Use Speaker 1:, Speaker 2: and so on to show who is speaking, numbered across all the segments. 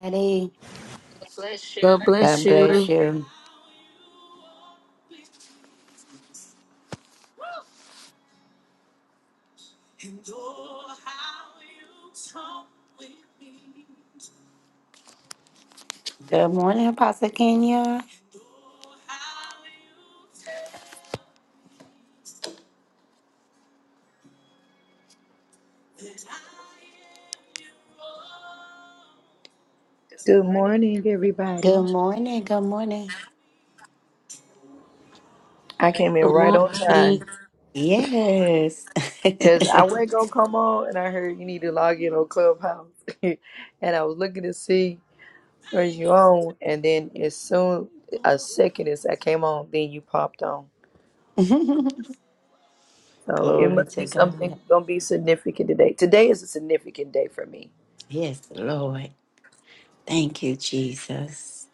Speaker 1: Eddie,
Speaker 2: God bless
Speaker 1: God bless
Speaker 2: you.
Speaker 1: you. Good morning, Apostle Kenya.
Speaker 3: Good morning,
Speaker 1: Good
Speaker 3: everybody.
Speaker 1: morning. Good morning.
Speaker 3: I came in
Speaker 2: Good
Speaker 3: right on
Speaker 2: morning.
Speaker 3: time
Speaker 1: Yes.
Speaker 3: because I went gonna come on and I heard you need to log in on Clubhouse, and I was looking to see where's you on, and then as soon a second as I came on, then you popped on. So it
Speaker 1: Glory
Speaker 3: must
Speaker 1: to
Speaker 3: be
Speaker 1: God.
Speaker 3: something gonna be significant today. Today is a significant day for me.
Speaker 1: Yes, Lord. Thank you, Jesus.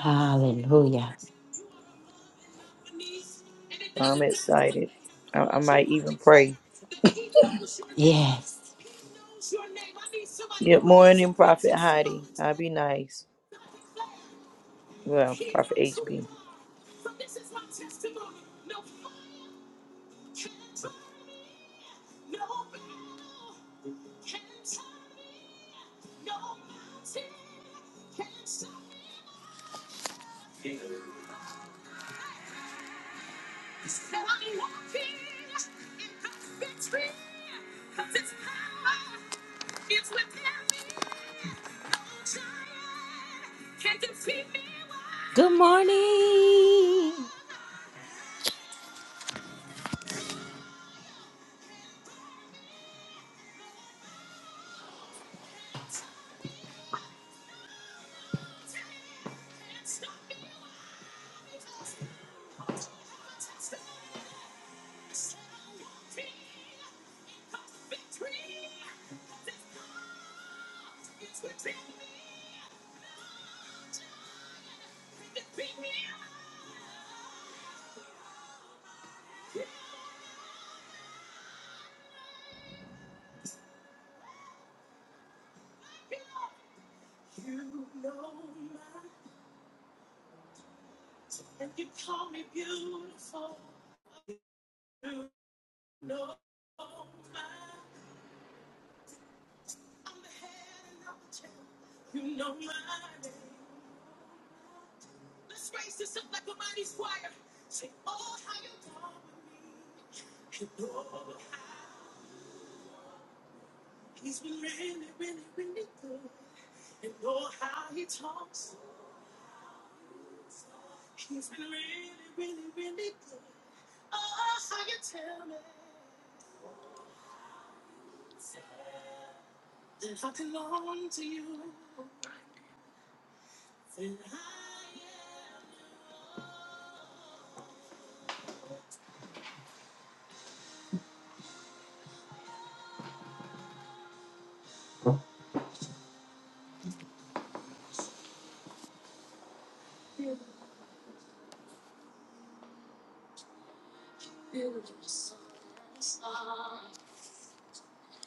Speaker 1: Hallelujah.
Speaker 3: So I'm excited. I, I might even pray.
Speaker 1: Yes.
Speaker 3: Good morning, Prophet Heidi. I'll be nice. Well, Prophet HB.
Speaker 2: Good morning.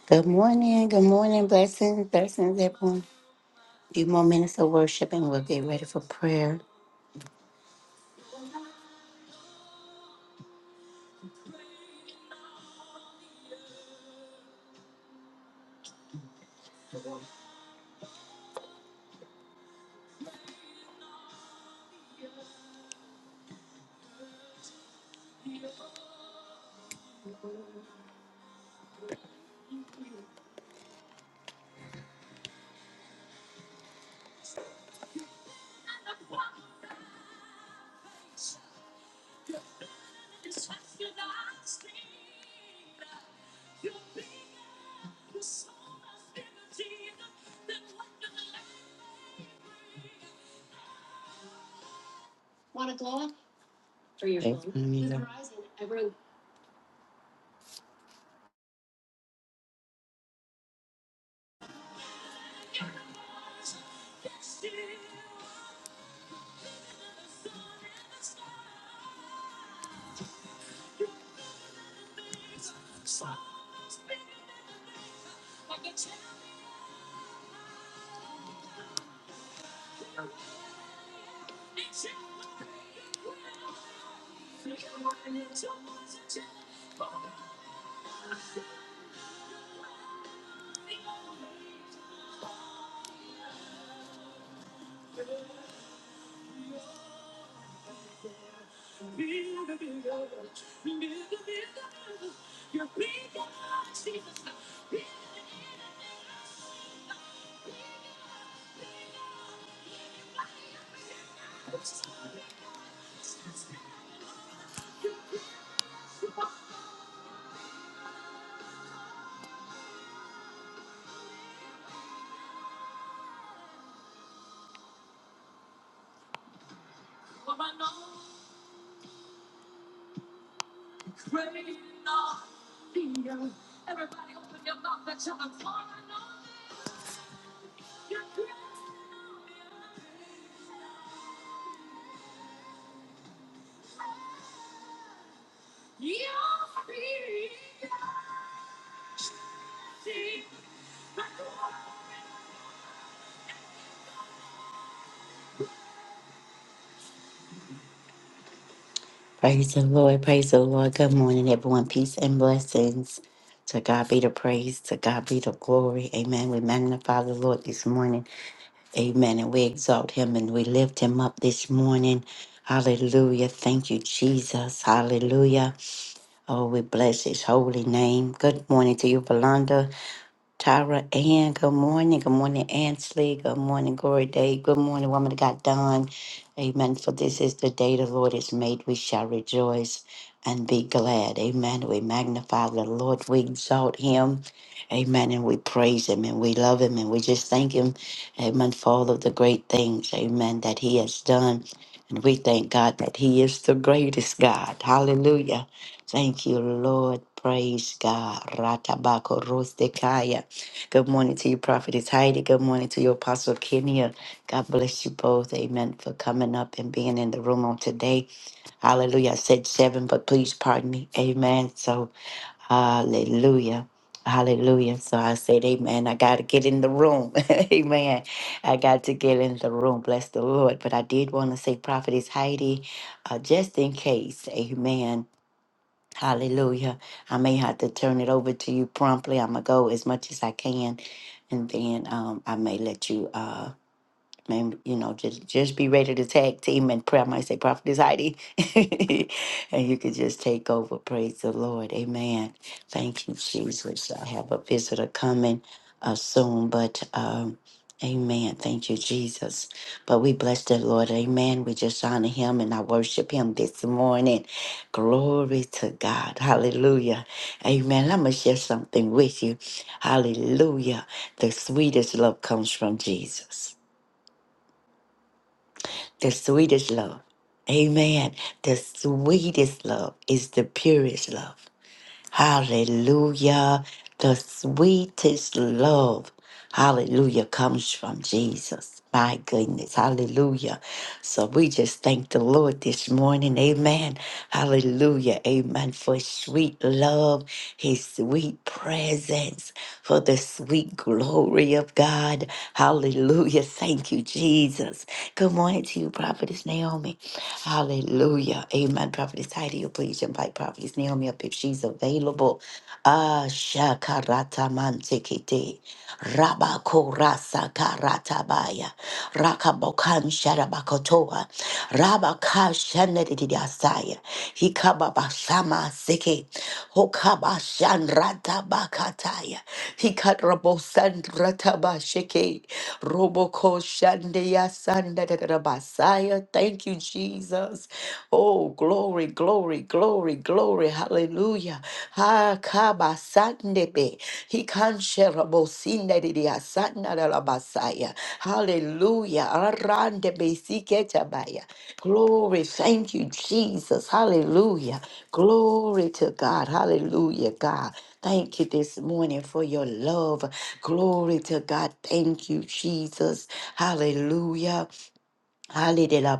Speaker 1: Good morning. Good morning. Blessings. Blessings, everyone. Few more minutes of worship and we'll get ready for prayer. Praise hallelujah. Praise the Lord. Praise the Lord. Good morning, everyone. Peace and blessings. To God be the praise. To God be the glory. Amen. We magnify the Lord this morning. Amen. And we exalt him and we lift him up this morning. Hallelujah. Thank you, Jesus. Hallelujah. Oh, we bless his holy name. Good morning to you, Valanda. Tyra Ann, good morning. Good morning, Ansley. Good morning, Glory Day. Good morning, woman of God, Dawn. Amen. For this is the day the Lord has made. We shall rejoice and be glad. Amen. We magnify the Lord. We exalt him. Amen. And we praise him and we love him and we just thank him. Amen. For all of the great things. Amen. That he has done. And we thank God that he is the greatest God. Hallelujah. Thank you, Lord. Praise God. Ratabako Good morning to you, Prophetess Heidi. Good morning to you, Apostle Kenya. God bless you both. Amen. For coming up and being in the room on today. Hallelujah. I said seven, but please pardon me. Amen. So, hallelujah. Hallelujah. So I said, Amen. I got to get in the room. Amen. I got to get in the room. Bless the Lord. But I did want to say, Prophetess Heidi, uh, just in case. Amen. Hallelujah. I may have to turn it over to you promptly. I'm going to go as much as I can, and then um, I may let you. Uh, Man, you know, just just be ready to tag team and pray. I might say, Prophetess Heidi, and you could just take over. Praise the Lord, Amen. Thank you, Jesus. I have a visitor coming uh, soon, but um, Amen. Thank you, Jesus. But we bless the Lord, Amen. We just honor Him and I worship Him this morning. Glory to God, Hallelujah, Amen. I'm gonna share something with you, Hallelujah. The sweetest love comes from Jesus. The sweetest love. Amen. The sweetest love is the purest love. Hallelujah. The sweetest love. Hallelujah comes from Jesus. My goodness. Hallelujah. So we just thank the Lord this morning. Amen. Hallelujah. Amen. For his sweet love, his sweet presence for the sweet glory of God. Hallelujah. Thank you, Jesus. Good morning to you, Prophetess Naomi. Hallelujah. Amen. Prophetess Heidi, you please invite Prophetess Naomi up if she's available. Ah, shakarata mantekete. Rabakorasa karatabaya. Rakabokan Sharabakotoa, Rabaka Shanadidiasaya, Hikababasama Seke, Hokabashan Ratabakataya, Hikatrabosan Ratabasheke, Roboko Shandeya Sandadarabasaya. Thank you, Jesus. Oh, glory, glory, glory, glory. Hallelujah. Ha kaba sandepe. He kansherabo sinderia sandarabasaya. Hallelujah. Arandebe siketabaya. Glory. Thank you, Jesus. Hallelujah. Glory to God. Hallelujah, God. Thank you this morning for your love. Glory to God. Thank you, Jesus. Hallelujah. Hallelujah.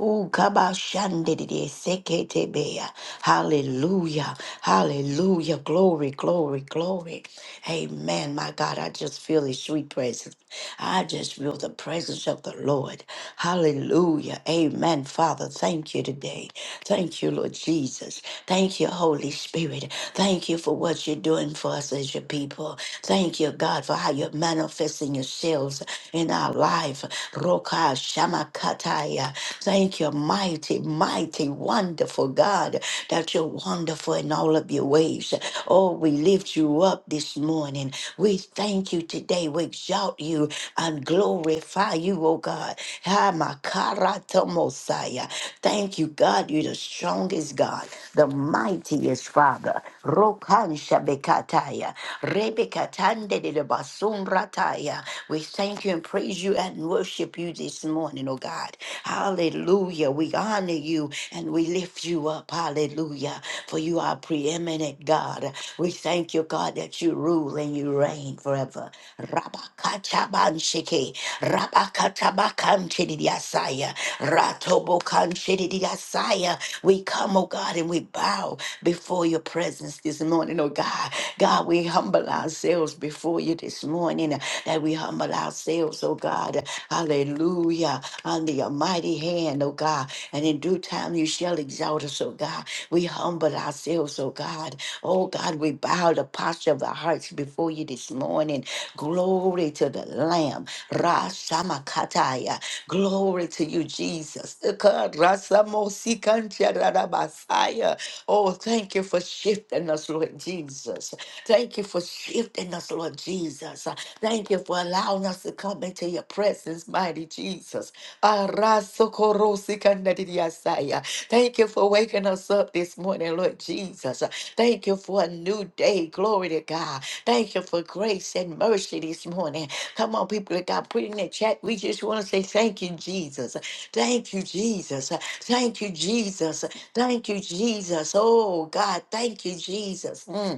Speaker 1: Ooh, kabashandidi, seketebeya. Hallelujah. Hallelujah. Glory, glory, glory. Amen. My God, I just feel his sweet presence. I just feel the presence of the Lord. Hallelujah. Amen. Father, thank you today. Thank you, Lord Jesus. Thank you, Holy Spirit. Thank you for what you're doing for us as your people. Thank you, God, for how you're manifesting yourselves in our life. Roka Shamakataya. Thank you, mighty, mighty, wonderful God, that you're wonderful in all of your ways. Oh, we lift you up this morning. We thank you today. We exalt you and glorify you, oh God. Ha makarata Mosiah. Thank you, God. You're the strongest God, the mightiest Father. Rokan Shabekataya. Rebekatande de basunrataya. We thank you and praise you and worship you this morning, oh God. Hallelujah. We honor you and we lift you up. Hallelujah. For you are preeminent God. We thank you, God, that you rule and you reign forever. Rabakatabanshike, Rabakatabakantidiasaya, Ratobokantidiasaya. We come, oh God, and we bow before your presence this morning, oh God. God, we humble ourselves before you this morning, that we humble ourselves, oh God. Hallelujah. Under your mighty hand, oh God. And in due time you shall exalt us, oh God. We humble ourselves, oh God. Oh God, we bow the posture of our hearts before you this morning. Glory to the Lamb. Rashamakataya. Glory to you, Jesus. Eka rasamosikantiarabasaya. Oh, thank you for shifting us, Lord Jesus. Thank you for shifting us, Lord Jesus. Thank you for allowing us to come into your presence, mighty Jesus. Arasokorosikanadidiasaya. Thank you for waking us up this morning, Lord Jesus. Thank you for a new day. Glory to God. Thank you for grace and mercy this morning. Come on, people that God put in the chat. We just want to say thank you, Jesus. Thank you, Jesus. Thank you, Jesus. Thank you, Jesus. Oh, God. Thank you, Jesus. Mm.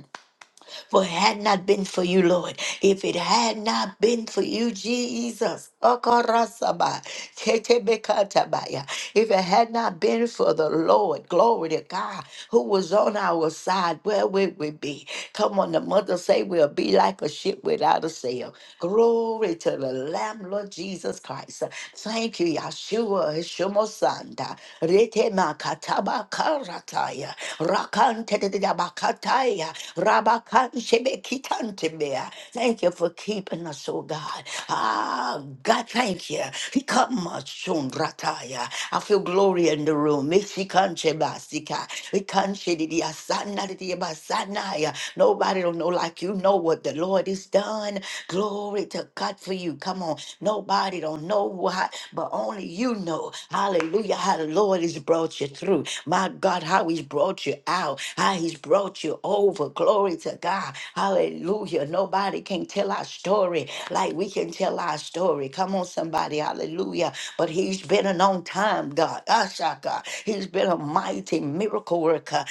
Speaker 1: For it had not been for you, Lord, if it had not been for you, Jesus, Okorasaba, Tetebekatabaya. if it had not been for the Lord, glory to God, who was on our side, where would we be? Come on, the mother say we'll be like a ship without a sail. Glory to the Lamb, Lord Jesus Christ. Thank you, Yahshua, Shomosanda, Rete kataba Karataya, Rakante de Bakataya, Rabakan Shebekitantemea. Thank you for keeping us, oh God. Ah, God, thank you. He come us soon, Rataya. I feel glory in the room. Mexicanche Basika, Mexicanche de Asana de Basanaya. Nobody don't know like you know what the Lord has done. Glory to God for you. Come on. Nobody don't know why, but only you know. Hallelujah. How the Lord has brought you through. My God, how he's brought you out, how he's brought you over. Glory to God. Hallelujah. Nobody can tell our story like we can tell our story. Come on, somebody. Hallelujah. But he's been an on time God. Ashaka. He's been a mighty miracle worker.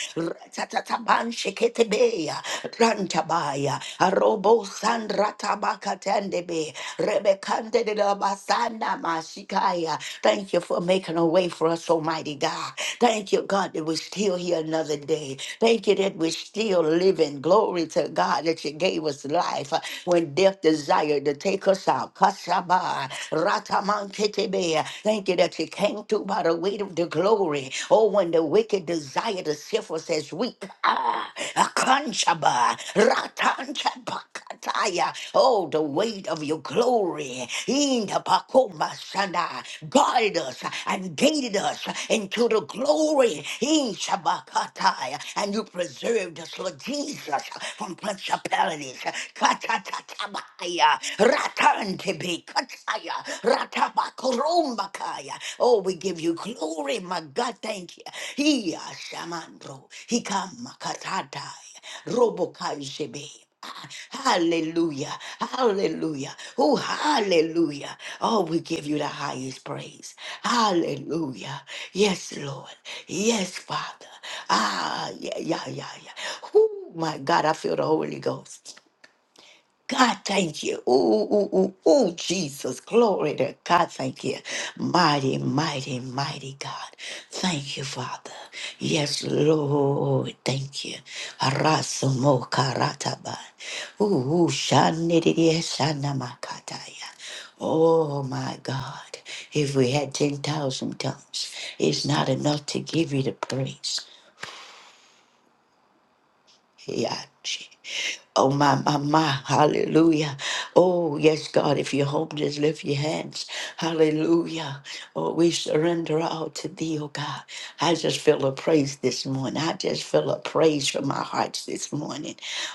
Speaker 1: Ratataban sheketebe. Rantabaya. Arobo Rakatendebe, Rebekandedabasana Mashikaya. Thank you for making a way for us, Almighty God. Thank you, God, that we're still here another day. Thank you that we're still living. Glory to God that you gave us life uh, when death desired to take us out. Kashaba, Ratamantetebe. Thank you that you came through by the weight of the glory. Oh, when the wicked desire to sift us as weak. Ah, Akanshaba, Shabakataya. Oh, the weight of your glory. In the Pakoma Shanda, guide us and guided us into the glory. In Shabakataya. And you preserved us, Lord Jesus, from principalities. Katatatabaya. Ratantibi. Kataya. Ratabakorumbakaya. Oh, we give you glory, my God. Thank you. He Shamandro. He come Robokai Shebe. Ah, Hallelujah. Hallelujah. Oh, hallelujah. Oh, we give you the highest praise. Hallelujah. Yes, Lord. Yes, Father. Ah, yeah, yeah, yeah, yeah. Oh, my God, I feel the Holy Ghost. God, thank you. Ooh, ooh, ooh, ooh, Jesus. Glory to God. Thank you. Mighty, mighty, mighty God. Thank you, Father. Yes, Lord. Thank you. Arasumo karataba. Ooh, ooh, shanididi shanamakataya. Oh, my God. If we had 10,000 tongues, it's not enough to give you the praise. Hiachi. Oh, my, my, my. Hallelujah. Oh, yes, God, if you're home, just lift your hands. Hallelujah. Oh, we surrender all to thee, oh God. I just feel a praise this morning. I just feel a praise from my hearts this morning.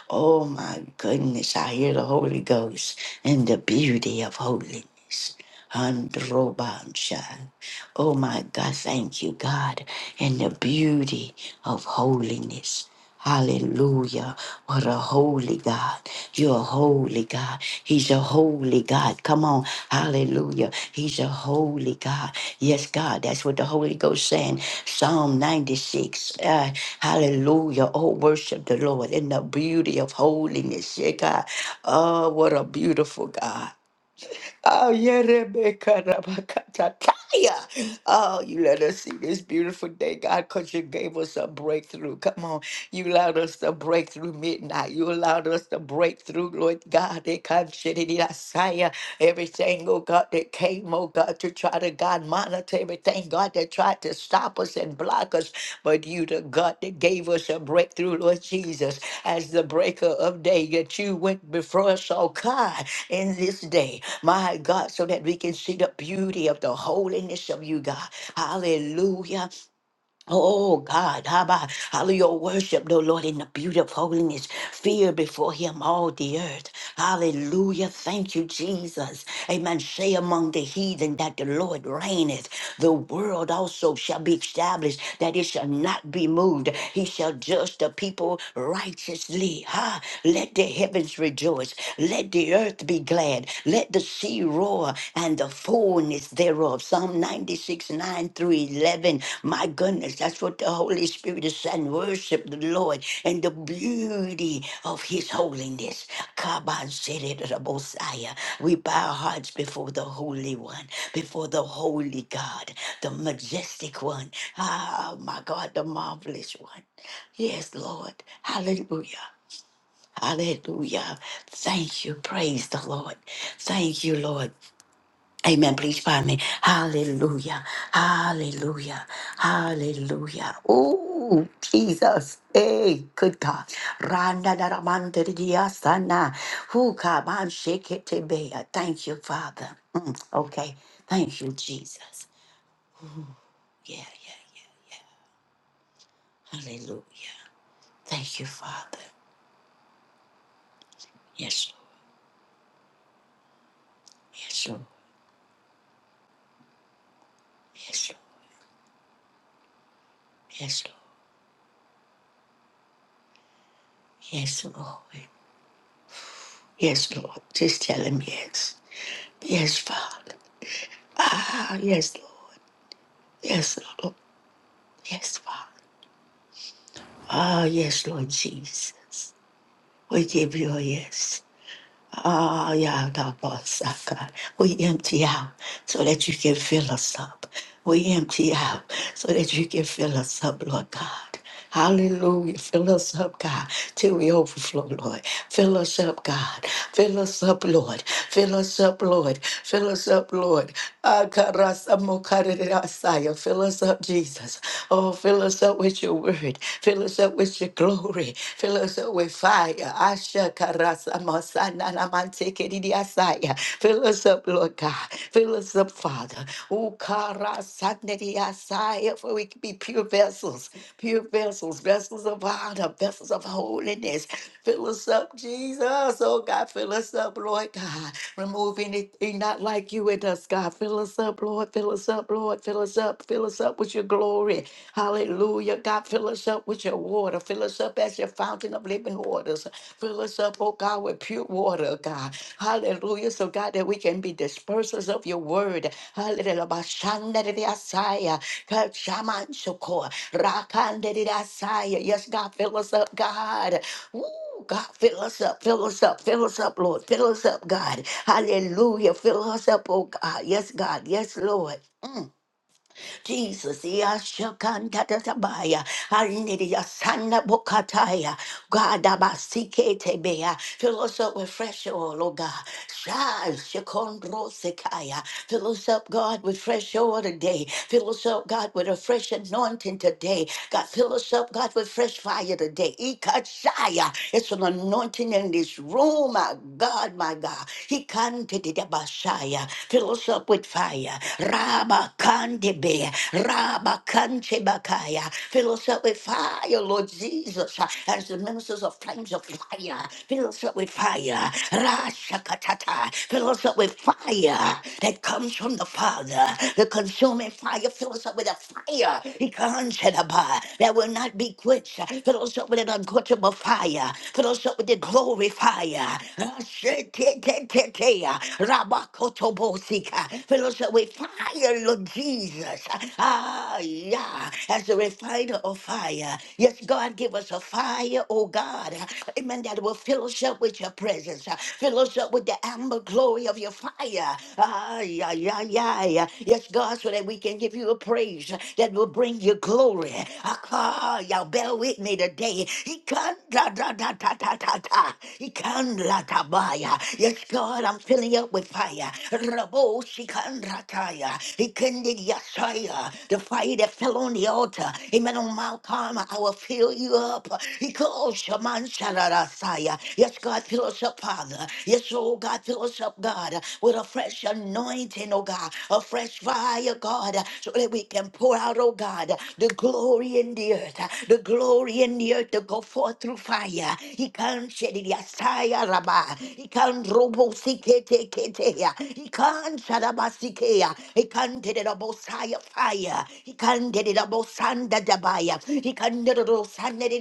Speaker 1: Oh, my goodness. I hear the Holy Ghost and the beauty of holiness. Androbansha. Oh, my God. Thank you, God, and the beauty of holiness. Hallelujah. What a holy God. You're a holy God. He's a holy God. Come on. Hallelujah. He's a holy God. Yes, God. That's what the Holy Ghost saying. Psalm 96. Uh, hallelujah. Oh, worship the Lord in the beauty of holiness. Yeah, God. Oh, what a beautiful God. Oh, yeah, Rebecca, Rabakata, Taya. Oh, you let us see this beautiful day, God, because you gave us a breakthrough. Come on. You allowed us to break through midnight. You allowed us to break through, Lord God. They come, shitty, Everything, oh God, that came, oh God, to try to God. God, monitor everything, God, that tried to stop us and block us. But you, the God that gave us a breakthrough, Lord Jesus, as the breaker of day, that you went before us, oh God, in this day, my God, so that we can see the beauty of the holiness of you, God. Hallelujah. Oh God, Abba, hallelujah, worship the Lord in the beauty of holiness, fear before him all the earth. Hallelujah, thank you, Jesus. Amen. Say among the heathen that the Lord reigneth. The world also shall be established, that it shall not be moved. He shall judge the people righteously. Ha! Let the heavens rejoice, let the earth be glad, let the sea roar, and the fullness thereof. Psalm 96, 9 through 11. My goodness, that's what the Holy Spirit is saying. Worship the Lord and the beauty of His holiness. Kaban Sere Rabosaya. We bow our hearts before the Holy One, before the Holy God, the majestic one. Ah, my God, the marvelous one. Yes, Lord. Hallelujah. Hallelujah. Thank you. Praise the Lord. Thank you, Lord. Amen. Please find me. Hallelujah. Hallelujah. Hallelujah. Oh, Jesus. Hey, good God. Randa da da man de di ya sana. man shake it to be. Thank you, Father. Mm, okay. Thank you, Jesus. Yeah, yeah, yeah. Hallelujah. Thank you, Father. Yes, Lord. Yes, Lord. Yes, Lord. Yes, Lord. Yes, Lord. Yes, Lord. Just tell him yes. Yes, Father. Ah, yes, Lord. Yes, Lord. Yes, Father. Ah, yes, Lord Jesus. We give you a yes. Ah, yeah, God, boss, ah, God. We empty out so that you can fill us up. We empty out so that you can fill us up, Lord God. Hallelujah. Fill us up, God, till we overflow, Lord. Fill us up, God. Fill us up, Lord. Fill us up, Lord. Fill us up, Lord. Ah, karasa mokarerasaya. Fill us up, Jesus. Oh, fill us up with your with your word. Fill us up with your glory. Fill us up with fire. Asha karasa masana namante kedidiasaya. Fill us up, Lord God. Fill us up, Father. Ukarasandediasaya, For we can be pure vessels, pure vessels, vessels of honor, vessels of holiness. Fill us up, Jesus. Oh God, fill us up, Lord God. Remove anything not like you take you with us, God. Fill us up, Lord. Fill us up, Lord. Fill us up. Fill us up with your glory. Hallelujah. God, fill us up with your water. Fill us up as your fountain of living waters. Fill us up, oh God, with pure water, God. Hallelujah. So, God, that we can be dispersers of your word. Hallelujah. Bashandadidiasaya, Kachamanchoko, Rakandadidiasaya. Yes, God, fill us up, God. Ooh, God, fill us up, fill us up, fill us up, Lord. Fill us up, God. Hallelujah. Fill us up, oh God. Yes, God. Yes, Lord. Mm. Jesus, Yashakantatabaya, Hallelujah, Sanabokataya. God, Dabasiketebea. fill us up with fresh oil, oh God. Shine, Shekondrosekaya. Fill us up, God, with fresh oil today. Fill us up, God, with a fresh anointing today. God, fill us up, God, with fresh fire today. Ikachaya. It's an anointing in this room, my God, my God. Ikantedebashaya. Fill us up with fire. Rabakandebe. Rabakantebakaya. Fill us up with with fire, Lord Jesus, as the ministers of tongues of fire. Fill us up with fire. Rashakatata. Fill us up with fire that comes from the Father. The consuming fire. Fill us up with a fire Ikanshadaba, that will not be quenched. Fill us up with an unquenchable fire. Fill us up with the glory fire. Rashetetetetea. Rabakotobosika. Fill us up with fire, Lord Jesus. Ah. Ah, yeah, as a refiner of fire. Yes, God, give us a fire, oh God. Amen. That will fill us up with your presence. uh, Fill us up with the amber glory of your fire. Ah, yeah, yeah, yeah. yeah. Yes, God, so that we can give you a praise uh, that will bring you glory. Ah, y'all bear with me today. He can da da da da da da da. He can la tabaya. Yes, God, I'm filling up with fire. Rabo Yasaya, Ikende Yasaya, the fire that fell on the altar. Amen. On Mount Carmel, I will fill you up. Iko Shaman Shararasaya. Yes, God, fill us up, Father. Yes, oh God, fill us up, God, with a fresh anointing, oh God, a fresh fire, God, so that we can pour out, oh God, the glory in the earth, the glory in the earth to go forth through fire. He can't shed it, Yasaya Rabba. He can't robo he can Shadabasikea. He can did it about fire. He can did it about Sanda Dabaya. He can did it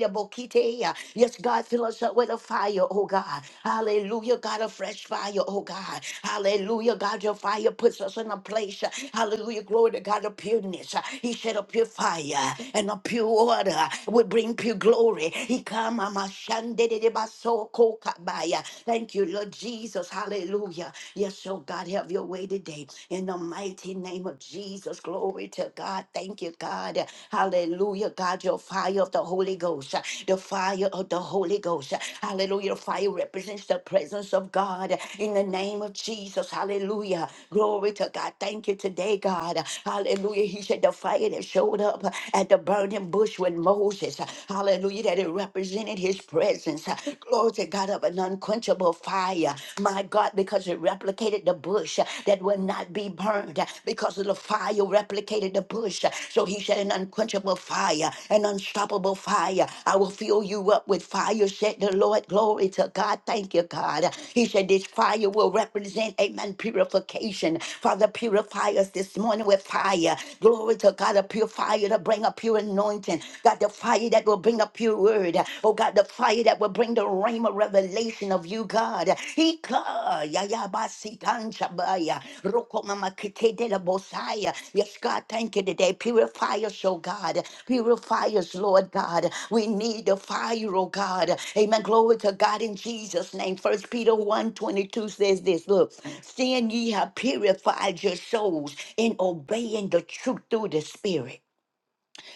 Speaker 1: about Kitea. Yes, God, fill us up with a fire, oh God. Hallelujah, God, a fresh fire, oh God. Hallelujah, God, your fire puts us in a place. uh, Hallelujah, glory to God, of pureness. Uh, He said a pure fire and a pure water would bring pure glory. He come, Mama Shandede Baso Kokabaya. Thank you, Lord Jesus. Hallelujah. Yes, oh God, have your way today. In the mighty name of Jesus, glory to God. Thank you, God. Hallelujah. God, your fire of the Holy Ghost, uh, the fire of the Holy Ghost. uh, Hallelujah. the Fire represents the presence of God in the name of Jesus. Hallelujah. Glory to God. Thank you today, God. Hallelujah. He said the fire that showed up at the burning bush with Moses. Hallelujah. That it represented his presence presence. uh, Glory to God of an unquenchable fire. My God, because it replicated the bush uh, that will not be burned uh, because of the fire replicated the bush. uh, So he said, an unquenchable fire, an unstoppable fire. I will fill you up with fire, said the Lord. Glory to God. Thank you, God. He said, this fire will represent, amen, purification. Father, purify us this morning with fire. Glory to God, a pure fire to bring a pure anointing. God, the fire fire that will bring up your word. Oh God, the fire that will bring the rain of revelation of you, God. Ika, ya, ya, ba, si, tan, cha, ba, ya. Roko, mama, kite, de, la, bo, sa, ya. Yes, God, thank you today. Purify us, oh God. Purify us, Lord God. We need the fire, oh God. Amen. Glory to God in Jesus' name. First Peter one twenty two says this. Look, seeing ye have purified your souls in obeying the truth through the Spirit.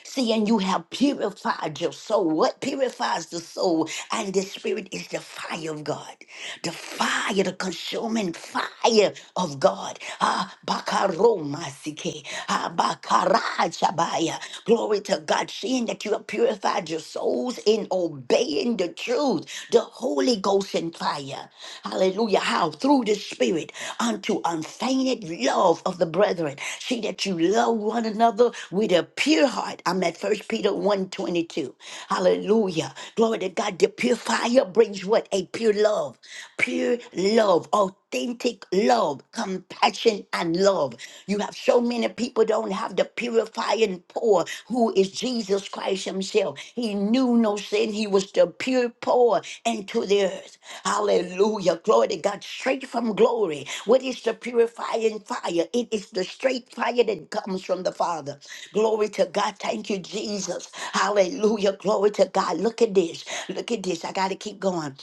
Speaker 1: See, and you have purified your soul. What purifies the soul and the spirit is the fire of God. The fire, the consuming fire of God. Ah, bakaromasike. Ah, bakarajabaya. Glory to God. Seeing that you have purified your souls in obeying the truth, the Holy Ghost in fire. Hallelujah. How? Through the Spirit unto unfeigned love of the brethren. See that you love one another with a pure heart. I'm at First Peter one twenty two. Hallelujah. Glory to God. The pure fire brings what? A pure love. Pure love. Authentic love. Compassion and love. You have so many people don't have the purifying pour Lord, who is Jesus Christ Himself. He knew no sin. He was the pure poor into the earth. Hallelujah. Glory to God. Straight from glory. What is the purifying fire? It is the straight fire that comes from the Father. Glory to God. Thank you, Jesus. Hallelujah. Glory to God. Look at this. Look at this. I got to keep going.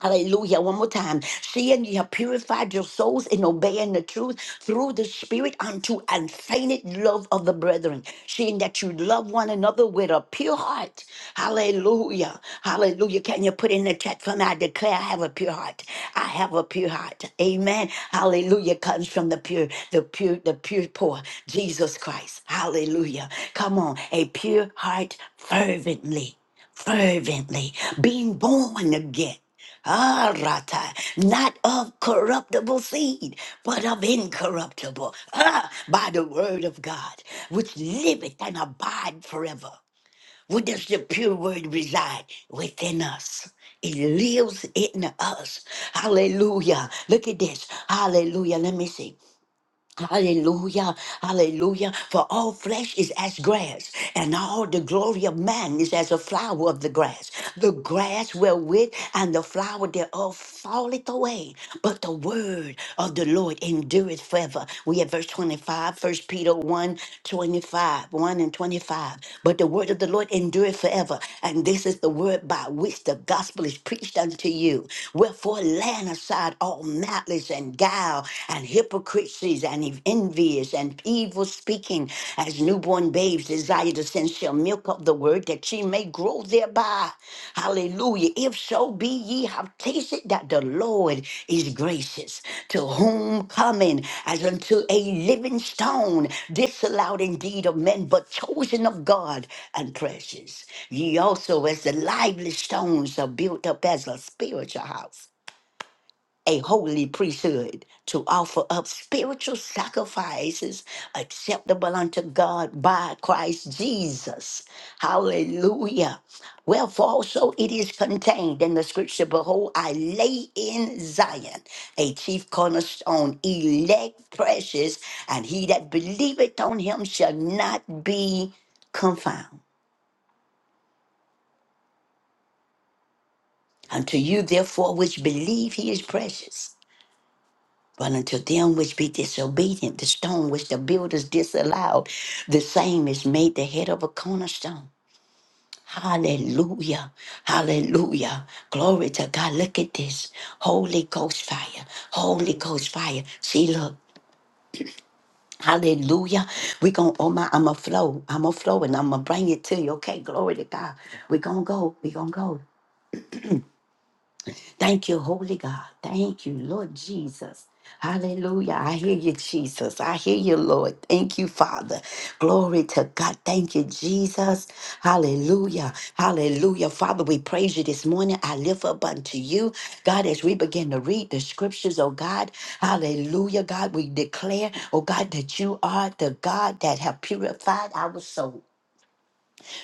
Speaker 1: Hallelujah. One more time. Seeing you have purified your souls in obeying the truth through the Spirit unto unfeigned love of the brethren. Seeing that you love one another with a pure heart. Hallelujah. Hallelujah. Can you put in the chat for me? I declare I have a pure heart. I have a pure heart. Amen. Hallelujah. Comes from the pure, the pure, the pure poor. Jesus Christ. Hallelujah. Come on. A pure heart fervently fervently being born again. Ah, Rata, not of corruptible seed, but of incorruptible, ah, by the word of God, which liveth and abide forever. Where does the pure word reside? Within us. It lives in us. Hallelujah. Look at this. Hallelujah. Let me see. Hallelujah, hallelujah. For all flesh is as grass, and all the glory of man is as a flower of the grass. The grass wherewith and the flower thereof falleth away, but the word of the Lord endureth forever. We have verse 25, First Peter one 25, 1 and 25. But the word of the Lord endureth forever, and this is the word by which the gospel is preached unto you. Wherefore, laying aside all malice and guile and hypocrisies and envious and evil speaking as newborn babes desire the sensual milk of the word that ye may grow thereby. Hallelujah. If so be ye have tasted that the Lord is gracious, to whom coming as unto a living stone, disallowed indeed of men, but chosen of God and precious. Ye also, as the lively stones, are built up as a spiritual house a holy priesthood to offer up spiritual sacrifices acceptable unto God by Christ Jesus. Hallelujah. Wherefore also it is contained in the scripture, Behold, I lay in Zion a chief cornerstone, elect, precious, and he that believeth on him shall not be confounded. Unto you, therefore, which believe he is precious. But unto them which be disobedient, the stone which the builders disallowed, the same is made the head of a cornerstone. Hallelujah. Hallelujah. Glory to God. Look at this. Holy Ghost fire. Holy Ghost fire. See, look. Hallelujah. we going to, oh my, I'm going to flow. I'm going to flow and I'm going to bring it to you. Okay. Glory to God. We're going to go. We're going to go. Thank you, Holy God. Thank you, Lord Jesus. Hallelujah. I hear you, Jesus. I hear you, Lord. Thank you, Father. Glory to God. Thank you, Jesus. Hallelujah. Hallelujah. Father, we praise you this morning. I lift up unto you, God, as we begin to read the scriptures, oh God. Hallelujah. God, we declare, oh God, that you are the God that have purified our soul.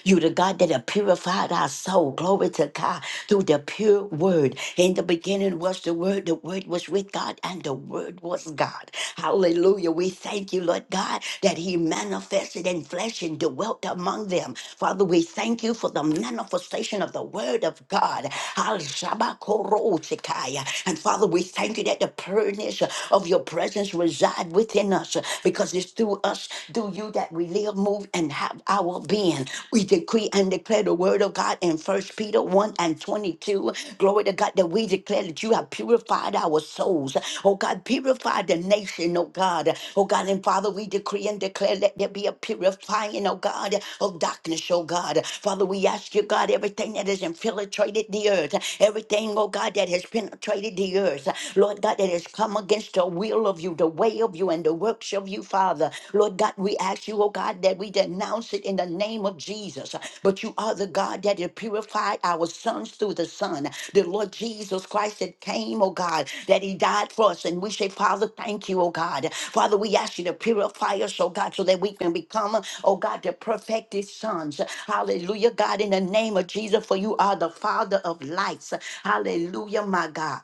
Speaker 1: You the God that have purified our soul. Glory to God through the pure word. In the beginning was the word. The word was with God and the word was God. Hallelujah. We thank you, Lord God, that he manifested in flesh and dwelt among them. Father, we thank you for the manifestation of the word of God. Al Shabakorotikaya. And Father, we thank you that the pureness of your presence reside within us because it's through us do you that we live, move, and have our being. We decree and declare the word of God in First Peter 1 and 22. Glory to God that we declare that you have purified our souls. Oh God, purify the nation, oh God. Oh God, and Father, we decree and declare let there be a purifying, oh God, of darkness, oh God. Father, we ask you, God, everything that has infiltrated the earth, everything, oh God, that has penetrated the earth, Lord God, that has come against the will of you, the way of you, and the works of you, Father. Lord God, we ask you, oh God, that we denounce it in the name of Jesus. But you are the God that had purified our sons through the Son, the Lord Jesus Christ that came, oh God, that He died for us. And we say, Father, thank you, oh God. Father, we ask you to purify us, oh God, so that we can become, oh God, the perfected sons. Hallelujah, God, in the name of Jesus, for you are the Father of lights. Hallelujah, my God.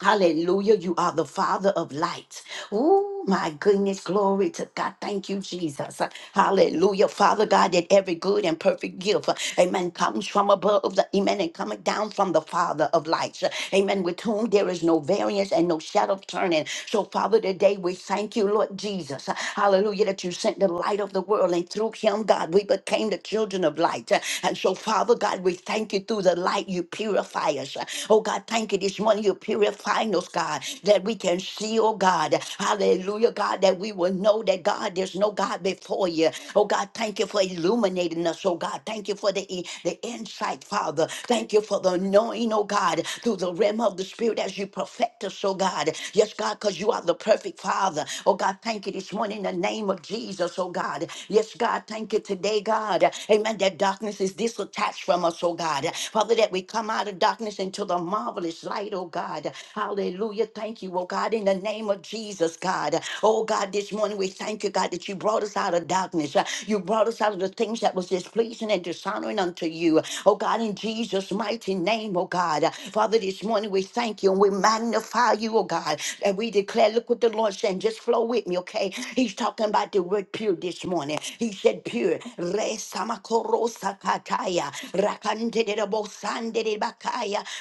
Speaker 1: Hallelujah. You are the Father of light. Oh, my goodness. Glory to God. Thank you, Jesus. Hallelujah. Father God, that every good and perfect gift, amen, comes from above, the, amen, and coming down from the Father of lights, amen, with whom there is no variance and no shadow of turning. So, Father, today we thank you, Lord Jesus. Hallelujah, that you sent the light of the world, and through him, God, we became the children of light. And so, Father God, we thank you through the light you purify us. Oh, God, thank you this morning on you, purifying us, God, that we can see, oh God, hallelujah, God, that we will know that God, there's no God before you. Oh God, thank you for illuminating us, oh God. Thank you for the, i- the insight, Father. Thank you for the anointing, oh God, through the realm of the Spirit as you perfect us, oh God. Yes, God, because you are the perfect Father. Oh God, thank you this morning in the name of Jesus, oh God. Yes, God, thank you today, God. Amen. That darkness is disattached from us, oh God. Father, that we come out of darkness into the marvelous marvelous light, oh God. Hallelujah. Thank you, oh God, in the name of Jesus, God. Oh God, this morning we thank you, God, that you brought us out of darkness. Uh, You brought us out of the things that was displeasing and dishonoring unto you. Oh God, in Jesus' mighty name, oh God. Uh, Father, this morning we thank you and we magnify you, oh God. And we declare, look what the Lord saying. Just flow with me, okay? He's talking about the word pure this morning. He said pure. Re samakoro sakataya. Rakandere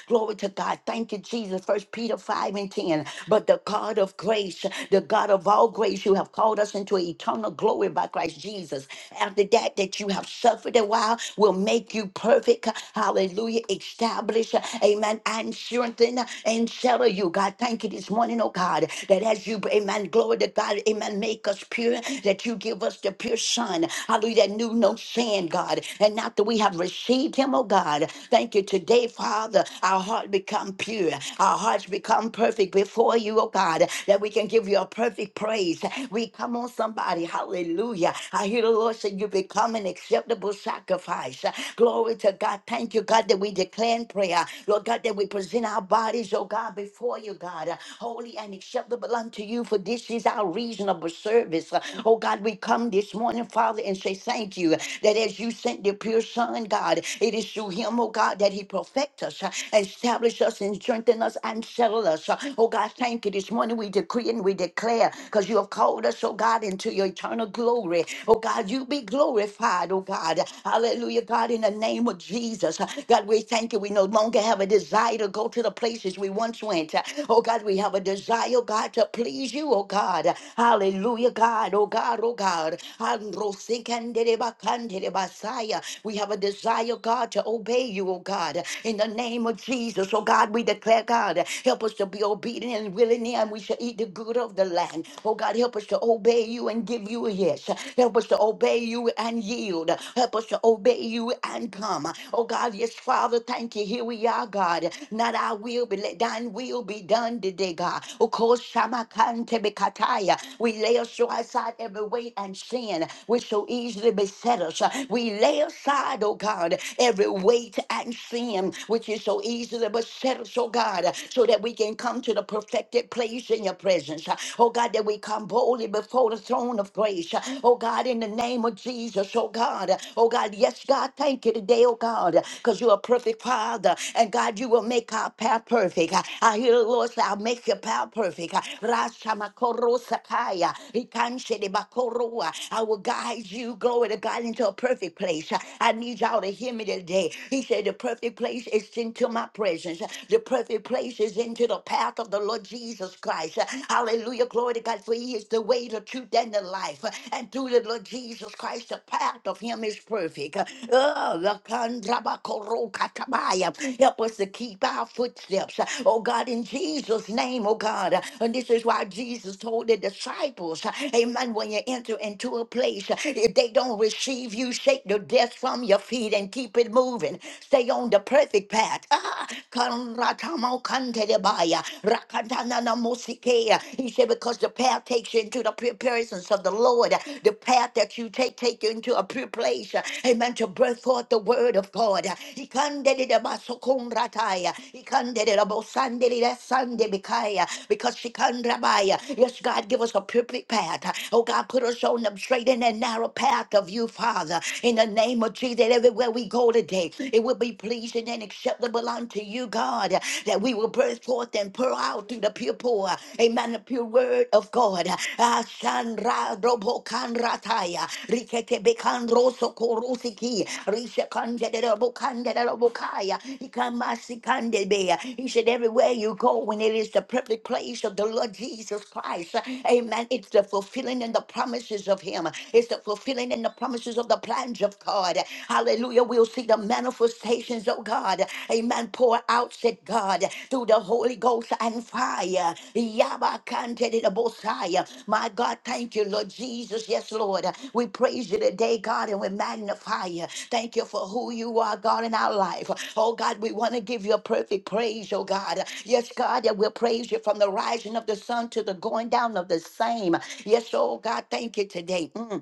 Speaker 1: Glory to God. Thank you, Jesus. First Peter 5 and 10. But the God of grace, the God of all grace, you have called us into eternal glory by Christ Jesus. After that, that you have suffered a while, will make you perfect. Hallelujah. Establish, amen, and strengthen and settle you. God, thank you this morning, oh God, that as you, amen, glory to God, amen, make us pure, that you give us the pure Son. Hallelujah. That knew no sin, God. And after we have received him, oh God, thank you today today, Father, our heart become pure, our hearts become perfect before you, oh God, that we can give you a perfect praise. We come on somebody, hallelujah. I hear the Lord say you become an acceptable sacrifice. Glory to God. Thank you, God, that we declare in prayer. Lord God, that we present our bodies, oh God, before you, God, uh, holy and acceptable unto you, for this is our reasonable service. Uh, Oh God, we come this morning, Father, and say thank you that as you sent the pure Son, God, it is through him, oh God. God, that He perfect us, uh, establish us, and strengthen us, and settle us. uh. Oh God, thank you. This morning we decree and we declare, because you have called us, oh God, into your eternal glory. Oh God, you be glorified, oh God. Hallelujah, God, in the name of Jesus. Uh, God, we thank you. We no longer have a desire to go to the places we once went. Uh, Oh God, we have a desire, oh God, to please you, oh God. Hallelujah, God, oh God, oh God. Androsikanderebakandere basaya. We have a desire, God, to to obey you, oh God. In the name of Jesus, oh God, we declare, God, help us to be obedient and willing, and we shall eat the good of the land. Oh God, help us to obey you and give you a yes. Help us to obey you and yield. Help us to obey you and come. Oh God, yes, Father, thank you. Here we are, God. Not our will, but let thine will be done today, God. Of course, Shamakante Bekataya. We lay aside every weight and sin which so easily beset us. We lay aside, oh God. God, every weight and sin which is so easily beset us, oh God, so that we can come to the perfected place in your presence. Oh God, that we come boldly before the throne of grace. Oh God, in the name of Jesus, oh God. Oh God, yes, God, thank you today, oh God, because you're a perfect Father. And God, you will make our path perfect. I hear the Lord say, I'll make your path perfect. Rasamakorosakaya, ikanshedebakoroa. I will guide you, glory to God, into a perfect place. I need y'all to hear me today. He said, The perfect place is into my presence. The perfect place is into the path of the Lord Jesus Christ. Hallelujah. Glory to God. For He is the way, the truth, and the life. And through the Lord Jesus Christ, the path of Him is perfect. Oh, lakandrabakorokataya. Help us to keep our footsteps. Oh, God, in Jesus' name, oh, God. And this is why Jesus told the disciples, Amen, when you enter into a place, if they don't receive you, shake Shake the dust from your feet and keep it moving. Stay on the perfect path. Ah, Kanratamo Kantedebaya, Rakatanana Mosikea. He said, because the path takes you into the pure presence of the Lord. The path that you take take you into a pure place. Amen. To birth forth the word of God. He kandedebasokonrataya. He kandededabosandededasandelikaya. Because she kandrabaya. Yes, God, give us a perfect path. Oh God, put us on the straight and the narrow path of you, Father. Father, in the name of Jesus, that everywhere we go today, it will be pleasing and acceptable unto you, God, that we will burst forth and pour out through the pure pour. Amen. The pure word of God. Ah, Shandra Robo Kanrataya. Rikete Bekan Roso Korosiki. Risha Kandede Robo Kandede Robo Kaya. Ikamasi Kandebe. He said, everywhere you go, when it is the perfect place of the Lord Jesus Christ. Amen. It's the fulfilling and the promises of Him. It's the fulfilling healing and the promises of the plans of God. Hallelujah. We'll see the manifestations of God. Amen. Pour out, said God, through the Holy Ghost and fire. Yabakante de Bosaya. My God, thank you, Lord Jesus. Yes, Lord. We praise you today, God, and we magnify you. Thank you for who you are, God, in our life. Oh, God, we want to give you a perfect praise, oh, God. Yes, God, that we'll praise you from the rising of the sun to the going down of the same. Yes, oh, God, thank you today. Mm.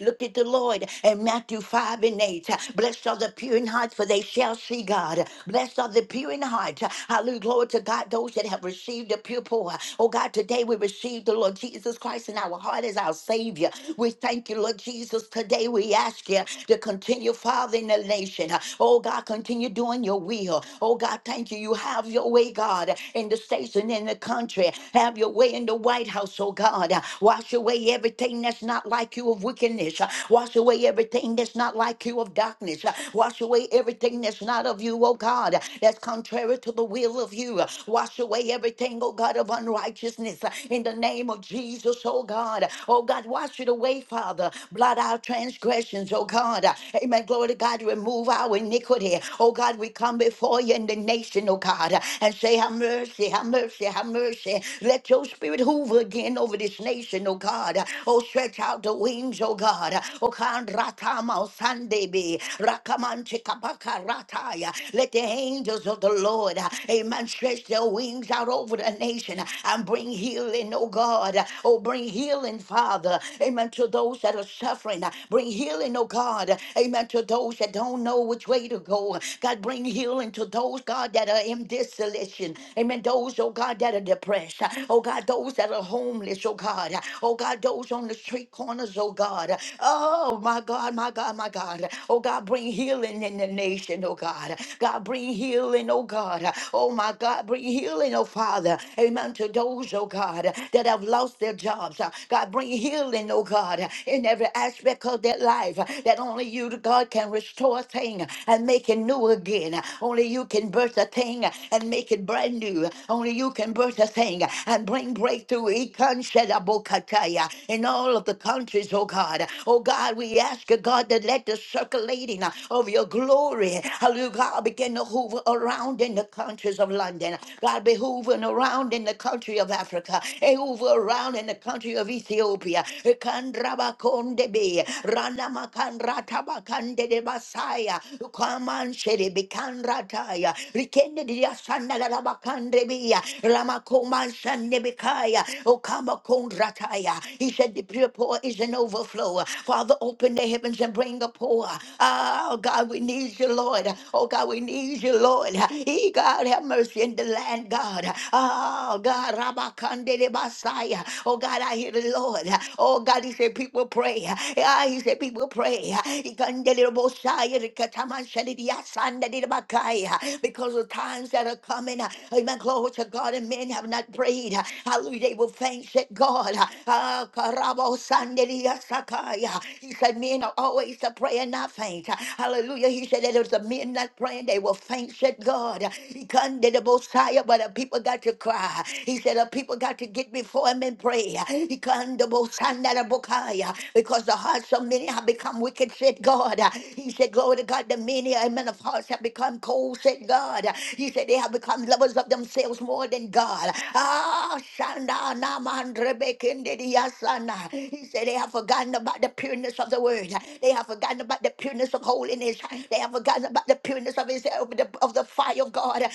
Speaker 1: Look at the Lord in Matthew 5 and 8. Blessed are the pure in heart, for they shall see God. Blessed are the pure in heart. Hallelujah. Glory to God, those that have received the pure pour. Oh God, today we receive the Lord Jesus Christ in our heart as our Savior. We thank you, Lord Jesus. Today we ask you to continue, Father, in the nation. Oh God, continue doing your will. Oh God, thank you. You have your way, God, in the states and in the country. Have your way in the White House, oh God. Wash away everything that's not not like you of wickedness. Uh, Wash away everything that's not like you of darkness. Uh, Wash away everything that's not of you, oh God, uh, that's contrary to the will of you. Uh, Wash away everything, oh God, of unrighteousness. Uh, In the name of Jesus, oh God. Oh God, wash it away, Father. Blot out transgressions, oh God. Uh, Amen. Glory to God. Remove our iniquity. Oh God, we come before you in the nation, oh God, uh, and say, Have mercy, have mercy, have mercy. Let your spirit hoover again over this nation, oh God oh God. Oh, stretch out the wings, oh God. Oh, Kandratama Sandebe, Rakamanche Kapakarataya. Let the angels of the Lord, amen, stretch their wings out over the nation and bring healing, oh God. Oh, bring healing, Father, amen, to those that are suffering. Bring healing, oh God, amen, to those that don't know which way to go. God, bring healing to those, God, that are in desolation. Amen, those, oh God, that are depressed. Oh God, those that are homeless homeless, oh God. Oh God, those on the street corners, oh God. Oh my God, my God, my God. Oh God, bring healing in the nation, oh God. God, bring healing, oh God. Oh my God, bring healing, oh Father. Amen. To those, oh God, that have lost their jobs. God, bring healing, oh God, in every aspect of their life. That only you, God, can restore a thing and make it new again. Only you can birth a thing and make it brand new. Only you can birth a thing and bring bring breakthrough Ikanshedabokataya, in all of the countries, oh God. Oh God, we ask you, God, that let the circulating uh, of your glory, hallelujah, God, begin to hover around in the countries of London. God, be hoovering around in the country of Africa, eh, hover around in the country of Ethiopia. Ikandrabakondebe, Ranamakanratabakandedebasaya, Ukamanshedebe kanrataya, Rikendediasandalabakandebia, Ramakomanshandebekaya, Okamakondrataya. He said, The pure poor is an overflow. Father, open the heavens and bring a pour. Ah, Oh, God, we need you, Lord. Oh, God, we need you, Lord. He, God, have mercy in the land, God. Oh, God, Ramakandebasaya. Oh, God, I hear the Lord. Oh, God, He said, People pray. Ah, He said, People pray. He kandele de Bosaya, The Kataman Shadi, the Kandelebosaya, Rikatamanshadidiasandadidabakaya. Because of times that are coming. Amen. Glory to God. And men have not prayed. Hallelujah. They will faint at God. Ah, karabo sandelia sakaya. He said, Men are always to pray and not faint. Hallelujah. He said, That if the men not praying, they will faint at God. He can the Messiah, but the people got to cry. He said, The people got to get before him and pray. He can the Messiah, the Bokaya, because the hearts of many have become wicked, said God. He said, Glory to God, the many, amen, of hearts have become cold, said God. You said they have become lovers of themselves more than God. Ah, Shanda Naman Rebekinde yasana. He said they have forgotten about the pureness of the word. They have forgotten about the pureness of holiness. They have forgotten about the pureness of his of the, of the fire of God. Ah,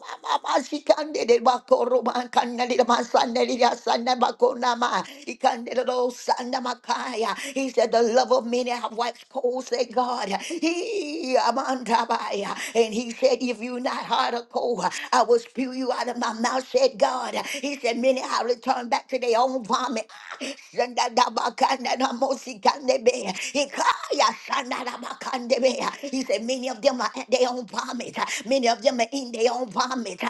Speaker 1: ma- ma- ma- shikandedebakorobankandelemasandeliyasanabakonama. Ikandededosandamakaya. He said the love of many have waxed cold, said God. He Amandabaya. And he said, said, If you not hard or cold, I will spew you out of my mouth, said God. He said, Many have returned back to their own vomit. He said, Many of them are at their own vomit. Many of them are in their own vomit.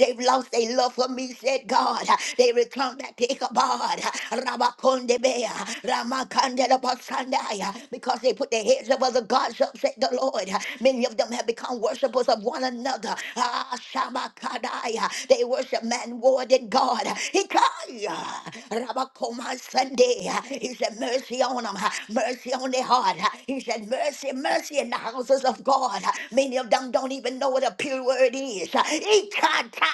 Speaker 1: They've lost their love for me, said God. They return back to Ichabod. Rabakondebe, Ramakandela Basandaya, because they put their heads up other gods up, said the Lord. Many of them have become worshipers of one another. Ah, Shabakadai. They worship man more than God. Hikaya. Rabakoma Sunday. He said, Mercy on them. Mercy on their heart. He said, Mercy, mercy in the houses of God. Many of them don't even know what a pure word is. Ikatatataya.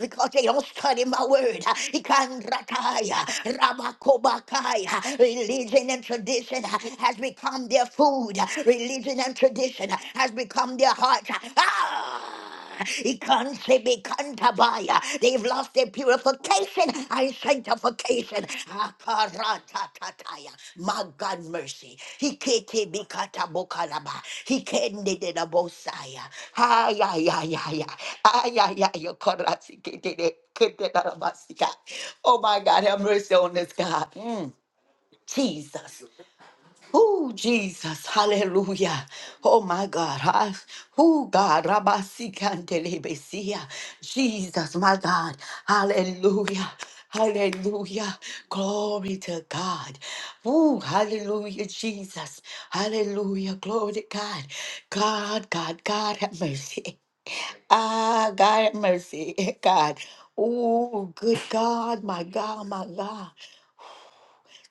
Speaker 1: Because they don't study my word. Ikandrataya. Rabakobakaya. Religion Religion and tradition uh, has become their food. uh, Religion and tradition uh, has become their heart. Ah! It can't say be can't buy, uh, They've lost their purification and sanctification. Ah, karatataya. My God, mercy. He can't be katabokalaba. He can't did it abosaya. Ay, ay, ay, ay, ay, ay, ay, ay, korasi kitide, kitide, arabasika. Oh my God, have mercy on this God. Mm. Jesus. Oh, Jesus. Hallelujah. Oh, my God. I, oh, God. Rabasikantelebesiya. Jesus, my God. Hallelujah. Hallelujah. Glory to God. Oh, hallelujah, Jesus. Hallelujah. Glory to God. God, God, God, have mercy. Ah, God, have mercy. God. Oh, good God, my God, my God.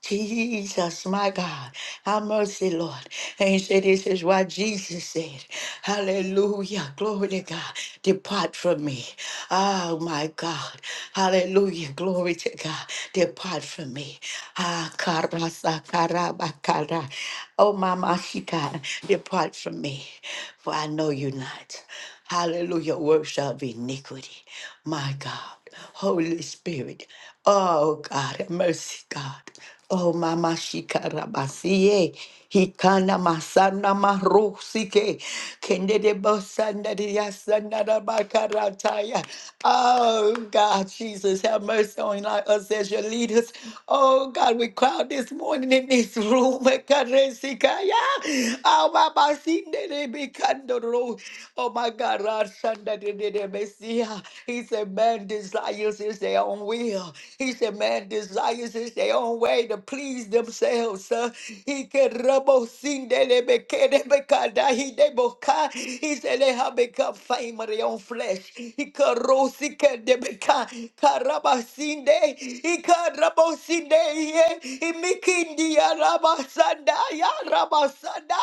Speaker 1: Jesus, my God, have mercy, Lord. And he said, This is why Jesus said, Hallelujah, glory to God, depart from me. Oh, my God, hallelujah, glory to God, depart from me. Ah, karasa, karabakara. Oh, Mama, she God, depart from me, for I know you not. Hallelujah, works of iniquity, my God. Holy Spirit. Oh God, have mercy, God. Oh, mama Shikarabasiye, Hikana masana marusike. Kendede bosanda diyasana rabakarataya. Oh, God, Jesus, have mercy on us as your leaders. Oh, God, we crowd this morning in this room. Mekaresikaya. Oh, mama sindede bikandoro. Oh, my God. God, Shanda de de de Messiah. He said, Man desires is their own will. He said, Man desires is their own way to please themselves. uh. He can rubble sin de de be ke de be ka da he de bo ka. He said, They have become fame of their own flesh. He can ro si ke de be ka. Ka rubble sin de. He can rubble sin de. Imikindi ya Rabasanda ya Rabasanda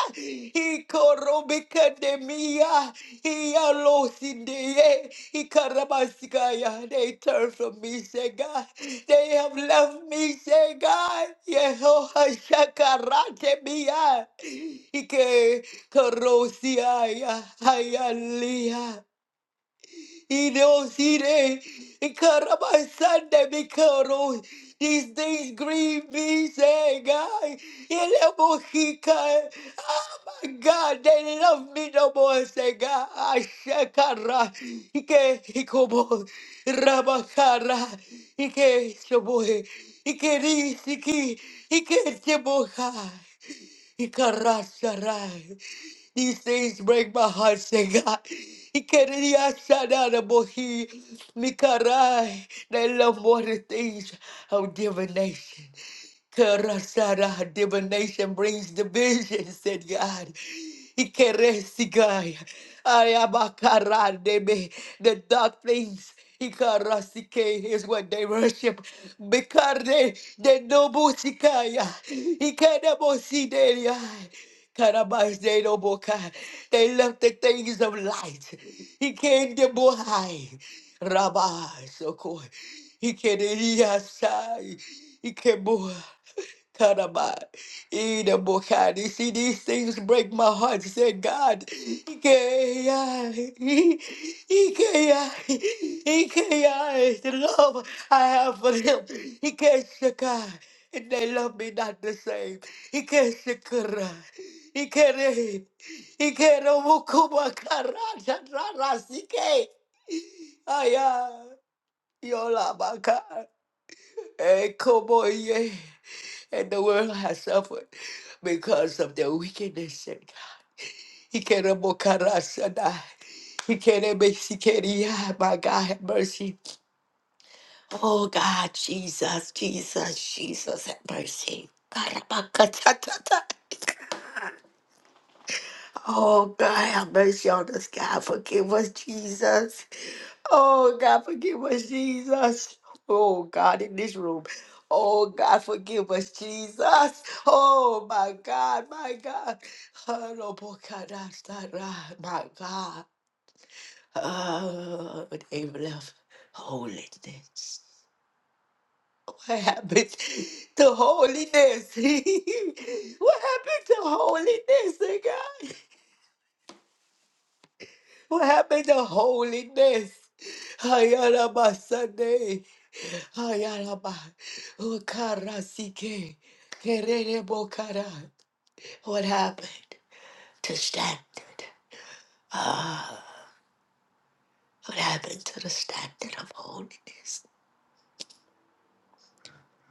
Speaker 1: Ikorobika de Mia Ialosideye Ikarabasikaya They turn from me, say God. They have left me, say God. Yehoha Shakarate Mia Ike Korosiaya Hayalia Idosire, Ikarabasande Mikaro, these things grieve me, say, guy, Ilemokika, oh my God, they love me no more, say, God, Ashakara, Ike, Ikobo, Rabakara, Ike, Shaboy, Ike, Risiki, Ike, Shaboka. Ikarasharai. These things break my heart, say God. Ikeriashadarabohi. Mikarai. They love more the things of divination. Karasara divination brings division, said God. Ikeresigai. Ayabakarandebe. The dark things. Ikarasike is what they worship. Bikare de nobusikaya. Ikedemosidelia. Karabas de noboka. They left the things of light. He came to Bohai. Rabbi Sokoi. He came to Yasai. He came Karaba, Ida Bokadi. See, these things break my heart. Say, God, Ikea, Ikea, Ikea is the love I have for him. Ikeshaka, and they love me not the same. Ikeshakara, Ikere, Ikere Mukuma Karaja Rasike, Aya, Yola Baka, Ekoboye and the world has suffered because of their wickedness and God. He can't mokarasana. he can't make my God have mercy. Oh God, Jesus, Jesus, Jesus have mercy. Karabakatatata. Oh God, have mercy on us, God. Forgive us, Jesus. Oh God, forgive us, Jesus. Oh God, in this room. Oh God, forgive us, Jesus. Oh my God, my God. Oh, no, boy, God, I start, ah, My God. Oh, they left holiness. What happened to holiness? what happened to holiness, eh, God? What happened to holiness? Hayaraba Sunday. Hayaraba. Ukara Sike. Kerere Bokara. What happened to standard? Ah, what happened to the standard of holiness?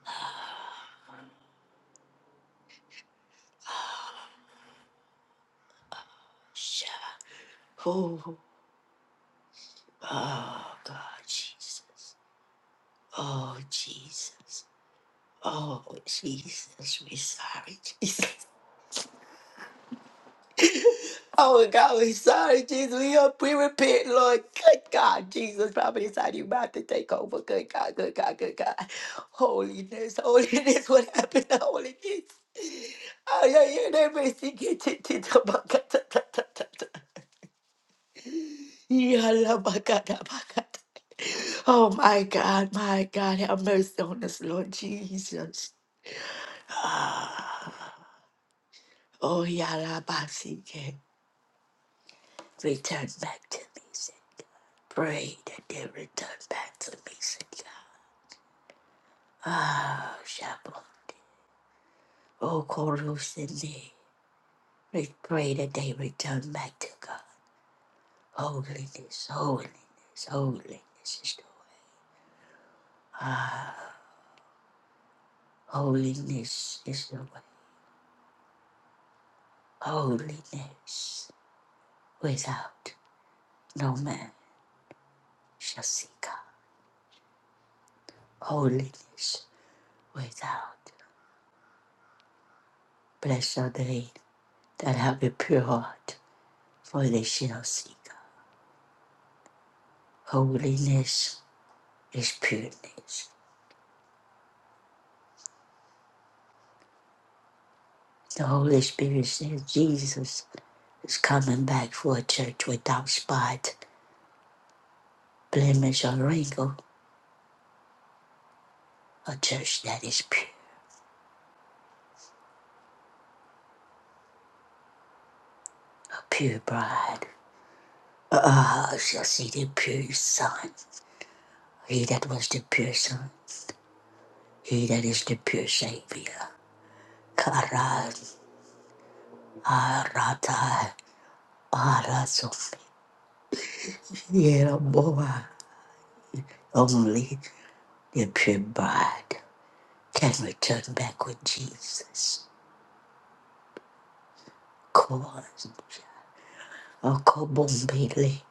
Speaker 1: Ah, ah, Shema. Oh, oh, God, Jesus. Oh, Jesus. Oh, Jesus. We sorry, Jesus. Oh God, we sorry, Jesus. We are we repent, Lord. Good God, Jesus. Probably inside you about to take over. Good God, good God, good God. Holiness, holiness. What happened to holiness? Oh yeah, you never see it. Oh my God, my God, have mercy on us, Lord Jesus. Oh, Yalabasike, return back to me. Pray that they return back to me, Senor. Ah, Shabbat. Oh, Koro Sydney. We pray that they return back to God. Holiness, holiness, holiness is the way. Ah, holiness is the way. Holiness without no man shall see God. Holiness without. Blessed are they that have a pure heart, for they shall see God. Holiness His pureness. The Holy Spirit says Jesus is coming back for a church without spot, blemish, or wrinkle, a church that is pure, a pure bride. Ah, shall see the pure Son, he that was the pure Son, he that is the pure Savior. Karan, Arata, Araso, Yeraboa. Only the pure bride can return back with Jesus. Come on. Okobombele,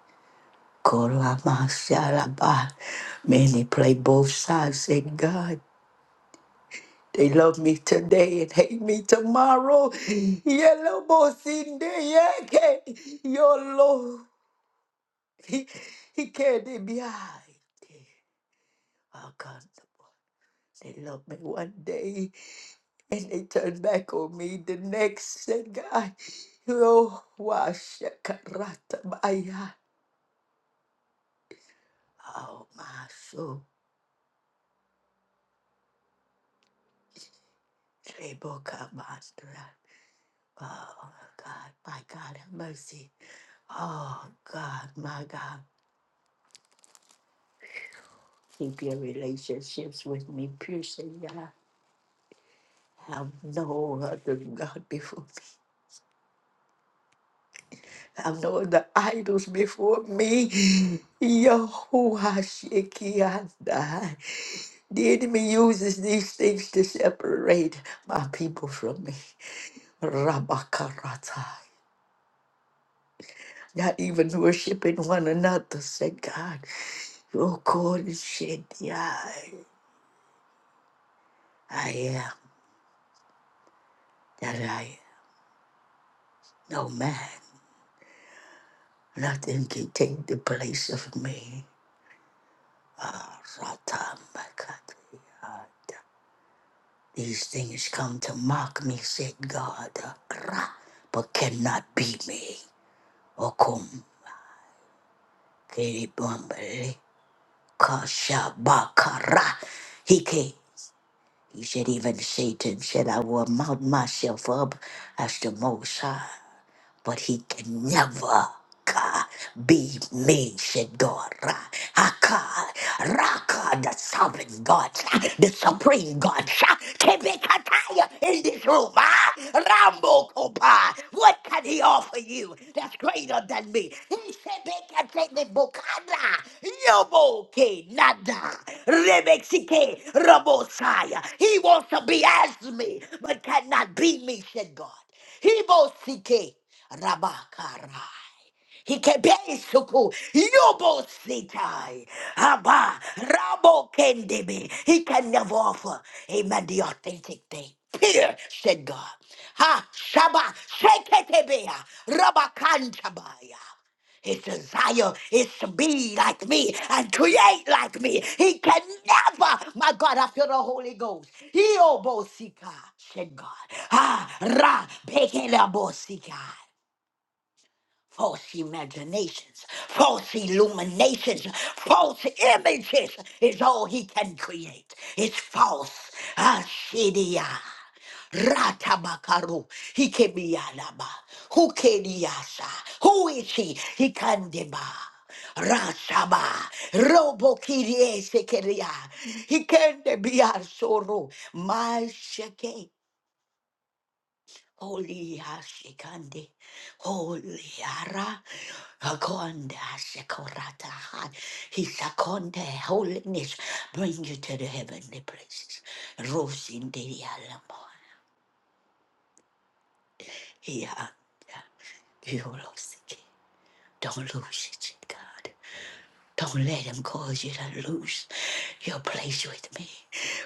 Speaker 1: Korama, Saraba. Many play both sides. Say, God, they love me today and hate me tomorrow. Yellow Bosinde, Yeke, your Lord. He, he can't be behind. They love me one day and they turn back on me the next. Said, God, oh, washa baya. Oh, my soul. Sheboka Master. Oh God, my God, have mercy. Oh God, my God, keep your relationships with me, piercing God. Have no other God before me. Have no other idols before me. Yahuwah Shekinah. The enemy uses these things to separate my people from me. Rabakarata. not even worshiping one another. Say, God, your God is shed the eye. I am that I am. No man, nothing can take the place of me. Ah, Ratamakatia. These things come to mock me, said God, ah, rah, but cannot be me. Okum, kiribambere, kashabakara, hike. He said, even Satan said, I will mount myself up as the Most High but he can never ka, be me, said God. Ra, haka, raka, the sovereign God, ah, the supreme God, ah, Kebekataya in this room. ah, Rambo Kopa, what can he offer you that's greater than me? He said, Bekatene Bokana, Yoboke Nada, Rebexike Rabosaya. He wants to be as me, but cannot be me, said God. Hibosike rabakarai. Hikebesuku yobositai. Haba rabo kendebe. He can never offer, amen, the authentic thing. Here, said God. Ha, shaba, sheketebea, rabakantabaya. His desire is to be like me and create like me. He can never, my God, I feel the Holy Ghost. He obosika, said God. Ah, ra, pekelabosika false imaginations, false illuminations, false images is all he can create. It's false. Ashidia. Ratabakaru. Hikebialaba. Hukediasa. Who is he? He can deba. Rasaba, Robo Kirie Sekeria, He can be our sorrow, my shake. Holy Ashikandi, Holy Ara, Akonda Sekorata, His Akonda, holiness, bring you to the heavenly places. Rose in the Alamo. Yeah, you lost it. Don't lose it, God. Don't let him cause you to lose your place with me.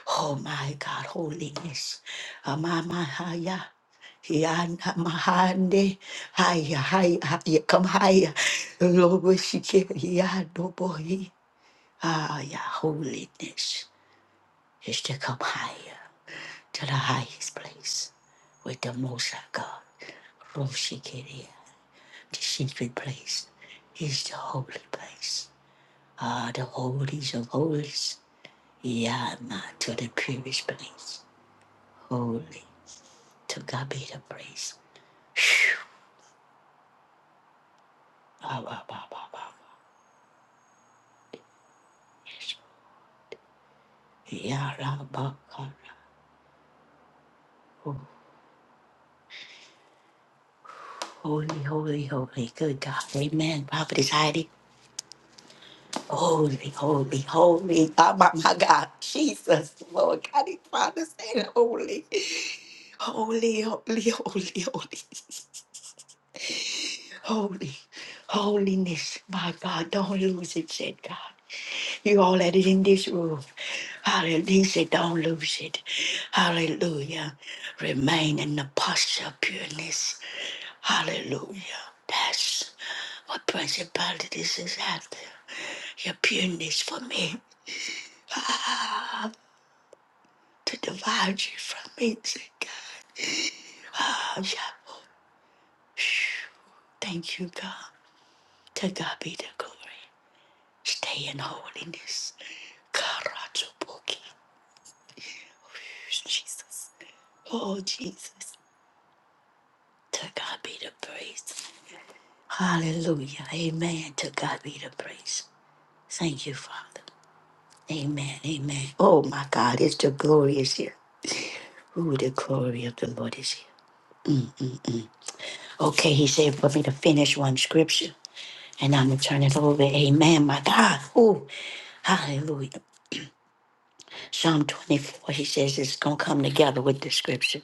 Speaker 1: Oh my God, holiness. Amamahaya. Yana mahande. Haya, haya, haya. Come higher. Loboshike. Yadobohi. Ah, yeah, holiness is to come higher to the highest place with the Most High God. Roshikeria. The secret place is the holy place. Ah, the holies of holies. Yama to the purest place. Holy. To God be the praise. Phew. Ah, bah, bah, bah, bah, bah. Yes. Yara, bah, bah, bah. Oh, Holy, holy, holy. Good God. Amen. Prophetess Heidi. Holy, holy, holy. Oh, my, my God. Jesus, Lord. God, Father, say holy. Holy, holy, holy, holy. Holy, holiness. My God, don't lose it, said God. You all that is in this room. Hallelujah. He said, don't lose it. Hallelujah. Remain in the posture of pureness. Hallelujah. That's what principalities is after. Your pureness for me. Ah, to divide you from me, said God. Ah, yeah. Thank you, God. To God be the glory. Stay in holiness. Karachubuki. Jesus. Oh, Jesus. To God be the praise. Hallelujah. Amen. To God be the praise. Thank you, Father. Amen. Amen. Oh, my God. It's the glory is here. Ooh, the glory of the Lord is here. Okay, he said for me to finish one scripture. And I'm going to turn it over. Amen, my God. Ooh, hallelujah. Psalm 24, he says it's going to come together with the scripture.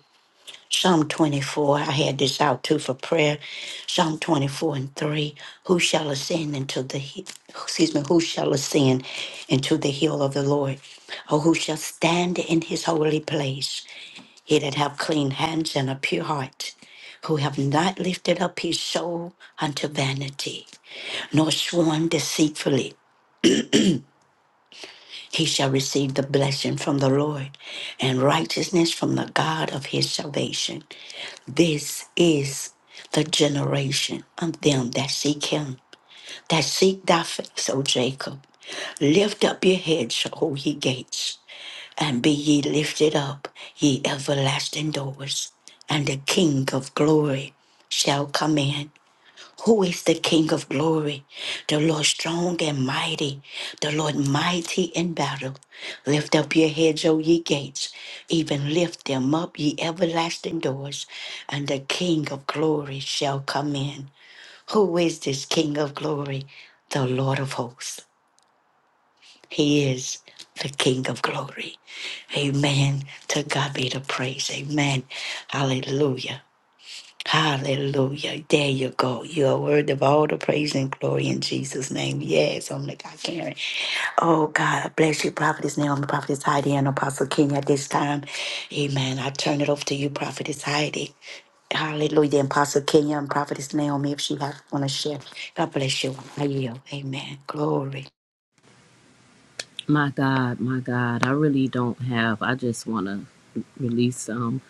Speaker 1: Psalm 24, I had this out too for prayer. Psalm 24 and 3, who shall ascend into the, hi- excuse me, who shall ascend into the hill of the Lord? Or who shall stand in his holy place? He that have clean hands and a pure heart, who have not lifted up his soul unto vanity, nor sworn deceitfully, he shall receive the blessing from the Lord and righteousness from the God of his salvation. This is the generation of them that seek him, that seek thy face, O Jacob. Lift up your heads, O ye gates, and be ye lifted up, ye everlasting doors, and the King of glory shall come in. Who is the King of glory? The Lord strong and mighty, the Lord mighty in battle. Lift up your heads, O ye gates, even lift them up, ye everlasting doors, and the King of glory shall come in. Who is this King of glory? The Lord of hosts. He is the King of glory. Amen. To God be the praise. Amen. Hallelujah. Hallelujah. There you go. You are worthy of all the praise and glory in Jesus' name. Yes, I'm like, I can't. Oh, God, I bless you, Prophetess Naomi, Prophetess Heidi, and Apostle King at this time. Amen. I turn it over to you, Prophetess Heidi. Hallelujah. And Apostle Kenya and Prophetess Naomi, if she have want to share. God bless you. I yield. Amen. Glory.
Speaker 2: My God, my God. I really don't have. I just want to release um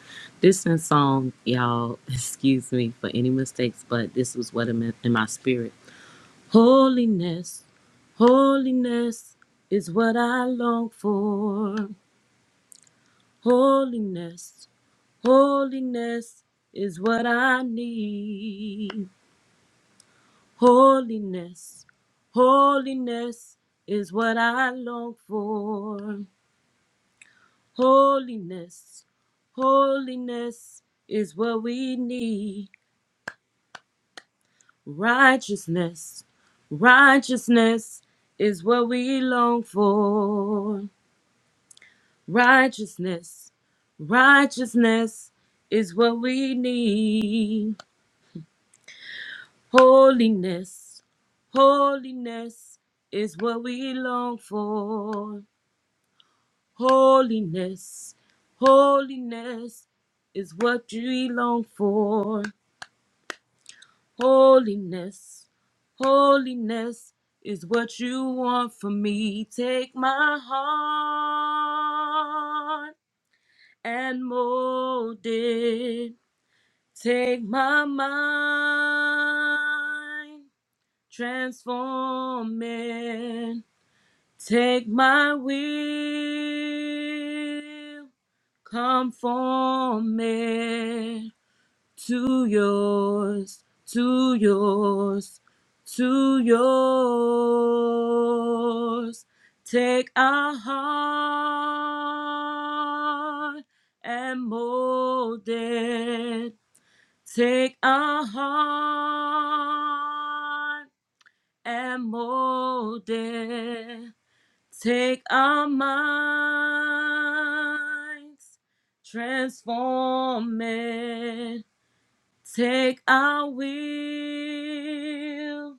Speaker 2: this in song, y'all. Excuse me for any mistakes, but this was what i meant in my spirit. Holiness, holiness is what I long for. Holiness, holiness is what I need. Holiness, holiness is what I long for. Holiness, holiness is what we need. Righteousness, righteousness is what we long for. Righteousness, righteousness is what we need. Holiness, holiness is what we long for. Holiness, holiness is what we long for. Holiness, holiness is what you want from me. Take my heart and mold it. Take my mind, transform it. Take my will, conform it to yours, to yours, to yours. Take our heart and mold it. Take our heart and mold it Take our minds, transform it. Take our will,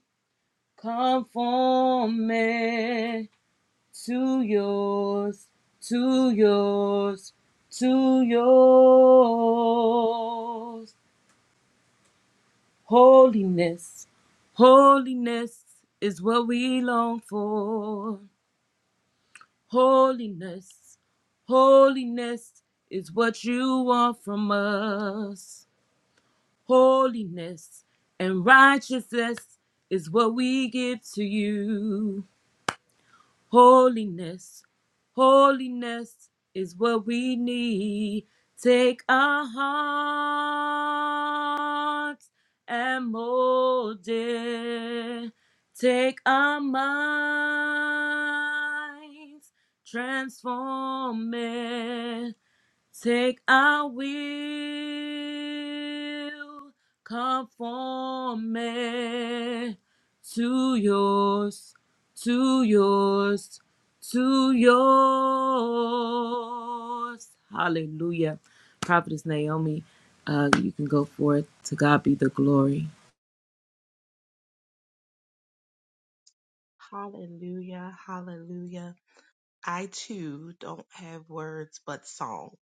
Speaker 2: conform it to yours, to yours, to yours. Holiness, holiness is what we long for. Holiness, holiness is what you want from us. Holiness and righteousness is what we give to you. Holiness, holiness is what we need. Take our hearts and mold it. Take our minds, transform it. Take our will, conform it to yours, to yours, to yours. Hallelujah. Prophetess Naomi, uh, you can go forth. To God be the glory.
Speaker 4: Hallelujah. Hallelujah. I too don't have words but song.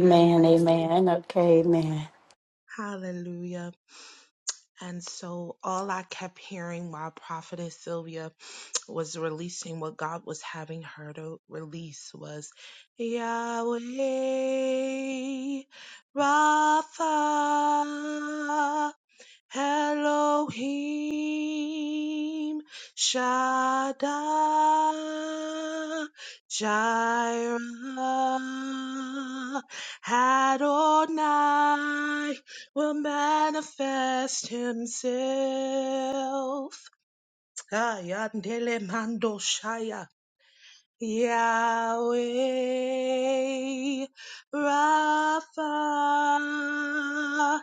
Speaker 4: I do.
Speaker 1: Amen. Okay. Amen.
Speaker 4: Hallelujah. And so all I kept hearing while Prophetess Sylvia was releasing what God was having her to release was Yahweh Rapha. Elohim Shaddai Jireh Adonai will manifest himself. Ah, yandele mando shaya. Yahweh Rapha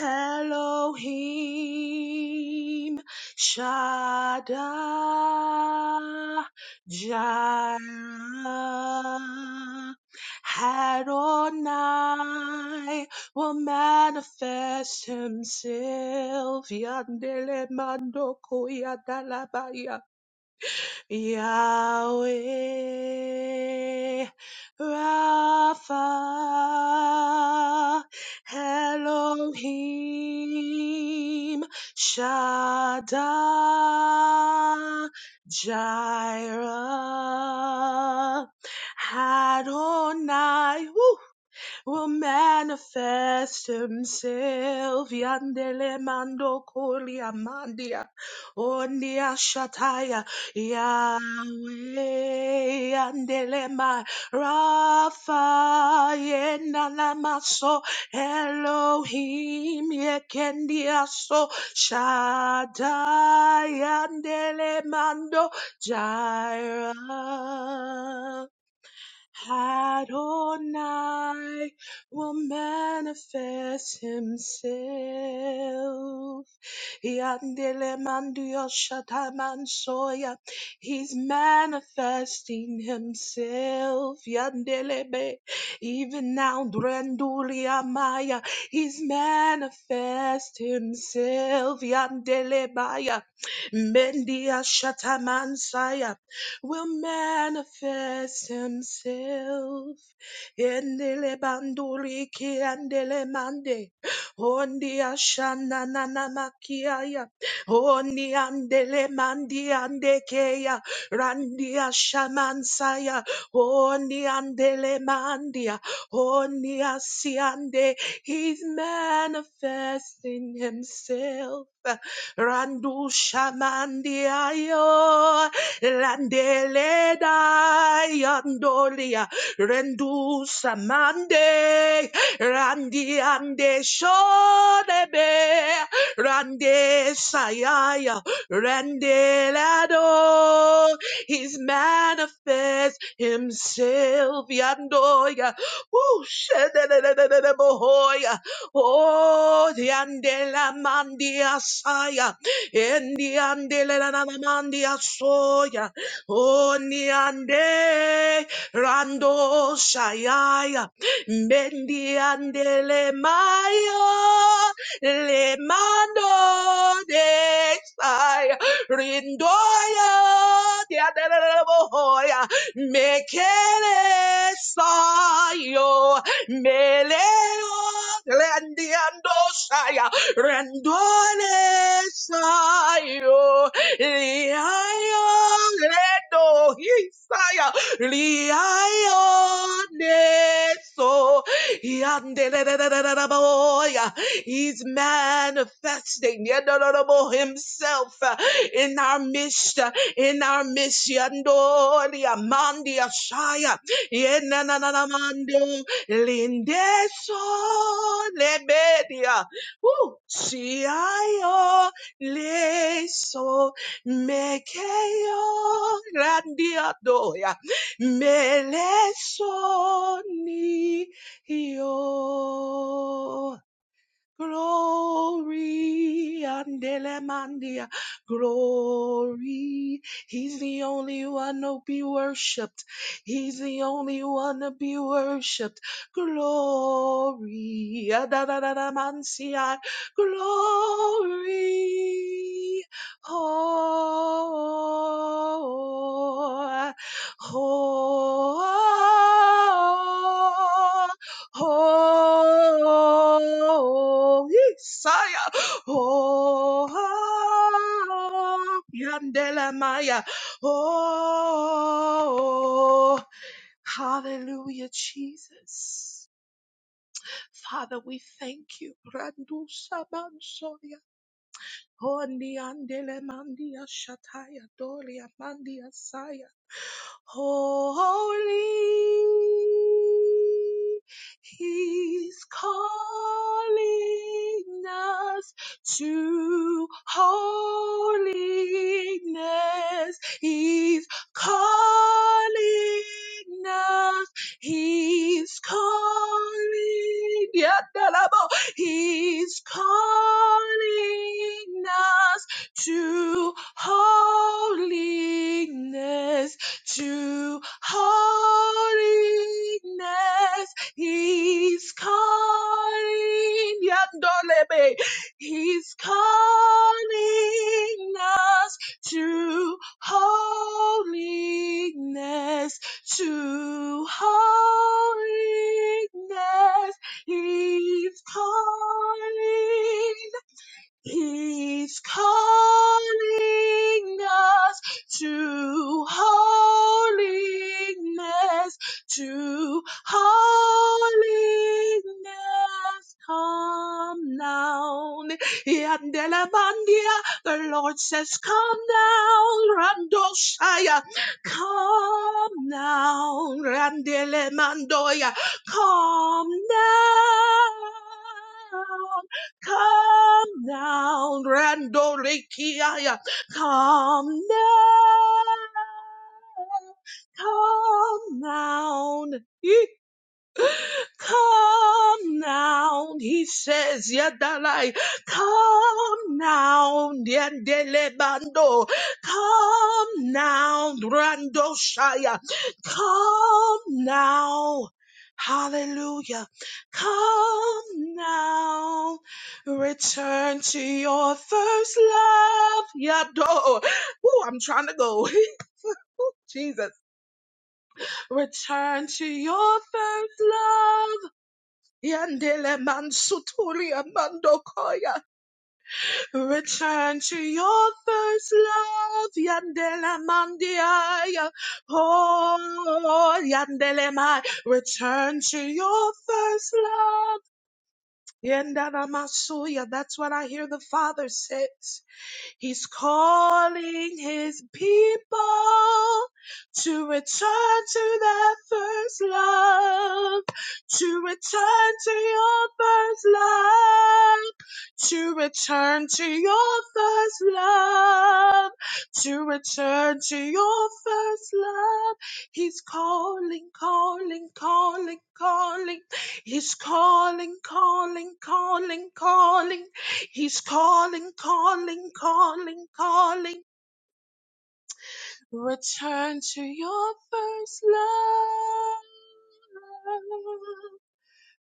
Speaker 4: Elohim Shaddai Jireh Adonai will manifest himself Yandele Mandoko Yadalabaya Yahweh Rapha Elohim Shaddai Jireh Adonai woo, will manifest himself. Yandele mando kolia mandia. Ondia shataya. Yahweh. Yandele ma. Rafa. Yenanamaso. Elohim. Yekendia so. Shaddai. Yandele mando. Jireh. Adonai will manifest himself. Yandele mandio shatamansoya. He's manifesting himself. Yandelebe. Even now, Drendulia Maya. He's manifest himself. Yandelebaya. Mendia Shatamansaya will manifest himself. Endele banduri ki andele mande. Ondi ashana nana makiaya. Ondi andele mandi andekeya. Randi ashamansaya. Ondi andele mandia. Ondi asiande. He's manifesting himself. Randu Shamandiayo landele da Yandolia Rendu Samande Randi Ande Shodebe Rande Sayaya rande Randelado He's manifest himself Yandoya Woo, shededededebohoya. Oh, the andela mandia saya, and the andela mandia soya. Oh, the ande rando saya, mendi andele mayo, le mando de saya, rindoya, the andela boya, mekele sayo. Meleo Landiando Saya Randone Sayo Liayo Ledo Hisaya Liayo Neso Yandeleleleleleleboya. He's manifesting Yadololobo himself uh, in our midst, uh, in our midst, Yandolia Mandia Shaya, Lindeso lebedia. Woo! Siayo leso mekeyo randiadoya. Meleso ni yo Glory, Andelemandia, glory. He's the only one to be worshipped. He's the only one to be worshipped. Glory, Adadadamansia, glory. Oh, oh, oh, oh, oh. Oh, Isaiah. Oh, Yandela Maya. Oh, hallelujah, Jesus. Father, we thank you. Randu Sabansoya. Oh, Niandele Mandia Shataya Dolia Mandia Holy, He's calling us to holiness. He's calling us. He's calling. Yadalabo. He's calling us to holiness to holiness. He's calling. Yandolebe. He's calling us to holiness, to holiness. He's calling He's calling us to holiness, to holiness. Come down. Yandelabandia, The Lord says, Come down, Randoshaya. Come down, Randelemandoya. Come down. Come down, Rando Rikiaya. Come down. Come down. Come now, he says, Yadalai, come now, Yandelebando, come now, Rando come now. Hallelujah. Come now. Return to your first love. Yado. Ooh, I'm trying to go. Jesus. Return to your first love. Yandele mansutulia mandokoya. Return to your first love. Yandele mandiaya. Oh, yandele mai. Return to your first love. Yandana masuya. That's what I hear the Father says. He's calling his people to return to their first love, to return to your first love, to return to your first love, to return to your first love. He's calling, calling, calling, calling. He's calling, calling, calling, calling He's calling, calling, calling, calling. Return to your first love.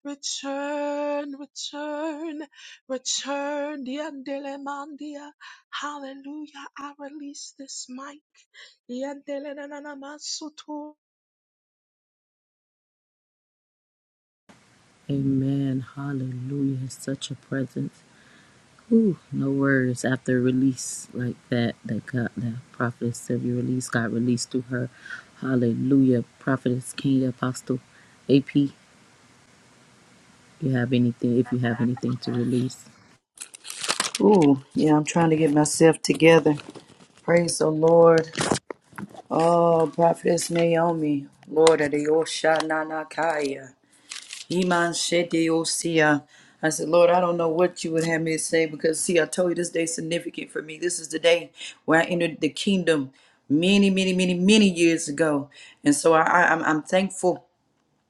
Speaker 4: Return, return, return. Diandele mandia. Hallelujah. I release this mic. Diandele nanana masutu.
Speaker 2: Amen. Hallelujah. Such a presence. Ooh, no words after a release like that that got that prophetess of your release got released through her. Hallelujah. Prophetess Kenya Apostle AP, you have anything if you have anything to release.
Speaker 3: Ooh, yeah, I'm trying to get myself together. Praise the Lord. Oh, Prophetess Naomi, Lord of the Oshananakaya. Iman Shede Osia. I said, Lord, I don't know what you would have me to say because, see, I told you this day is significant for me. This is the day where I entered the kingdom many, many, many, many years ago. And so I, I, I'm, I'm thankful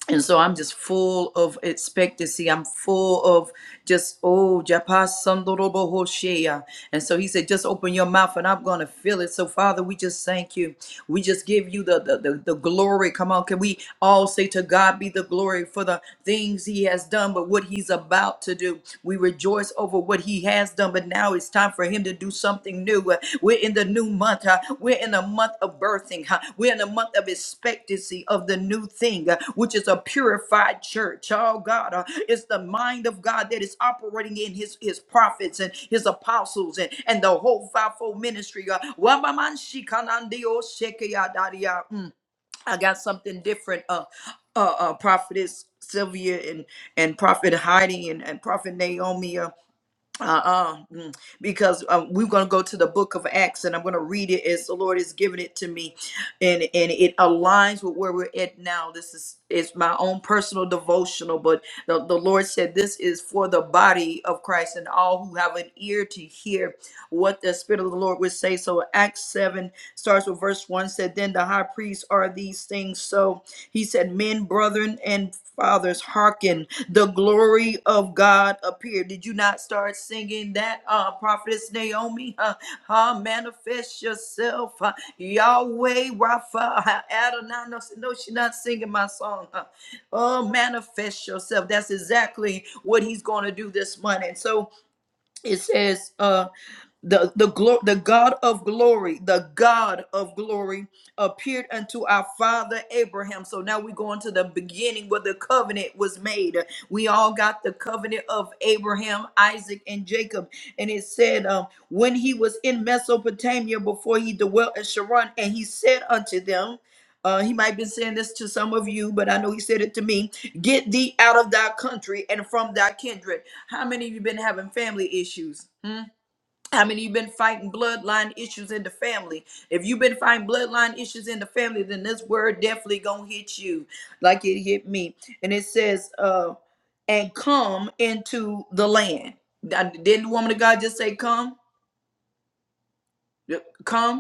Speaker 3: and so I'm just full of expectancy. I'm full of just, oh, Japa Sandorobo Hoshea. And so he said, just open your mouth and I'm going to fill it. So, Father, we just thank you. We just give you the, the, the, the glory. Come on. Can we all say to God be the glory for the things he has done, but what he's about to do? We rejoice over what he has done, but now it's time for him to do something new. Uh, We're in the new month. huh? We're in the month of birthing. huh? We're in the month of expectancy of the new thing, uh, which is a purified church. Oh God, uh, it's the mind of God that is operating in his, his prophets and his apostles and, and the whole fivefold ministry. uh, Wamamanshikalandio shekeyadaria. Mm, I got something different. Uh, uh, uh, prophetess Sylvia and, and prophet Heidi and, and prophet Naomi. uh, uh-uh mm, because uh, we're going to go to the book of acts and i'm going to read it as the lord has given it to me and and it aligns with where we're at now this is is my own personal devotional but the, the lord said this is for the body of christ and all who have an ear to hear what the spirit of the lord would say so acts 7 starts with verse 1 said then the high priest are these things so he said men brethren and fathers hearken the glory of God appeared. Did you not start singing that, uh, Prophetess Naomi? Uh, uh, manifest yourself, uh, Yahweh Rapha, uh, Adonai. No, no, she's not singing my song. Uh, oh, manifest yourself. That's exactly what he's going to do this morning. So it says. uh, the the glo- the God of glory, the God of glory appeared unto our father Abraham. So now we go into the beginning where the covenant was made. We all got the covenant of Abraham, Isaac, and Jacob. And it said, um, when he was in Mesopotamia before he dwelt in Sharon, and he said unto them. Uh, he might be saying this to some of you, but I know he said it to me. Get thee out of thy country and from thy kindred. How many of you been having family issues? Hmm? How many you been fighting bloodline issues in the family? If you've been fighting bloodline issues in the family, then this word definitely gonna hit you like it hit me. And it says, uh, and come into the land. Didn't the woman of God just say come? Yep, Come.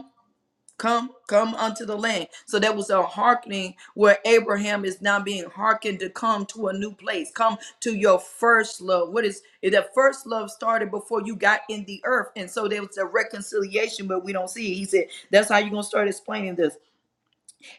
Speaker 3: Come, come unto the land. So that was a hearkening where Abraham is now being hearkened to come to a new place. Come to your first love. What is it? That first love started before you got in the earth. And so there was a reconciliation, but we don't see it. He said, That's how you're going to start explaining this.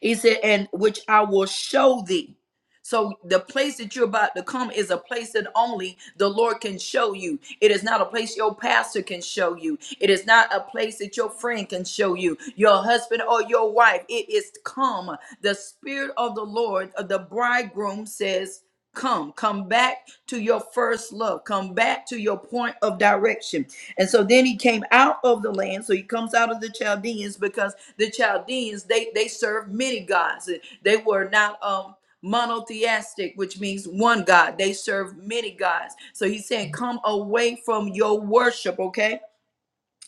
Speaker 3: He said, and which I will show thee. So the place that you're about to come is a place that only the Lord can show you. It is not a place your pastor can show you. It is not a place that your friend can show you, your husband or your wife. It is come. The spirit of the Lord, of the bridegroom says, Come, come back to your first love. Come back to your point of direction. And so then he came out of the land. So he comes out of the Chaldeans because the Chaldeans they they served many gods. They were not um monotheistic, which means one God. They served many gods. So he's saying, come away from your worship, okay?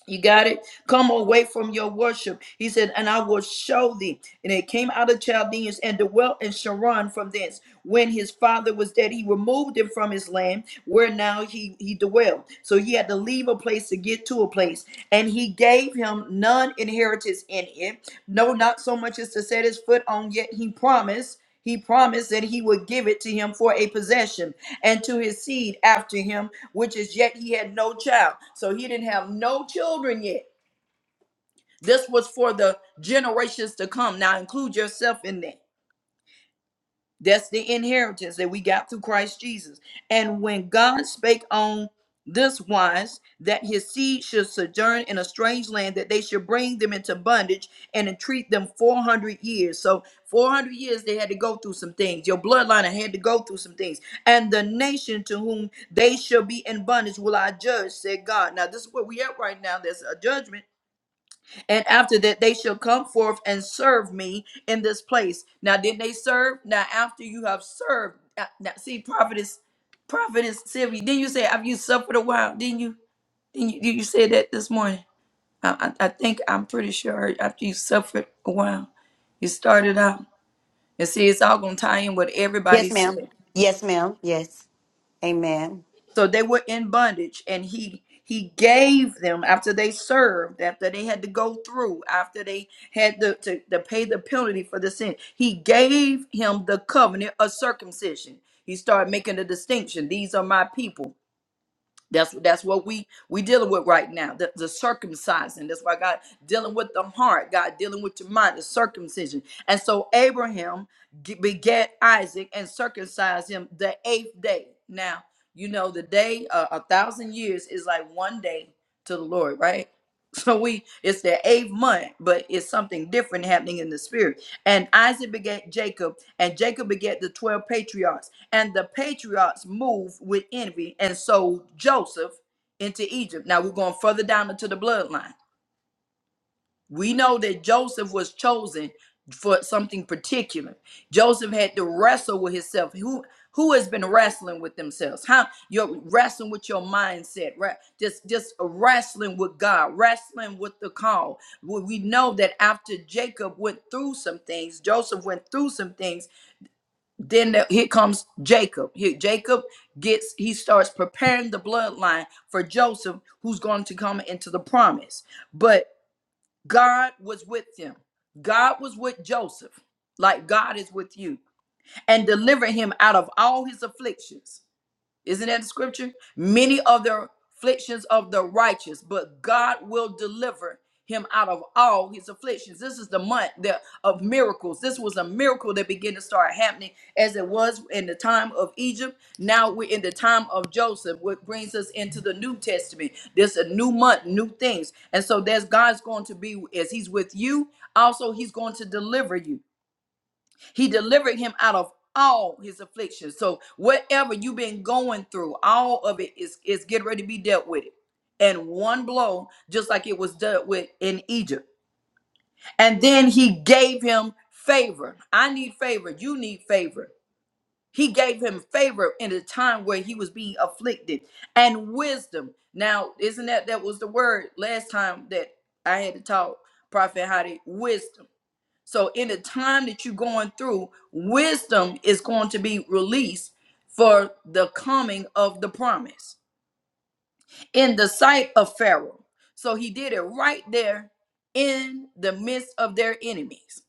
Speaker 3: You got it? Come away from your worship. He said, And I will show thee. And it came out of Chaldeans and dwelt in Sharon from thence. When his father was dead, he removed him from his land where now he, he dwelled. So he had to leave a place to get to a place. And he gave him none inheritance in it. No, not so much as to set his foot on, yet he promised. He promised that he would give it to him for a possession and to his seed after him which is yet he had no child. So he didn't have no children yet. This was for the generations to come. Now include yourself in that. That's the inheritance that we got through Christ Jesus. And when God spake on this wise, that his seed should sojourn in a strange land, that they should bring them into bondage and entreat them 400 years. So, 400 years they had to go through some things. Your bloodline had to go through some things. And the nation to whom they shall be in bondage will I judge, said God. Now, this is where we at right now. There's a judgment and after that, they shall come forth and serve me in this place. Now, did they serve? Now, after you have served, now, now, see, prophetess, prophetess Sylvia, didn't you say have you suffered a while? Didn't you? Didn't you, did you say that this morning? I, I, I think I'm pretty sure after you suffered a while, you started out. And see, it's all gonna tie in what everybody
Speaker 1: Yes,
Speaker 3: said.
Speaker 1: ma'am. Yes, ma'am. Yes. Amen.
Speaker 3: So they were in bondage, and he he gave them after they served, after they had to go through, after they had to, to, to pay the penalty for the sin. He gave him the covenant of circumcision. He started making a distinction. These are my people. That's that's what we we dealing with right now. The, the circumcising. That's why God dealing with the heart. God dealing with your mind. The circumcision. And so Abraham g- begat Isaac and circumcised him the eighth day. Now you know the day uh, a thousand years is like one day to the Lord, right? So we it's the eighth month, but it's something different happening in the spirit. And Isaac begat Jacob, and Jacob begat the twelve patriarchs and the patriarchs moved with envy and sold Joseph into Egypt. Now we're going further down into the bloodline. We know that Joseph was chosen for something particular. Joseph had to wrestle with himself. Who who has been wrestling with themselves? How you're wrestling with your mindset, right? Just just wrestling with God, wrestling with the call. We we know that after Jacob went through some things, Joseph went through some things then there, here comes Jacob. Here, Jacob gets he starts preparing the bloodline for Joseph, who's going to come into the promise. But God was with him. God was with Joseph, like God is with you, and delivered him out of all his afflictions. Isn't that the scripture? Many of the afflictions of the righteous, but God will deliver him out of all his afflictions. This is the month that, of miracles. This was a miracle that began to start happening as it was in the time of Egypt. Now we're in the time of Joseph, which brings us into the New Testament. There's a new month, new things. And so there's God's going to be as he's with you, also he's going to deliver you. He delivered him out of all his afflictions. So whatever you've been going through, all of it is is getting ready to be dealt with it. And one blow, just like it was dealt with in Egypt. And then he gave him favor. I need favor. You need favor. He gave him favor in a time where he was being afflicted and wisdom. Now, isn't that that was the word last time that I had to talk, Prophet Hadi? Wisdom so in the time that you're going through, wisdom is going to be released for the coming of the promise in the sight of Pharaoh. So he did it right there in the midst of their enemies.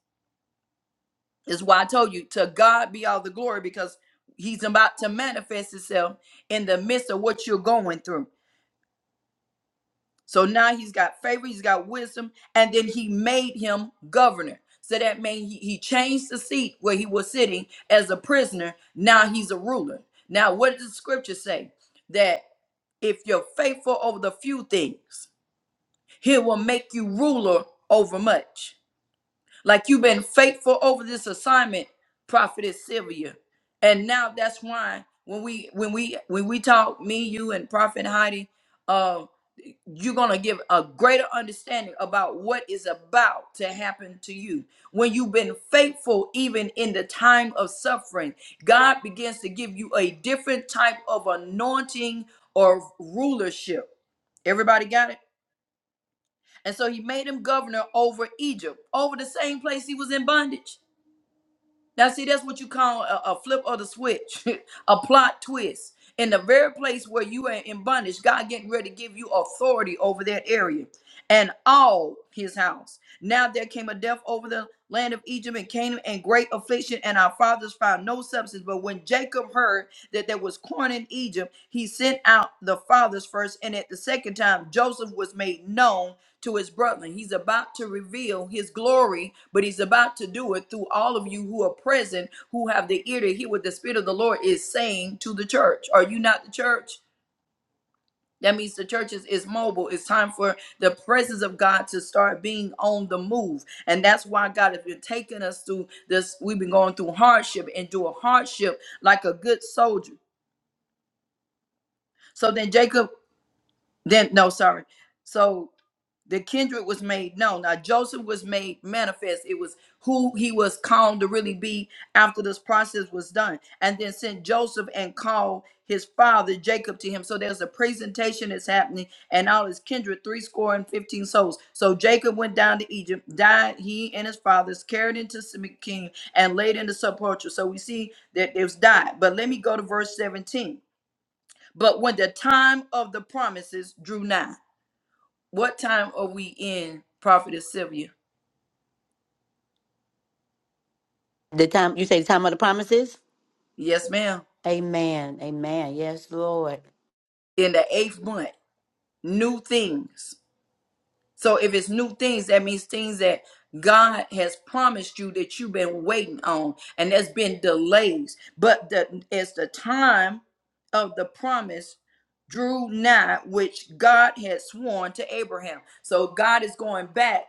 Speaker 3: Is why I told you to God be all the glory because he's about to manifest himself in the midst of what you're going through. So now he's got favor, he's got wisdom, and then he made him governor. So that means he, he changed the seat where he was sitting as a prisoner. Now he's a ruler. Now, what does the scripture say? That if you're faithful over the few things, he will make you ruler over much. Like you've been faithful over this assignment, Prophetess Sylvia. And now that's why when we when we when we talk, me, you, and Prophet Heidi, uh, you're gonna give a greater understanding about what is about to happen to you. When you've been faithful, even in the time of suffering, God begins to give you a different type of anointing or rulership. Everybody got it? And so he made him governor over Egypt, over the same place he was in bondage. Now, see, that's what you call a, a flip of the switch, a plot twist. In the very place where you are in bondage, God getting ready to give you authority over that area and all his house. Now there came a death over the land of Egypt and Canaan and great affliction, and our fathers found no substance. But when Jacob heard that there was corn in Egypt, he sent out the fathers first, and at the second time Joseph was made known to his brother. He's about to reveal his glory, but he's about to do it through all of you who are present, who have the ear to hear what the Spirit of the Lord is saying to the church. Are you not the church? That means the church is, is mobile. It's time for the presence of God to start being on the move. And that's why God has been taking us through this. We've been going through hardship, endure hardship like a good soldier. So then Jacob, then, no, sorry. So The kindred was made known. Now Joseph was made manifest. It was who he was called to really be after this process was done. And then sent Joseph and called his father Jacob to him. So there's a presentation that's happening, and all his kindred, three score and fifteen souls. So Jacob went down to Egypt, died, he and his fathers, carried into King, and laid in the sepulchre. So we see that it was died. But let me go to verse 17. But when the time of the promises drew nigh. What time are we in, Prophetess Sylvia?
Speaker 1: The time you say the time of the promises.
Speaker 3: Yes, ma'am.
Speaker 1: Amen. Amen. Yes, Lord.
Speaker 3: In the eighth month, new things. So if it's new things, that means things that God has promised you that you've been waiting on, and there's been delays. But the it's the time of the promise drew nigh, which God had sworn to Abraham. So God is going back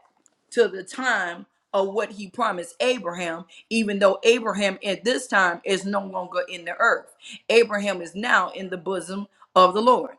Speaker 3: to the time of what He promised Abraham, even though Abraham at this time is no longer in the earth. Abraham is now in the bosom of the Lord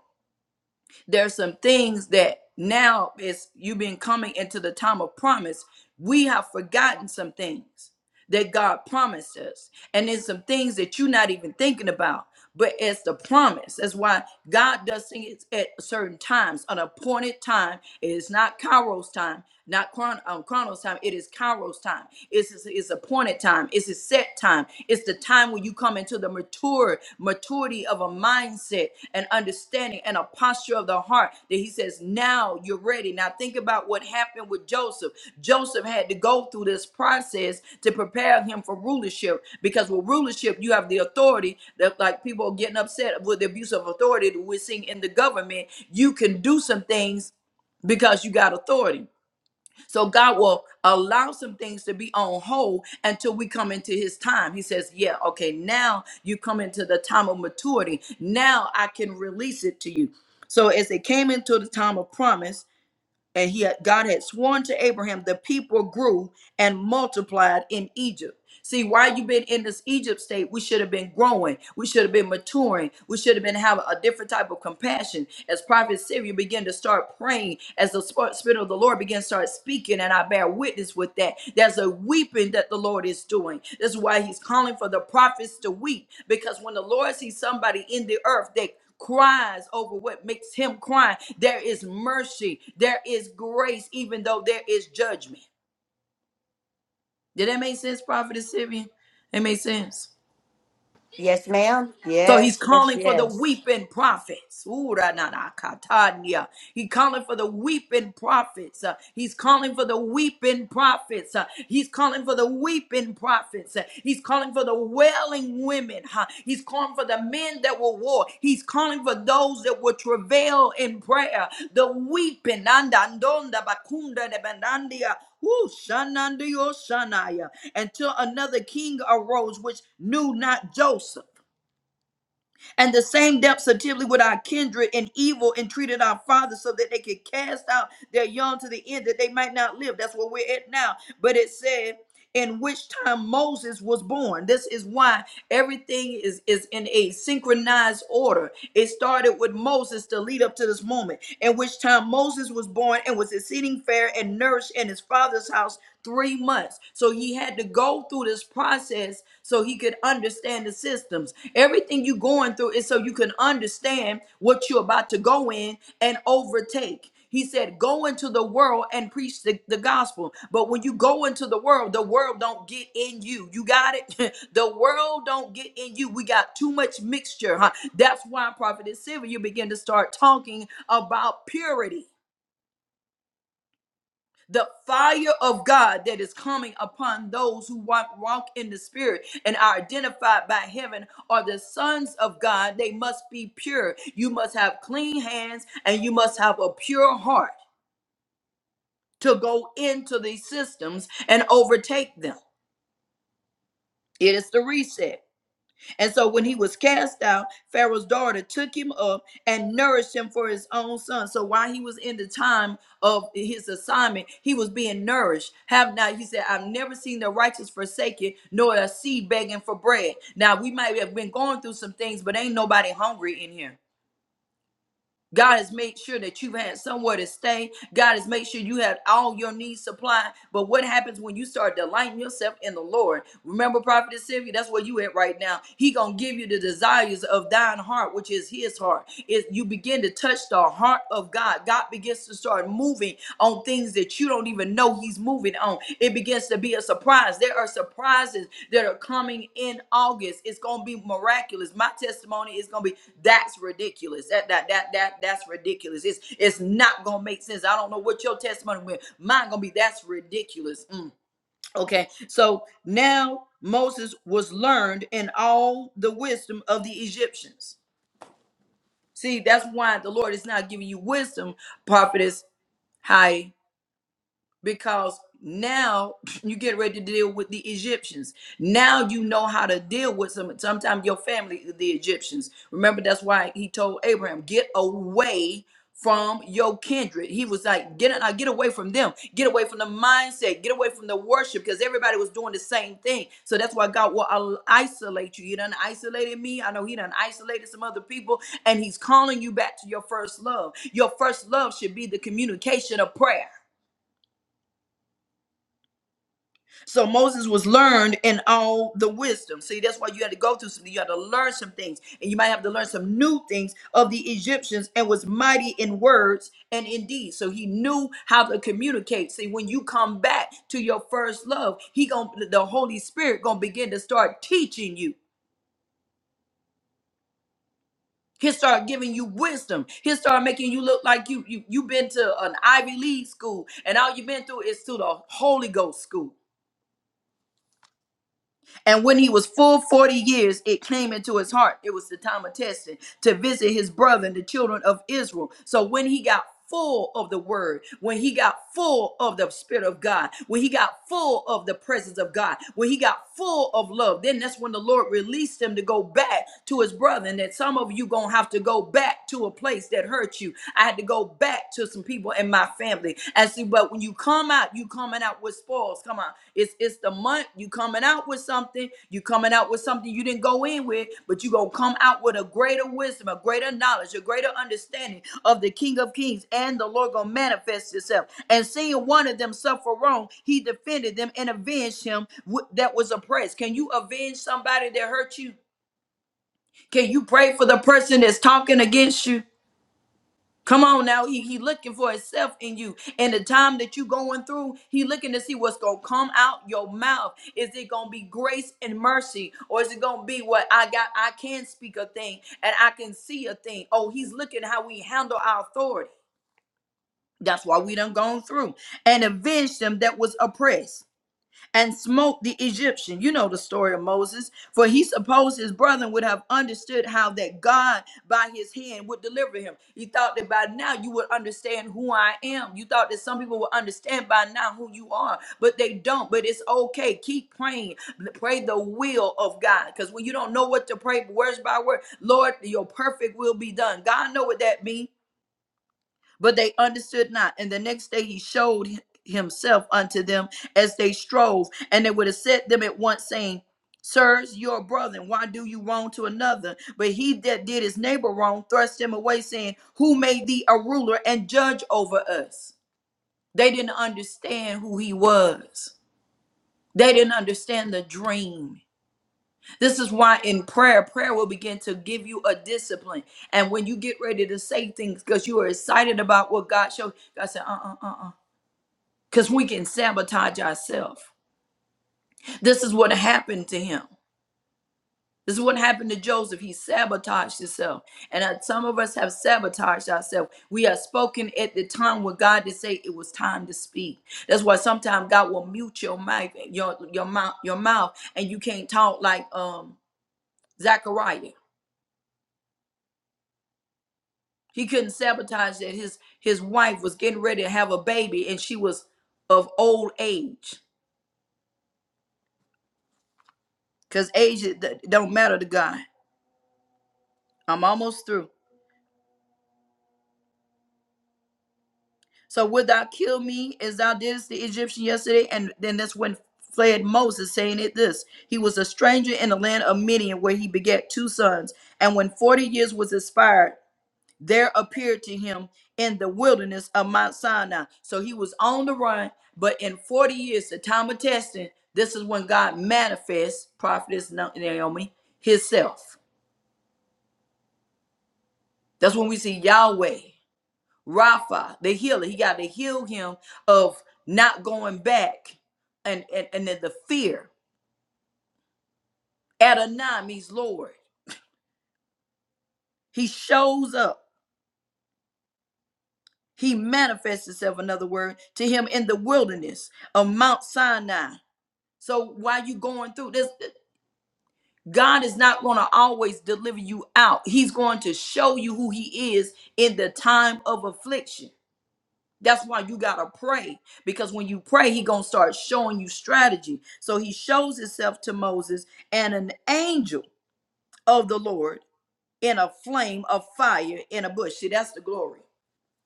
Speaker 3: there's some things that now is you've been coming into the time of promise we have forgotten some things that god promised us and there's some things that you're not even thinking about but it's the promise that's why god does things at certain times an appointed time it is not kairos time not chron- um, chronos time it is kairos time it's, it's, it's appointed time it's a set time it's the time when you come into the mature maturity clarity of a mindset and understanding and a posture of the heart that he says, Now you're ready. Now think about what happened with Joseph. Joseph had to go through this process to prepare him for rulership because with rulership, you have the authority that, like, people are getting upset with the abuse of authority that we're seeing in the government. You can do some things because you got authority so God will allow some things to be on hold until we come into his time. He says, Yeah, okay, now you come into the time of maturity. Now I can release it to you. So as they came into the time of promise, and he had, God had sworn to Abraham, the people grew and multiplied in Egypt. See, why you have been in this Egypt state, we should have been growing. We should have been maturing. We should have been having a different type of compassion. As Prophet Syria began to start praying, as the sp- Spirit of the Lord began to start speaking, and I bear witness with that. There's a weeping that the Lord is doing. That's why he's calling for the prophets to weep. Because when the Lord sees somebody in the earth that cries over what makes him cry, there is mercy, there is grace, even though there is judgment. Did that make sense, Prophet Sylvia? It made sense.
Speaker 1: Yes, ma'am.
Speaker 3: So he's
Speaker 1: Yes, yes,
Speaker 3: calling for the
Speaker 1: yes.
Speaker 3: weeping prophets. Ooh, ra, na, na, katanya. He calling for the weeping prophets. Uh, he's calling for the weeping prophets. Uh, he's calling for the weeping prophets. Uh, he's calling for the wailing women. huh? He's calling for the men that will war. He's calling for those that will travail in prayer. The weeping. andandonda, bakunda, de bandandia. Ooh, shanandio, shanaya. Until another king arose which knew not Joseph and the same depths subtly with our kindred in evil entreated our fathers so that they could cast out their young to the end that they might not live. That's where we're at now. But it said, in which time Moses was born. This is why everything is, is in a synchronized order. It started with Moses to lead up to this moment, in which time Moses was born and was exceeding fair and nourished in his father's house three months. So he had had to go through this process so he could understand the systems. Everything you're going through is so you can understand what you're about to go in and overtake. He said, "Go into the world and preach the, the gospel." But when you go into the world, the world don't get in you. You got it. the world don't get in you. We got too much mixture, huh? That's why Prophet Sylvia, you begin to start talking about purity the fire of God that is coming upon those who walk, walk in the spirit and are identified by heaven are the sons of God. They must be pure. You must have clean hands and you must have a pure heart to go into these systems and overtake them. It is the reset. And so when he was cast out, Pharaoh's daughter took him up and nourished him for his own son. So while he was in the time of his assignment, he was being nourished. Have now he said, I've never seen the righteous forsaken, nor a seed begging for bread. Now we might have been going through some things, but ain't nobody hungry in here. God has made sure that you've had somewhere to stay. God has made sure you had all your needs supplied. But what happens when you start delighting yourself in the Lord? Remember, Prophet Sylvia, that's where you at right now. He gonna give you the desires of thine heart, which is his heart. If you begin to touch the heart of God, God begins to start moving on things that you don't even know he's moving on. It begins to be a surprise. There are surprises that are coming in August. It's gonna be miraculous. My testimony is gonna be that's ridiculous. That that that that that's ridiculous. It's it's not gonna make sense. I don't know what your testimony will. Mine gonna be that's ridiculous. Mm, Okay, so now Moses was learned in all the wisdom of the Egyptians. See, that's why the Lord is not giving you wisdom, prophetess. Hi because now you get ready to deal with the Egyptians. Now you know how to deal with some. Sometimes your family, is the Egyptians. Remember, that's why he told Abraham, "Get away from your kindred." He was like, "Get uh, get away from them. Get away from the mindset. Get away from the worship," because everybody was doing the same thing. So that's why God will al- isolate you. He done isolated me. I know He done isolated some other people, and He's calling you back to your first love. Your first love should be the communication of prayer. So Moses was learned in all the wisdom. See, that's why you had to go through something. You had to learn some things, and you might have to learn some new things of the Egyptians. And was mighty in words and in deeds. So he knew how to communicate. See, when you come back to your first love, he going the Holy Spirit gonna begin to start teaching you. He'll start giving you wisdom. He'll start making you look like you you you've been to an Ivy League school, and all you've been through is to the Holy Ghost school. And when he was full 40 years, it came into his heart. It was the time of testing to visit his brother the children of Israel. So when he got full of the word, when he got full of the spirit of God, when he got full of the presence of God, when he got full of love, then that's when the Lord released him to go back to his brother. And that some of you gonna have to go back to a place that hurt you. I had to go back to some people people in my family. And see, but when you come out, you coming out with spoils. Come on. It's it's the month. You coming out with something. You coming out with something you didn't go in with, but you gonna come out with a greater wisdom, a greater knowledge, a greater understanding of the King of Kings and the Lord gonna manifest itself. And seeing one of them suffer wrong, he defended them and avenged him wh- that was oppressed. Can you avenge somebody that hurt you? Can you pray for the person that's talking against you? Come on now, he, he looking for himself in you. And the time that you going through, he looking to see what's gonna come out your mouth. Is it gonna be grace and mercy, or is it gonna be what I got? I can speak a thing and I can see a thing. Oh, he's looking how we handle our authority. That's why we done gone through and avenged them that was oppressed and smote the Egyptian. You know the story of Moses. For he supposed his brethren would have understood how that God by his hand would deliver him. He thought that by now you would understand who I am. You thought that some people would understand by now who you are, but they don't. But it's okay. Keep praying. Pray the will of God. Because when you don't know what to pray, words by word, Lord, your perfect will be done. God know what that means but they understood not. And the next day he showed himself unto them as they strove, and they would have set them at once, saying, Sirs, your brother, and why do you wrong to another? But he that did his neighbor wrong thrust him away, saying, Who made thee a ruler and judge over us? They didn't understand who he was. They didn't understand the dream this is why in prayer, prayer will begin to give you a discipline. And when you get ready to say things because you are excited about what God showed, God said, uh uh uh uh. Because we can sabotage ourselves. This is what happened to him. This is what happened to Joseph. He sabotaged himself. And uh, some of us have sabotaged ourselves. We have spoken at the time when God did say it was time to speak. That's why sometimes God will mute your mic, your your mouth, your mouth, and you can't talk like um Zechariah. He couldn't sabotage that his his wife was getting ready to have a baby and she was of old age. Cause age don't matter to God. I'm almost through. So wilt thou kill me as thou didst the Egyptian yesterday? And then that's when fled Moses, saying it this. He was a stranger in the land of Midian, where he begat two sons. And when forty years was expired, there appeared to him in the wilderness of Mount Sinai. So he was on the run, but in 40 years, the time of testing, this is when God manifests, prophetess Na- Naomi, himself. That's when we see Yahweh, Rapha, the healer. He got to heal him of not going back and, and, and then the fear. Adonai means Lord. He shows up. He manifests himself, another word, to him in the wilderness of Mount Sinai So while you going through this, God is not going to always deliver you out. He's going to show you who he is in the time of affliction. That's why you got to pray because when you pray, he going to start showing you strategy. So he shows himself to Moses and an angel of the Lord in a flame of fire in a bush. See, that's the glory.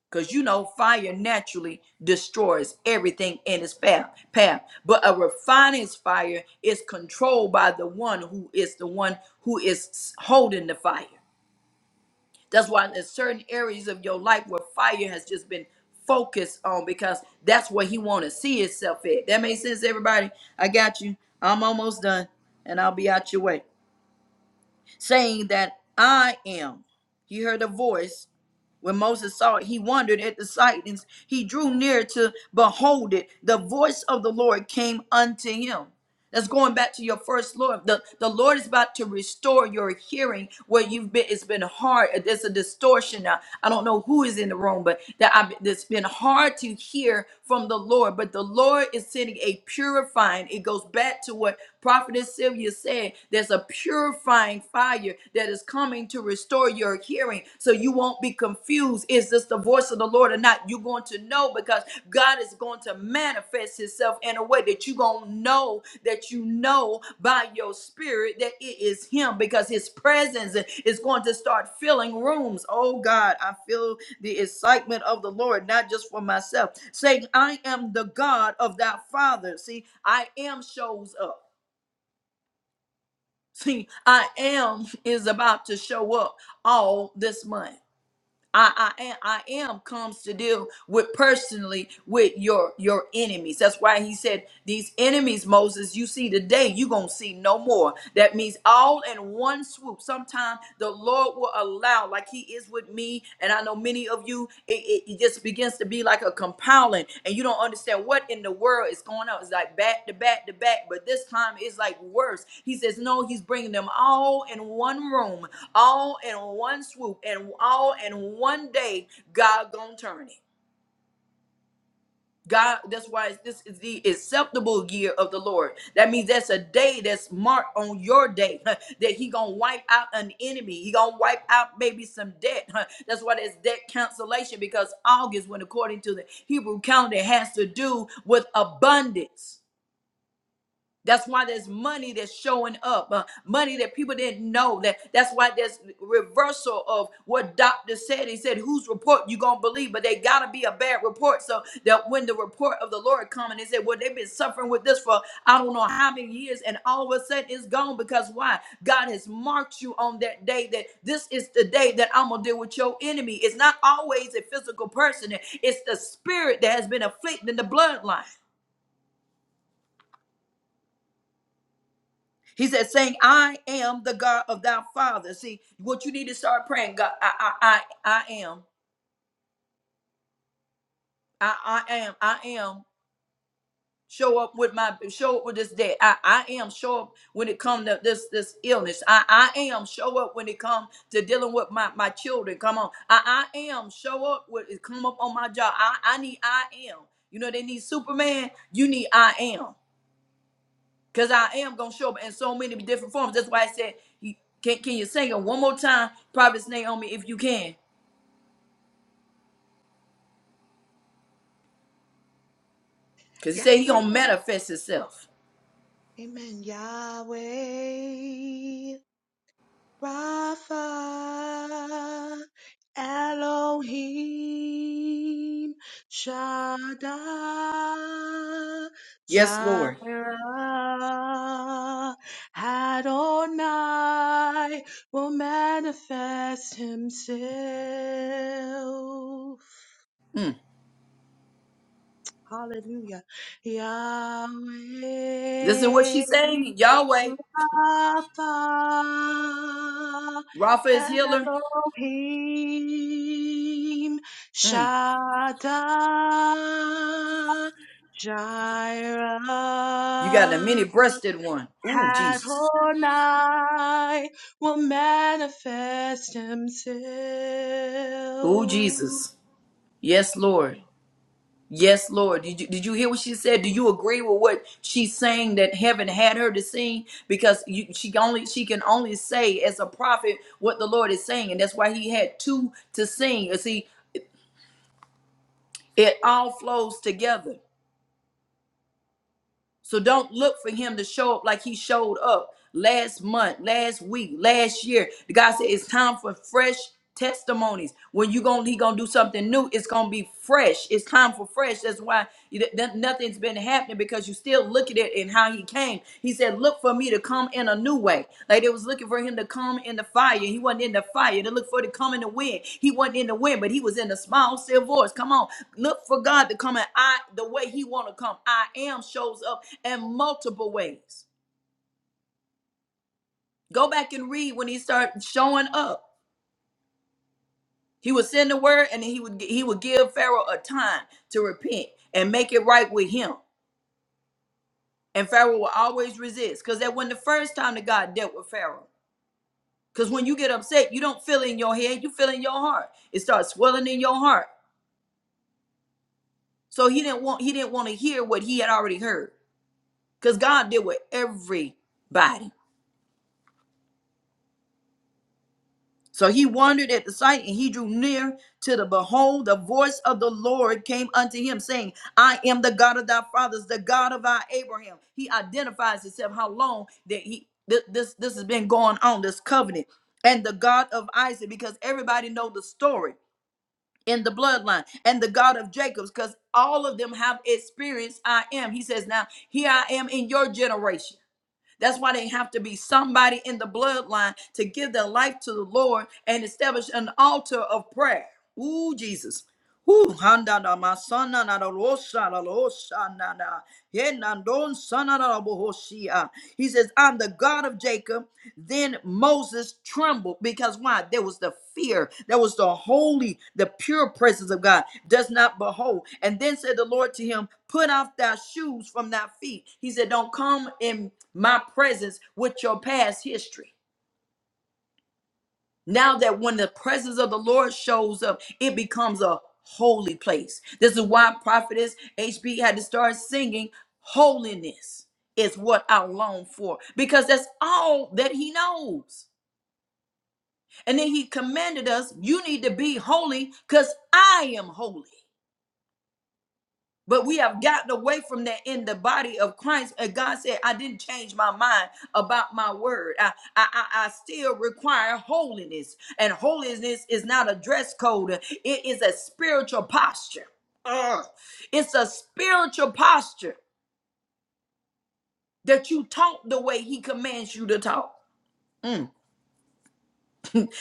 Speaker 3: Because you know, fire naturally destroys everything in its path. path. But a refiner's fire is controlled by the one who is the one who is holding the fire. That's why there's certain areas of your life where fire has just been focused on because that's where he want to see himself at. That makes sense, everybody? I got you. I'm almost done and I'll be out your way. Saying that I am. He heard a voice when Moses saw it, he wondered at the sight and he drew near to behold it. The voice of the Lord came unto him. That's going back to your first Lord. The, the Lord is about to restore your hearing where you've been. It's been hard. There's a distortion now. I don't know who is in the room, but that I've, it's been hard to hear from the Lord. But the Lord is sending a purifying. It goes back to what Prophetess Sylvia said. There's a purifying fire warrior that is coming to restore your hearing so you won't be confused. Is this the voice of the Lord or not? You're going to know because God is going to manifest Himself in a way that you're going to know that you know by your spirit that it is Him because His presence is going to start filling rooms. Oh God, I feel the excitement of the Lord, not just for myself, saying, I am the God of thy father. See, I am shows up. See, I am is about to show up all this month. I, I am I am comes to deal with personally with your your enemies. That's why he said these enemies, Moses, you see today, you're gonna see no more. That means all in one swoop. Sometime the Lord will allow, like he is with me, and I know many of you, it, it, it just begins to be like a compiling, and you don't understand what in the world is going on. It's like back to back to back, but this time it's like worse. He says, No, he's bringing them all in one room all in one swoop and all in one day god gonna turn it god that's why this is the acceptable year of the lord that means that's a day that's marked on your day that he gonna wipe out an enemy he gonna wipe out maybe some debt that's why there's debt cancellation because august when according to the hebrew calendar has to do with abundance That's why there's money that's showing up, uh, money that people didn't know. That that's why there's reversal of what doctor said. He said, "Whose report you gonna believe?" But they gotta be a bad report, so that when the report of the Lord come, and they said, "Well, they've been suffering with this for I don't know how many years," and all of a sudden it's gone because why? God has marked you on that day that this is the day that I'm gonna deal with your enemy. It's not always a physical person; it's the spirit that has been afflicting the bloodline. He said, saying, I am the God of thy father. See, what you need to start praying, God, I I I, I am. I, I am, I am. Show up with my show up with this debt. I, I am show up when it comes to this this illness. I, I am show up when it comes to dealing with my, my children. Come on. I, I am show up when it come up on my job. I, I need I am. You know they need Superman. You need I am. Cause I am gonna show up in so many different forms. That's why I said, you- "Can can you sing it one more time, Prophet Naomi, if you can?" Cause he said
Speaker 4: Yes,
Speaker 3: he gonna
Speaker 4: ma'am.
Speaker 3: manifest himself.
Speaker 4: Amen. Yahweh. Rapha, Elohim, Shaddai,
Speaker 3: Yes,
Speaker 4: Jireh,
Speaker 3: Lord.
Speaker 4: Adonai will manifest himself.
Speaker 3: Mm.
Speaker 4: Hallelujah. Yahweh
Speaker 3: This is what she's saying. Yahweh,
Speaker 4: Rapha
Speaker 3: Rapha is
Speaker 4: and
Speaker 3: healer.
Speaker 4: Elohim
Speaker 3: Mm.
Speaker 4: Shaddai
Speaker 3: You got the
Speaker 4: Jireh
Speaker 3: many breasted one. Ooh, Jesus.
Speaker 4: Adonai will manifest
Speaker 3: Ooh,
Speaker 4: himself.
Speaker 3: Jesus. Yes, Lord. Yes, Lord. Did you, did you hear what she said? Do you agree with what she's saying that heaven had her to sing? Because you, she only she can only say as a prophet what the Lord is saying, and that's why he had two to sing. You see, it all flows together. So don't look for him to show up like he showed up last month, last week, last year. The guy said it's time for fresh testimonies. When you gonna he gonna do something new, it's gonna be fresh. It's time for fresh. That's why you, th- th- nothing's been happening because you still look at it and how he came. He said, Look for me to come in a new way. Like they was looking for him to come in the fire. He wasn't in the fire. They looked for him to come in the wind. He wasn't in the wind, but he was in the small still voice. Come on. Look for God to come in I the way he want to come. I am shows up in multiple ways. Go back and read when he started showing up. He would send the word and then he would he would give Pharaoh a time to repent and make it right with him. And Pharaoh will always resist because that wasn't the first time that God dealt with Pharaoh. Because when you get upset, you don't feel in your head, you feel in your heart. It starts swelling in your heart. So he didn't want he didn't want to hear what he had already heard. Because God did with everybody. So he wondered at the sight, and he drew near to the behold, the voice of the Lord came unto him, saying, I am the God of thy fathers, the God of our Abraham. He identifies himself how long that he th- this this has been going on, this covenant, and the God of Isaac, because everybody know the story in the bloodline and the God of Jacob's because all of them have experienced I am. He says, Now here I am in your generation. That's why they have to be somebody in the bloodline to give their life to the Lord and establish an altar of prayer. Ooh, Jesus. Ooh, handa da ma sana na da ro sha da ro sha na na. He na don sana da da bo ah. He says, I'm the God of Jacob then Moses trembled because why? There was the fear. There was the holy, the pure presence of God does not behold. And then said the Lord to him, Put off thy shoes from thy feet. He said, Don't come in my presence with your past history. Now that when the presence of the Lord shows up, it becomes a holy place. This is why prophetess HB had to start singing, Holiness is what I long for, because that's all that he knows. And then he commanded us, you need to be holy because I am holy. But we have gotten away from that in the body of Christ. And God said, I didn't change my mind about my word. I, I, I I still require holiness. And holiness is not a dress code, it is a spiritual posture. Ugh. It's a spiritual posture that you talk the way He commands you to talk. Mm.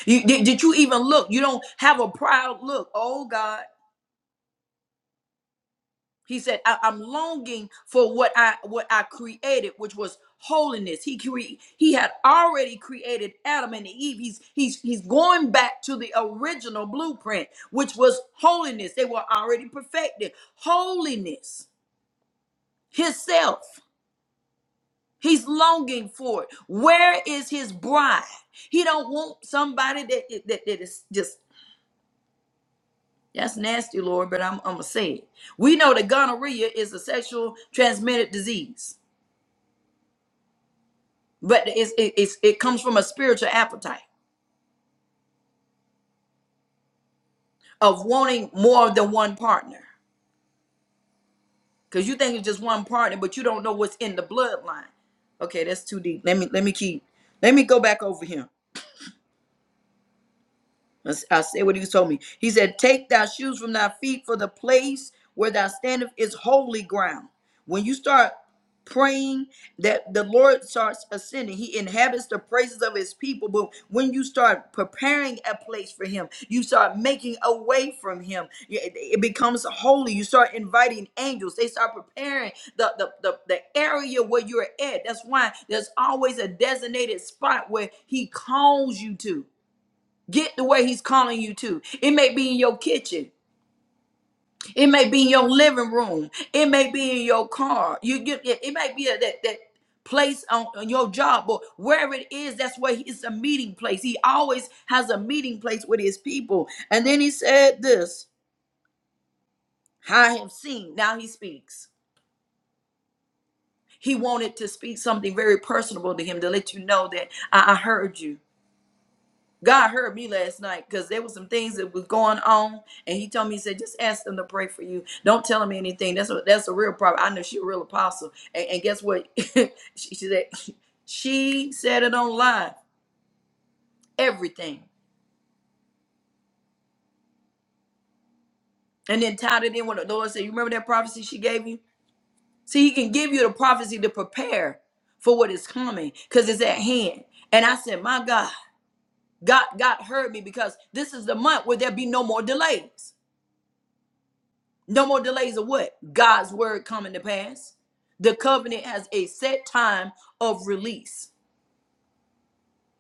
Speaker 3: You, did, did you even look? You don't have a proud look. Oh, God. He said, I, am longing for what I what I created, which was holiness. He cre- he had already created Adam and Eve. He's he's he's going back to the original blueprint, which was holiness. They were already perfected. Holiness, his self. He's longing for it. Where is his bride? He don't want somebody that that, that is just that's nasty, Lord, but I'm, I'm gonna say it. We know that gonorrhea is a sexual transmitted disease. but it's, it- it's it comes from a spiritual appetite of wanting more than one partner because you think it's just one partner but you don't know what's in the bloodline okay that's too deep let me let me keep let me go back over here I said what he told me. He said, Take thy shoes from thy feet, for the place where thou standest is holy ground. When you start praying, that the Lord starts ascending. He inhabits the praises of his people. But when you start preparing a place for him, you start making a way from him. It it becomes holy. You start inviting angels. They start preparing the, the, the, the area where you're at. That's why there's always a designated spot where he calls you to. Get the way he's calling you to. It may be in your kitchen. It may be in your living room. It may be in your car. You get it, it may be at that that place on, on your job or wherever it is, that's where he- it's a meeting place. He always has a meeting place with his people. And then he said this, I have seen. Now he speaks. He wanted to speak something very personable to him to let you know that I I heard you. God heard me last night because there was some things that was going on, and He told me, He said, just ask them to pray for you. Don't tell them anything. That's a that's a real problem. I know she's a real apostle, and, and guess what? she, she said she said it online, everything, and then tied it in with the Lord. Said, you remember that prophecy she gave you? See, He can give you the prophecy to prepare for what is coming because it's at hand. And I said, my God, God, God heard me because this is the month where there be no more delays. No more delays of what? God's word coming to pass. The covenant has a set time of release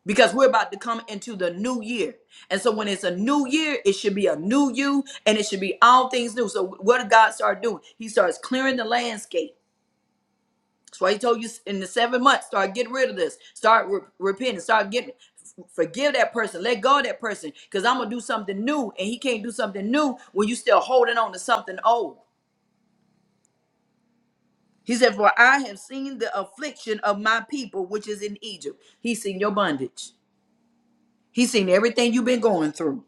Speaker 3: because we're about to come into the new year. And so when it's a new year, it should be a new you and it should be all things new. So what did God start doing? He starts clearing the landscape. That's why he told you in the seven months, start getting rid of this, start re- repenting, start getting forgive that person, let go of that person, because I'm gonna do something new, and he can't do something new when you still holding on to something old. He said, For I have seen the affliction of my people, which is in Egypt. He's seen your bondage. He's seen everything you've been going through.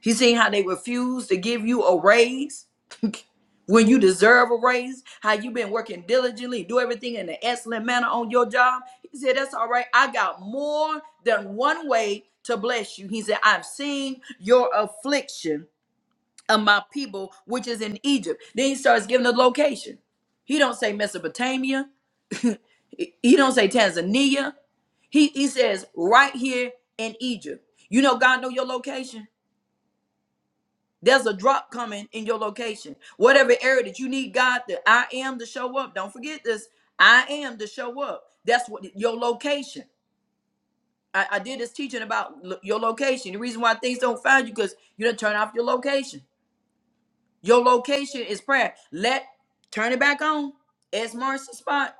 Speaker 3: He's seen how they refuse to give you a raise when you deserve a raise, how you've been working diligently, do everything in an excellent manner on your job. He said, That's all right. I got more than one way to bless you. He said, I've seen your affliction of my people, which is in Egypt. Then he starts giving the location. He don't say Mesopotamia. He don't say Tanzania. He he says right here in Egypt. You know God know your location. There's a drop coming in your location. Whatever area that you need God to I am to show up. Don't forget this. I am to show up. That's what your location. I, I did this teaching about lo- your location. The reason why things don't find you because you don't turn off your location. Your location is prayer. Let turn it back on. It's marks the spot.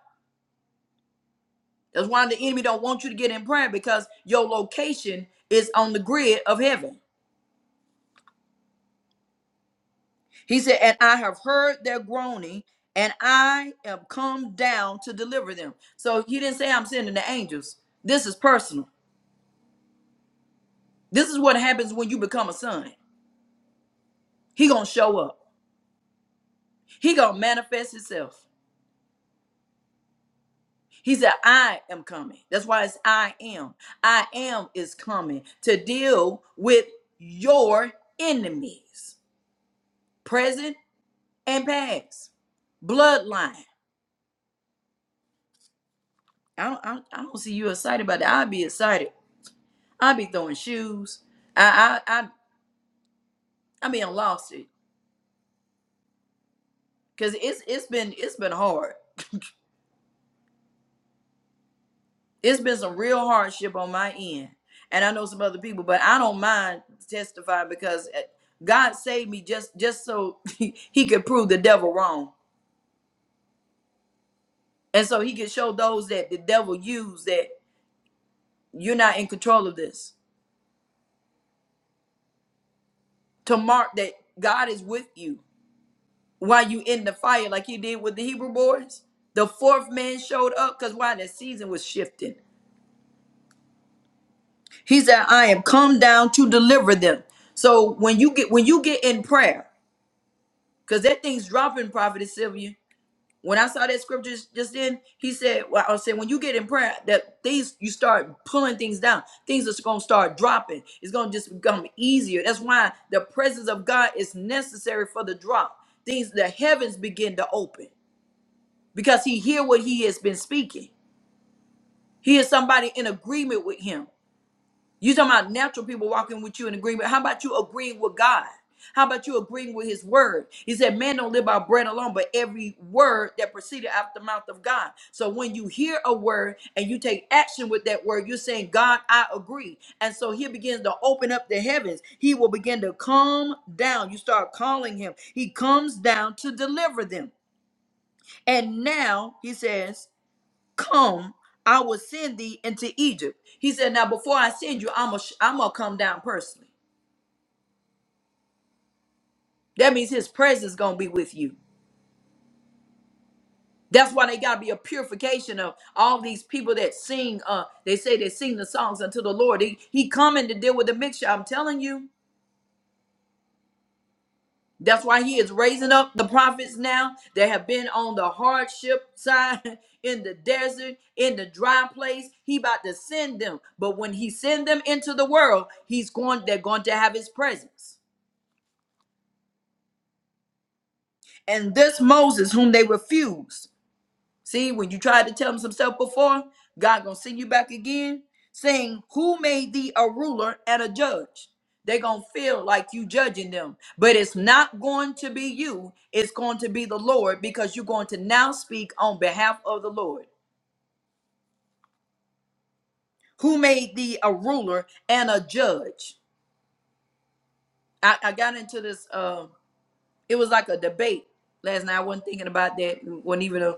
Speaker 3: That's why the enemy don't want you to get in prayer because your location is on the grid of heaven. He said, "And I have heard their groaning, and I am come down to deliver them." So he didn't say I'm sending the angels. This is personal. This is what happens when you become a son. He gonna show up. He gonna manifest himself. He said, "I am coming." That's why it's "I am." "I am" is coming to deal with your enemies, present and pass. Bloodline. I don't, I, I don't see you excited about that. I'd be excited. I'd be throwing shoes. I I I, I mean, I lost it because it's it's been it's been hard. It's been some real hardship on my end, and I know some other people, but I don't mind testifying because eh, God saved me just just so He could prove the devil wrong, and so He could show those that the devil used that you're not in control of this to mark that God is with you while you in the fire like he did with the Hebrew boys. The fourth man showed up because why the season was shifting. He said, I am come down to deliver them. So when you get when you get in prayer, because that thing's dropping, Prophet Sylvia. When I saw that scripture just just then, he said, Well, I said, when you get in prayer, that things you start pulling things down, things are gonna start dropping. It's gonna just become easier. That's why the presence of God is necessary for the drop. Things the heavens begin to open. because he hear what he has been speaking. He is somebody in agreement with him. You talking about natural people walking with you in agreement. How about you agreeing with God? How about you agreeing with his word? He said, Man don't live by bread alone, but every word that proceeded out the mouth of God. So when you hear a word and you take action with that word, you're saying, God, I agree. And so he begins to open up the heavens. He will begin to calm down. You start calling him. He comes down to deliver them. And now he says, come, I will send thee into Egypt. He said, Now before I send you, I'm gonna I'm gonna come down personally. That means his presence gonna be with you. That's why they gotta be a purification of all these people that sing. Uh, they say they sing the songs unto the Lord. He, he coming to deal with the mixture. I'm telling you. That's why he is raising up the prophets now that have been on the hardship side in the desert, in the dry place. He about to send them. But when he send them into the world, he's going they're going to have his presence. And this Moses whom they refused. See, when you tried to tell him some stuff before, God gonna send you back again, saying, "Who made thee a ruler and a judge?" They gonna feel like you judging them, but it's not going to be you. It's going to be the Lord because you're going to now speak on behalf of the Lord. Who made thee a ruler and a judge? I, I got into this. Uh, it was like a debate last night. I wasn't thinking about that. It wasn't even a,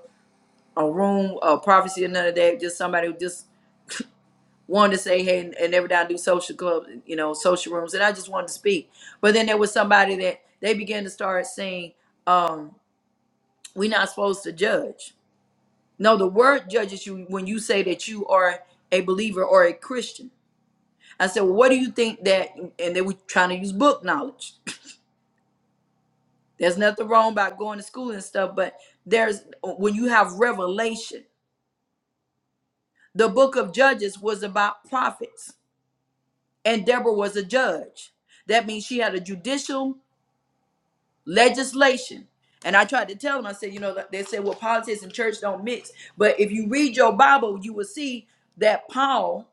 Speaker 3: a room, a prophecy, or none of that. Just somebody who just wanted to say hey and, and every time I do social clubs, you know, social rooms, and I just wanted to speak. But then there was somebody that they began to start saying, um, we're not supposed to judge. No, the word judges you when you say that you are a believer or a Christian. I said, well, what do you think that? And they were trying to use book knowledge. There's nothing wrong about going to school and stuff, but there's when you have revelation. The book of Judges was about prophets, and Deborah was a judge. That means she had a judicial legislation. And I tried to tell them, I said, you know, they said, well, politics and church don't mix. But if you read your Bible, you will see that Paul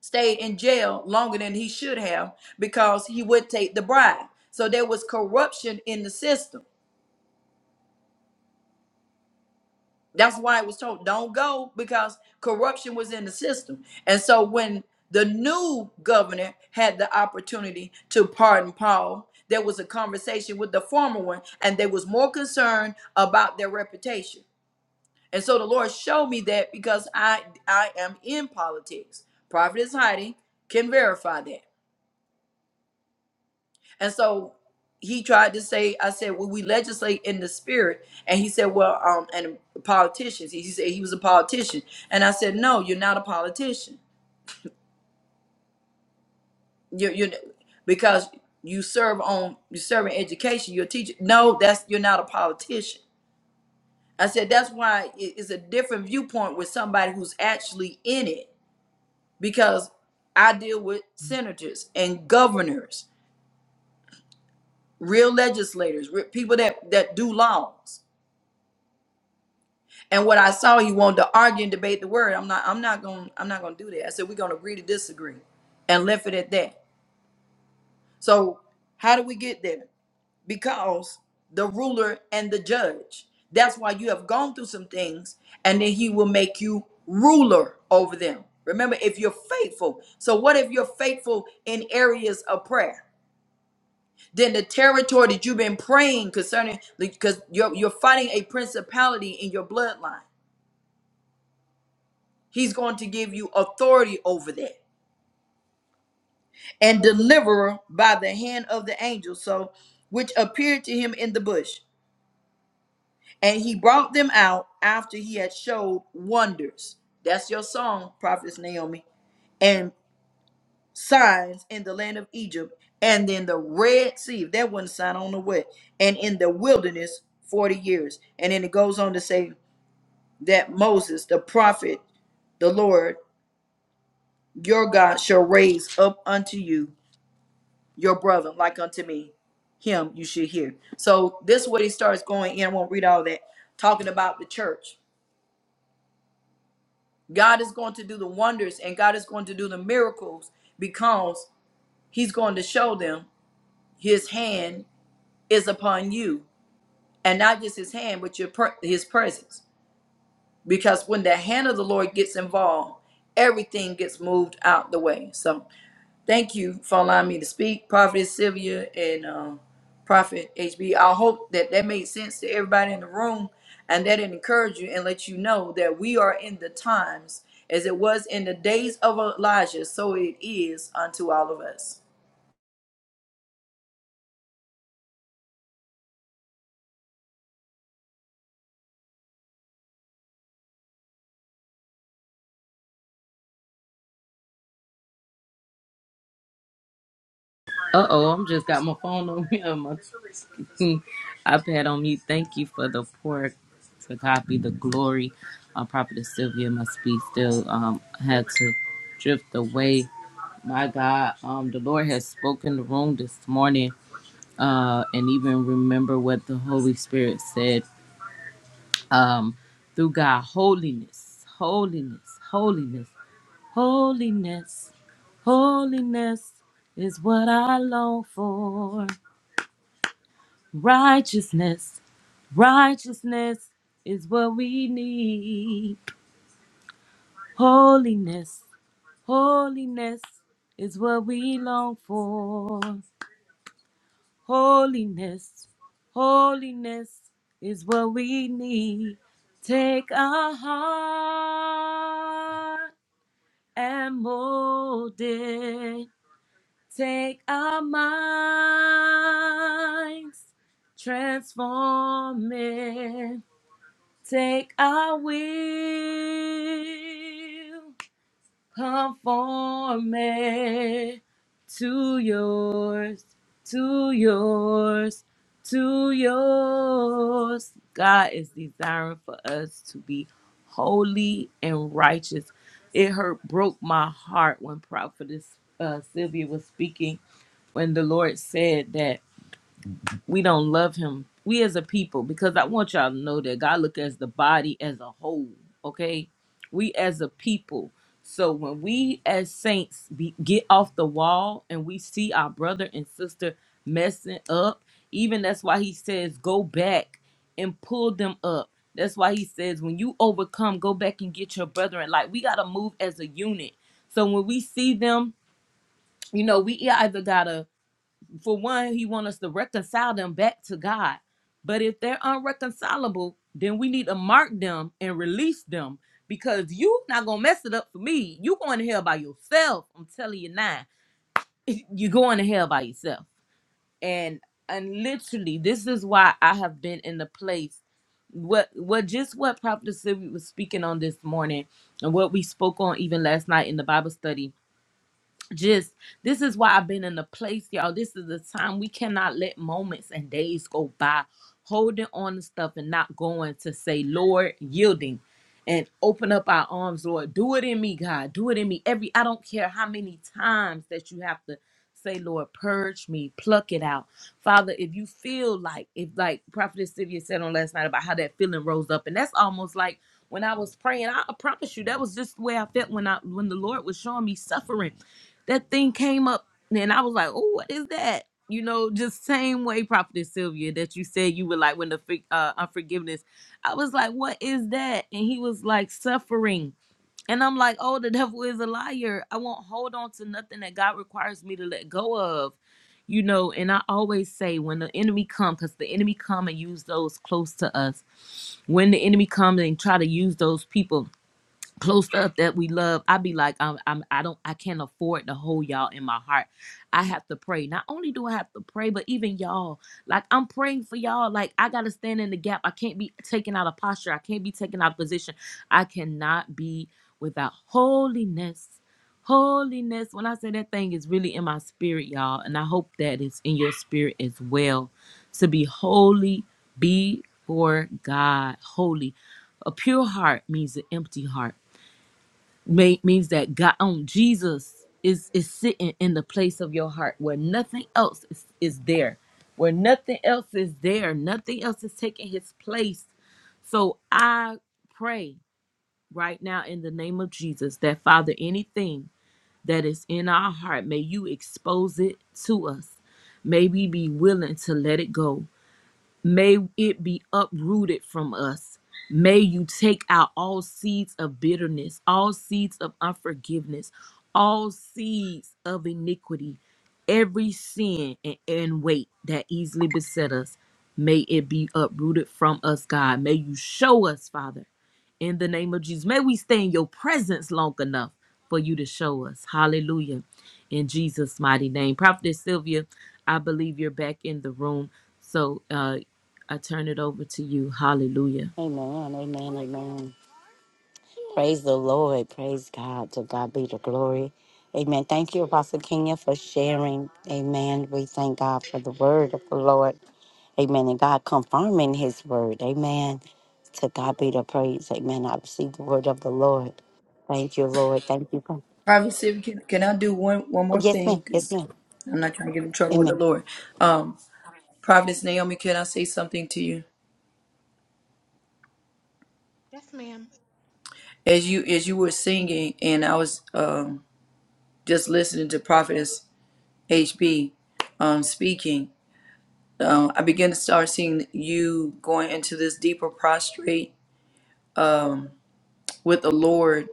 Speaker 3: stayed in jail longer than he should have because he would take the bribe. So there was corruption in the system. That's why it was told, don't go because corruption was in the system. And so when the new governor had the opportunity to pardon Paul, there was a conversation with the former one, and they was more concerned about their reputation. And so the Lord showed me that because I I am in politics. Prophetess Heidi can verify that. And so he tried to say, I said, well, we legislate in the spirit. And he said, well, um, and politicians. He said he was a politician. And I said, no, you're not a politician. You're, you're because you serve on you serve in education. You're a teacher. No, that's you're not a politician. I said that's why it- it's a different viewpoint with somebody who's actually in it because I deal with senators and governors, real legislators, real people that that do laws. And what I saw, he wanted to argue and debate the word. I'm not. I'm not going. I'm not going to do that. I said we're going to agree to disagree, and left it at that. So how do we get there? Because the ruler and the judge. That's why you have gone through some things, and then he will make you ruler over them. Remember, if you're faithful. So what if you're faithful in areas of prayer? Then the territory that you've been praying concerning, because you're, you're fighting a principality in your bloodline. He's going to give you authority over that and deliverer by the hand of the angel, so which appeared to him in the bush. And he brought them out after he had showed wonders. That's your song, Prophetess Naomi. And signs in the land of Egypt and then the Red Sea. If that wasn't a sign, I don't know what. And in the wilderness, 40 years. And then it goes on to say, that Moses, the prophet, the Lord your God shall raise up unto you your brother, like unto me. Him you should hear. So this is what he starts going in. I won't read all that, talking about the church. God is going to do the wonders and God is going to do the miracles because he's going to show them his hand is upon you. And not just his hand, but your per- his presence. Because when the hand of the Lord gets involved, everything gets moved out the way. So Thank you for allowing me to speak, Prophet Sylvia and um, Prophet HB. I hope that that made sense to everybody in the room and that it encouraged you and let you know that we are in the times as it was in the days of Elijah, so it is unto all of us.
Speaker 2: Uh oh, I'm just got my phone on me on my iPad on mute. Thank you for the pour to copy the glory. Uh, Prophetess Sylvia must be still um had to drift away. My God, um the Lord has spoken the room this morning uh, and even remember what the Holy Spirit said um, through God holiness, holiness, holiness, holiness, holiness is what I long for. Righteousness, righteousness is what we need. Holiness, holiness is what we long for. Holiness, holiness is what we need. Take our heart and mold it. Take our minds, transform it. Take our will conform me to yours, to yours, to yours. God is desiring for us to be holy and righteous. It hurt, broke my heart when Prophetess uh, Sylvia was speaking when the Lord said that we don't love him we as a people because i want y'all to know that god look as the body as a whole okay we as a people so when we as saints be, get off the wall and we see our brother and sister messing up even that's why he says go back and pull them up that's why he says when you overcome go back and get your brethren. like we gotta move as a unit so when we see them you know we yeah, either gotta for one, he wants us to reconcile them back to God. But if they're unreconcilable, then we need to mark them and release them because you not gonna mess it up for me. You going to hell by yourself. I'm telling you now. You're going to hell by yourself. And and literally, this is why I have been in the place. What what just what Prophet Sylvia was speaking on this morning and what we spoke on even last night in the Bible study just this is why I've been in the place, y'all. This is the time we cannot let moments and days go by holding on to stuff and not going to say, Lord, yielding and open up our arms, Lord. Do it in me, God. Do it in me. Every I don't care how many times that you have to say, Lord, purge me, pluck it out. Father, if you feel like if like Prophetess Sylvia said on last night about how that feeling rose up, and that's almost like when I was praying, I I promise you that was just the way I felt when I when the Lord was showing me suffering that thing came up and I was like, oh, what is that? You know, just same way, Prophetess Sylvia, that you said you were like when the fi- uh, unforgiveness. I was like, what is that? And he was like, suffering. And I'm like, oh, the devil is a liar. I won't hold on to nothing that God requires me to let go of. You know, and I always say when the enemy come, because the enemy come and use those close to us. When the enemy come and try to use those people, close stuff that we love i be like I'm, I'm i don't i can't afford to hold y'all in my heart i have to pray not only do i have to pray but even y'all like i'm praying for y'all like i gotta stand in the gap i can't be taken out of posture i can't be taken out of position i cannot be without holiness holiness when i say that thing is really in my spirit y'all and i hope that it's in your spirit as well to be holy be for god holy a pure heart means an empty heart may, means that God, um, Jesus is is sitting in the place of your heart where nothing else is, is there, where nothing else is there, nothing else is taking His place. So I pray right now in the name of Jesus that Father, anything that is in our heart, may You expose it to us. May we be willing to let it go. May it be uprooted from us. May you take out all seeds of bitterness, all seeds of unforgiveness, all seeds of iniquity, every sin and, and weight that easily beset us. May it be uprooted from us, God. May you show us, Father in the name of Jesus. May we stay in your presence long enough for you to show us. Hallelujah. In Jesus' mighty name. Prophetess Sylvia, I believe you're back in the room. So uh, I turn it over to you. Hallelujah.
Speaker 1: Amen. Amen. Amen. Praise the Lord. Praise God. To God be the glory. Amen. Thank you, Apostle Kenya, for sharing. Amen. We thank God for the word of the Lord. Amen. And God confirming his word. Amen. To God be the praise. Amen. I receive the word of the Lord. Thank you, Lord. Thank you. God.
Speaker 3: Prophet Sylvia, can, can I do one, one
Speaker 1: Oh,
Speaker 3: more
Speaker 1: yes,
Speaker 3: thing?
Speaker 1: ma'am. Yes,
Speaker 3: Because
Speaker 1: ma'am.
Speaker 3: I'm not trying to get in trouble with the
Speaker 1: Amen.
Speaker 3: Lord. Um, Prophetess Naomi, can I say something to you?
Speaker 4: Yes, ma'am.
Speaker 3: As you as you were singing, and I was um, just listening to Prophet. HB, um, speaking, um, I began to start seeing you going into this deeper prostrate with the Lord,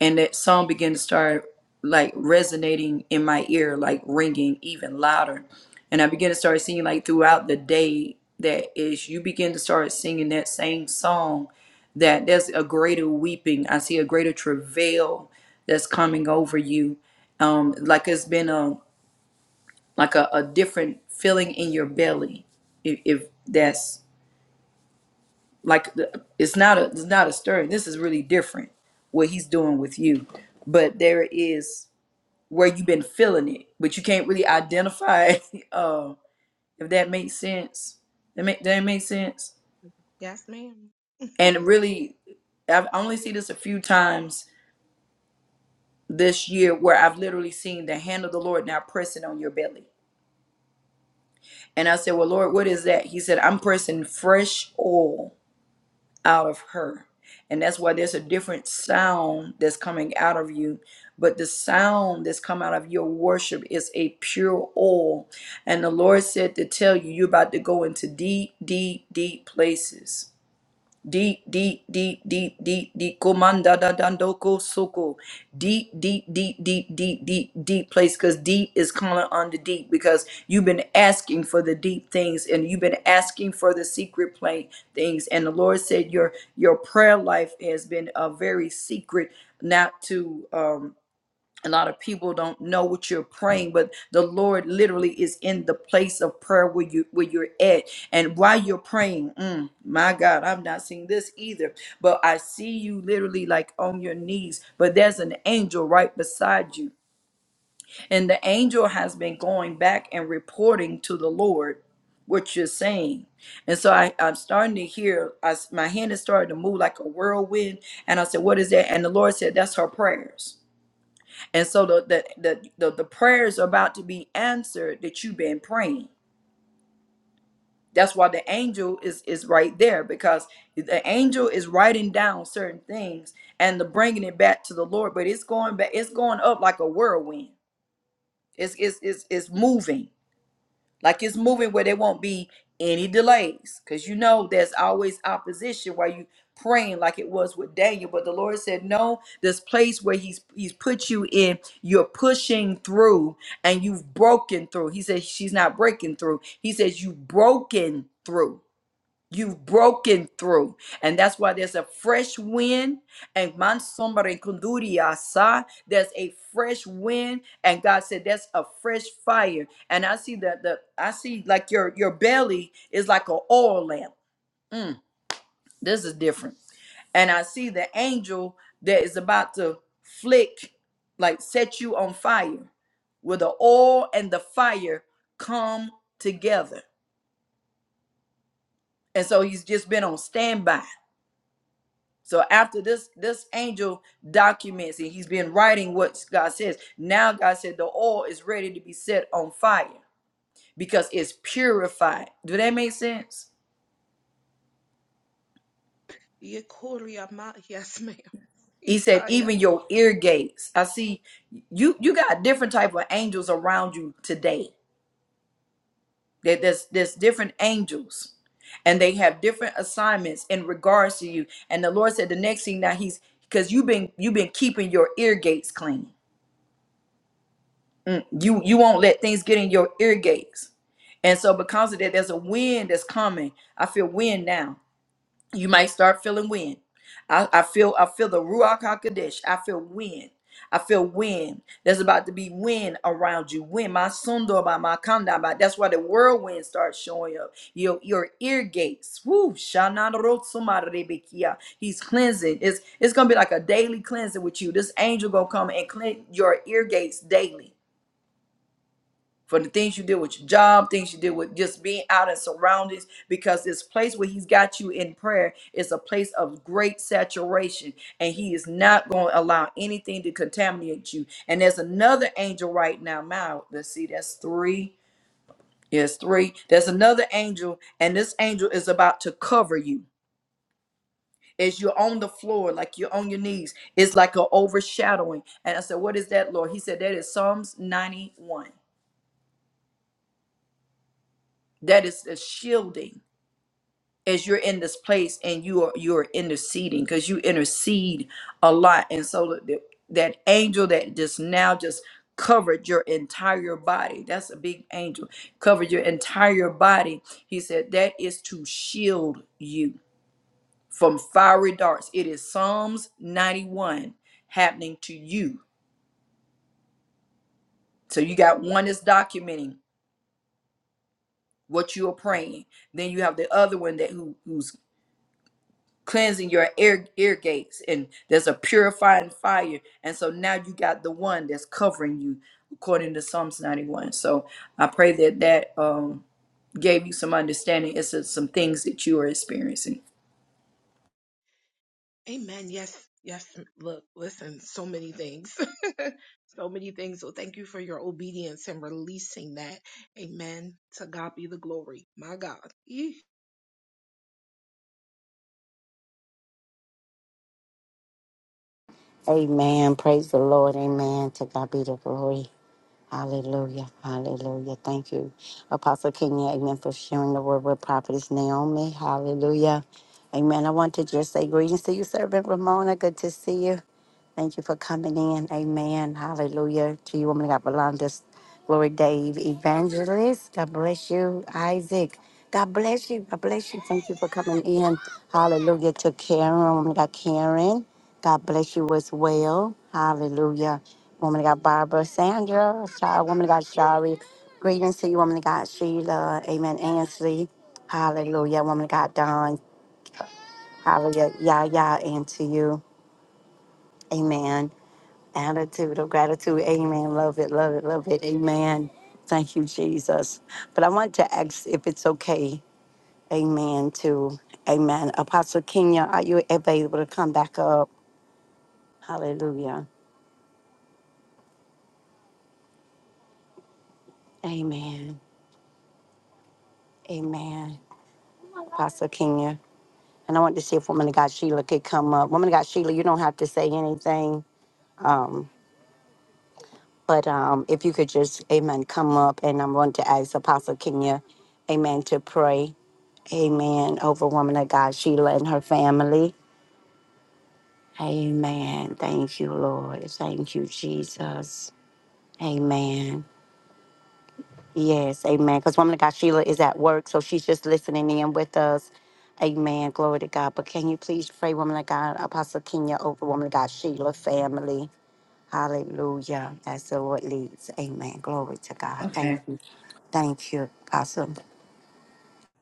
Speaker 3: and that song began to start like resonating in my ear, like ringing even louder. And I began to start seeing like throughout the day that is you begin to start singing that same song, that there's a greater weeping. I see a greater travail that's coming over you. Um, like it's been a. like a, a different feeling in your belly if, if that's like the- it's not a it's not a stirring this is really different what he's doing with you but there is where you've been feeling it but you can't really identify uh if that makes sense that make that makes sense
Speaker 4: Yes, ma'am.
Speaker 3: and really i've I only seen this a few times this year where i've literally seen the hand of the lord now pressing on your belly and i said well lord what is that he said i'm pressing fresh oil out of her. And that's why there's a different sound that's coming out of you. But the sound that's come out of your worship is a pure oil. And the Lord said to tell you, you're about to go into deep, deep, deep places. Di di di di di di comanda da dandoko soko. D D D D D D deep place because deep is calling on the deep because you've been asking for the deep things and you've been asking for the secret plane things and the Lord said your your prayer life has been a very secret not to um a lot of people don't know what you're praying but the lord literally is in the place of prayer where you where you're at and while you're praying mm, my god i'm not seeing this either but i see you literally like on your knees but there's an angel right beside you and the angel has been going back and reporting to the lord what you're saying and so I, i'm starting to hear I, s- my hand is starting to move like a whirlwind and i said what is that and the lord said that's her prayers and so the the, the the the prayers are about to be answered that you've been praying. That's why the angel is is right there because the angel is writing down certain things and the bringing it back to the Lord. But it's going back. It's going up like a whirlwind. It's it's it's, it's moving. Like it's moving where there won't be any delays. Because you know there's always opposition while you praying like it was with Daniel. But the Lord said, No, this place where He's He's put you in, you're pushing through and you've broken through. He says she's not breaking through. He says you've broken through. You've broken through. And that's why there's a fresh wind. And man, Mansombre Kunduria sa, there's a fresh wind. And God said, That's a fresh fire. And I see that the I see like your your belly is like an oil lamp. Mm, this is different. And I see the angel that is about to flick, like set you on fire. Where the oil and the fire come together. And so he's just been on standby So after this, this angel documents and he's been writing what God says. Now God said the oil is ready to be set on fire because it's purified. Do that make sense?
Speaker 4: Yekoria ma, yes, ma'am.
Speaker 3: He said,
Speaker 4: Ikaya.
Speaker 3: even your ear gates. I see you you got different type of angels around you today. There- There's there's different angels and they have different assignments in regards to you. And the Lord said the next thing now he's because you've been you've been keeping your ear gates clean Mm, you you won't let things get in your ear gates and so because of that there's a wind that's coming i feel wind now you might start feeling wind i, I feel i feel the ruach hakodesh i feel wind I feel wind. There's about to be wind around you. Wind, my sundo by my kanda by. That's why the whirlwind starts showing up. Your your ear gates. Woo. shanarotsumarebekia. He's cleansing. It's it's gonna be like a daily cleansing with you. This angel gonna come and clean your ear gates daily for the things you did with your job, things you did with just being out and surroundings, because this place where He's got you in prayer is a place of great saturation, and He is not going to allow anything to contaminate you. And there's another angel right now. Now, let's see, that's three. Yes, three. There's another angel, and this angel is about to cover you. As you're on the floor, like you're on your knees, it's like an overshadowing. And I said, What is that, Lord? He said, That is Psalms 91. That is a shielding as you're in this place and you are you are interceding because you intercede a lot and so that, that angel that just now just covered your entire body that's a big angel covered your entire body he said that is to shield you from fiery darts it is psalms 91 happening to you so you got one that's documenting what you are praying then you have the other one that who, who's cleansing your ear ear gates and there's a purifying fire and so now you got the one that's covering you according to psalms 91 so i pray that that um gave you some understanding it's just some things that you are experiencing
Speaker 4: Amen. Yes, yes. Look, listen, so many things. so many things. So thank you for your obedience and releasing that. Amen. To God be the glory. My God. Eesh.
Speaker 1: Amen. Praise the Lord. Amen. To God be the glory. Hallelujah. Hallelujah. Thank you, Apostle Kenya. Amen. For sharing the word with Prophetess Naomi. Hallelujah. Amen. I want to just say greetings to you, Servant Ramona. Good to see you. Thank you for coming in. Amen. Hallelujah. To you, woman of God, Belondas. Glory, Dave. Evangelist. God bless you. Isaac. God bless you. God bless you. Thank you for coming in. Hallelujah. To Karen, woman of God, Karen. God bless you as well. Hallelujah. Woman of God, Barbara, Sandra, Shari, woman of God, Shari. Greetings to you, woman of God, Sheila. Amen. Ansley. Hallelujah. Woman of God, Don. Hallelujah. Yah, yah, and to you. Amen. Attitude of gratitude. Amen. Love it. Love it. Love it. Amen. Thank you, Jesus. But I want to ask if it's okay. Amen. To Amen. Apostle Kenya, are you available to come back up? Hallelujah. Amen. Amen. Apostle Kenya. And I want to see if Woman of God Sheila could come up. Woman of God Sheila, you don't have to say anything. Um, but um, if you could just, amen, come up. And I'm going to ask Apostle Kenya, amen, to pray. Amen. Over woman of God, Sheila and her family. Amen. Thank you, Lord. Thank you, Jesus. Amen. Yes, amen. Because woman of God, Sheila is at work, so she's just listening in with us. Amen. Glory to God. But can you please pray, woman of God, Apostle Kenya, over woman of God, Sheila family. Hallelujah. As the Lord leads. Amen. Glory to God.
Speaker 3: okay
Speaker 1: Thank you. Thank you, Apostle.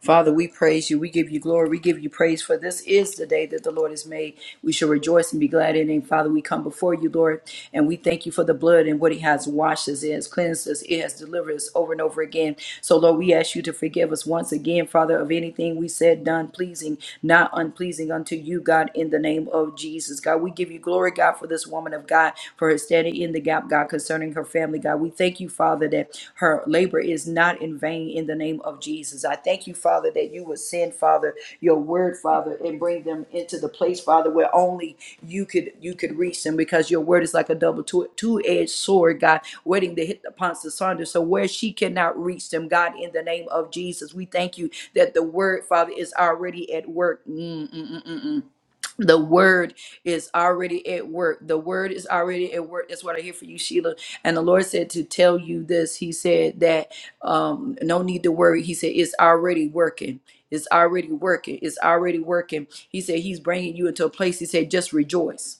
Speaker 3: Father, we praise you. We give you glory. We give you praise for this is the day that the Lord has made. We shall rejoice and be glad in it. Father, we come before you, Lord, and we thank you for the blood and what it has washed us, it has cleansed us, it has delivered us over and over again. So, Lord, we ask you to forgive us once again, Father, of anything we said, done, pleasing, not unpleasing unto you, God, in the name of Jesus. God, we give you glory, God, for this woman of God, for her standing in the gap, God concerning her family, God. We thank you, Father, that her labor is not in vain in the name of Jesus. I thank you, Father, that you would send, Father, your word, Father, and bring them into the place, Father, where only you could you could reach them because your word is like a double two edged sword, God, waiting to hit the Ponce Saunders. So where she cannot reach them, God, in the name of Jesus, we thank you that the word, Father, is already at work. Mm, mm, the word is already at work. The word is already at work. That's what I hear for you, Sheila. And the Lord said to tell you this. He said that um, no need to worry. He said it's already working. It's already working. It's already working. He said he's bringing you into a place. He said just rejoice.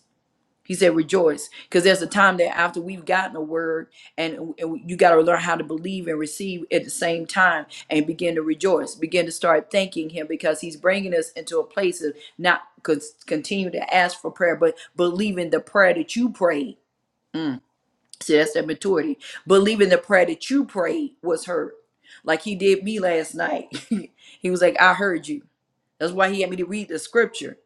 Speaker 3: He said, rejoice. Because there's a time that after we've gotten a word, and, and you got to learn how to believe and receive at the same time and begin to rejoice, begin to start thanking Him because He's bringing us into a place of not con- continue to ask for prayer, but believing the prayer that you prayed. Mm. See, that's that maturity. Believing the prayer that you prayed was heard. Like he did me last night. he was like, I heard you. That's why he had me to read the scripture.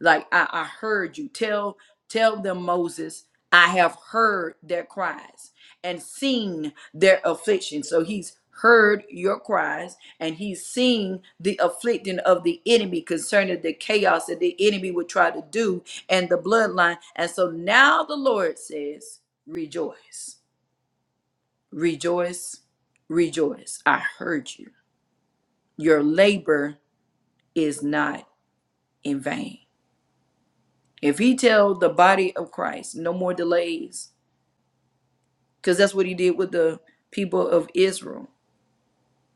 Speaker 3: Like, I, I heard you. Tell tell them, Moses, I have heard their cries and seen their affliction. So he's heard your cries and he's seen the afflicting of the enemy concerning the chaos that the enemy would try to do and the bloodline. And so now the Lord says, Rejoice, rejoice, rejoice. I heard you. Your labor is not in vain. If he tell the body of Christ, no more delays, because that's what he did with the people of Israel.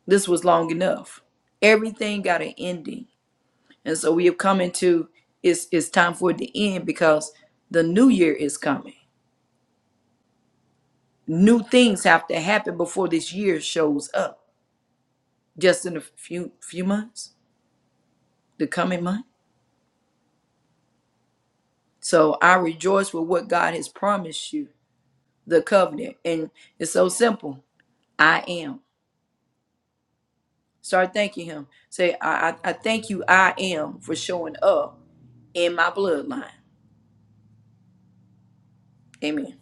Speaker 3: This was long enough. Everything got an ending And so we have come into it's it's time for it to end because the new year is coming. New things have to happen before this year shows up. Just in a few few months, the coming month. So I rejoice with what God has promised you, the covenant. And it's so simple. I am. Start thanking him. Say, I I, I thank you, I am, for showing up in my bloodline. Amen.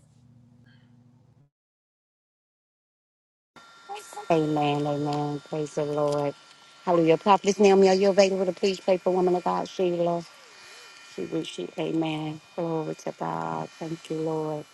Speaker 1: Amen, amen. Praise the Lord. Hallelujah. Prophetess Naomi, are you available to please pray for woman of God, Sheila? She wish she, amen. Glory to God. Thank you, Lord.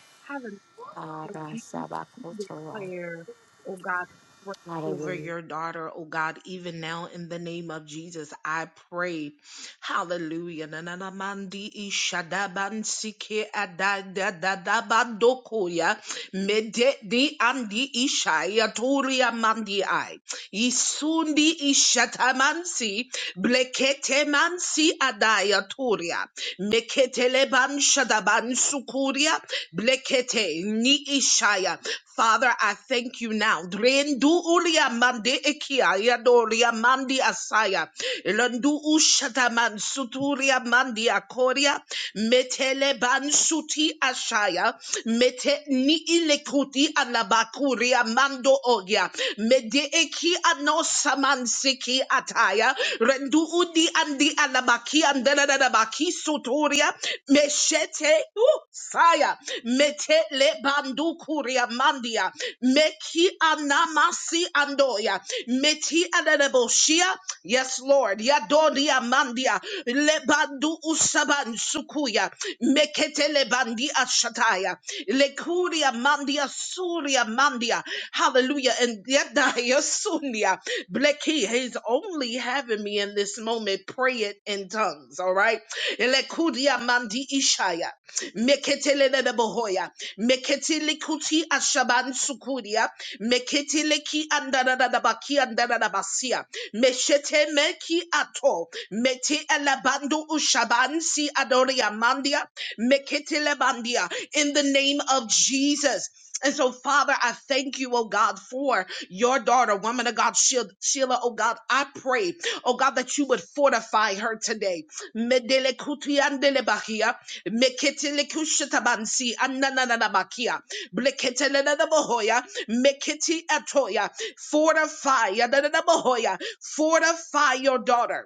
Speaker 4: Lord, we we- we
Speaker 1: Arasabakotoa.
Speaker 4: declare, oh God, strength over
Speaker 1: Hallelujah.
Speaker 4: your daughter, oh God, even now in the name of Jesus, I pray. Hallelujah. Na na na mandi isha da ban sike ada da da da ban dokoya mede di andi isha ya toria mandi ai isundi isha tamansi blekete mansi adaya toria meketele shadaban sukuria Blekete ni ishaya. Father, I thank you now. Drendu ulia mande ekia yadoria mandi asaya. Elandu ushata mansuturia mandi akoria. Metele bansuti ashaya. Mete ni ilekuti alabakuria mando ogia. Mede eki anosa mansiki ataya. Rendu udi andi. Li alabaki andalalabaki suturia. Meshete. Ooh, Saya. Mete le bandu kuria mandia. Meki anamasi andoya. Meti adalaboshia. Yes, Lord. Yadoria mandia. Le bandu usaban sukuya. Mekete le bandi ashataya. Le kuria mandia suria mandia. Hallelujah. and. And yada yasunya. Bleki, he's only having me in this moment pray it in tongues, all right? Elekudia mandi ishaya. meketele de bohoya, Meketelelelebohoya. kuti ashaban sukudia. Meketileki andadadabaki andadadabasia. Meshete meki ato. Meti elabando ushaban si adoria mandia. Meketelebandia. In the name of Jesus. And so, Father, I thank you, oh God, for your daughter, woman of God, Sheil- Sheila, oh God, I pray, oh God, that you would fortify her today. Medele kutiandele bahia, meketele kushitabansi, ananana bakia, bleketele na na bohoya, meketi atoya, fortify, ya na na na bohoya, fortify your daughter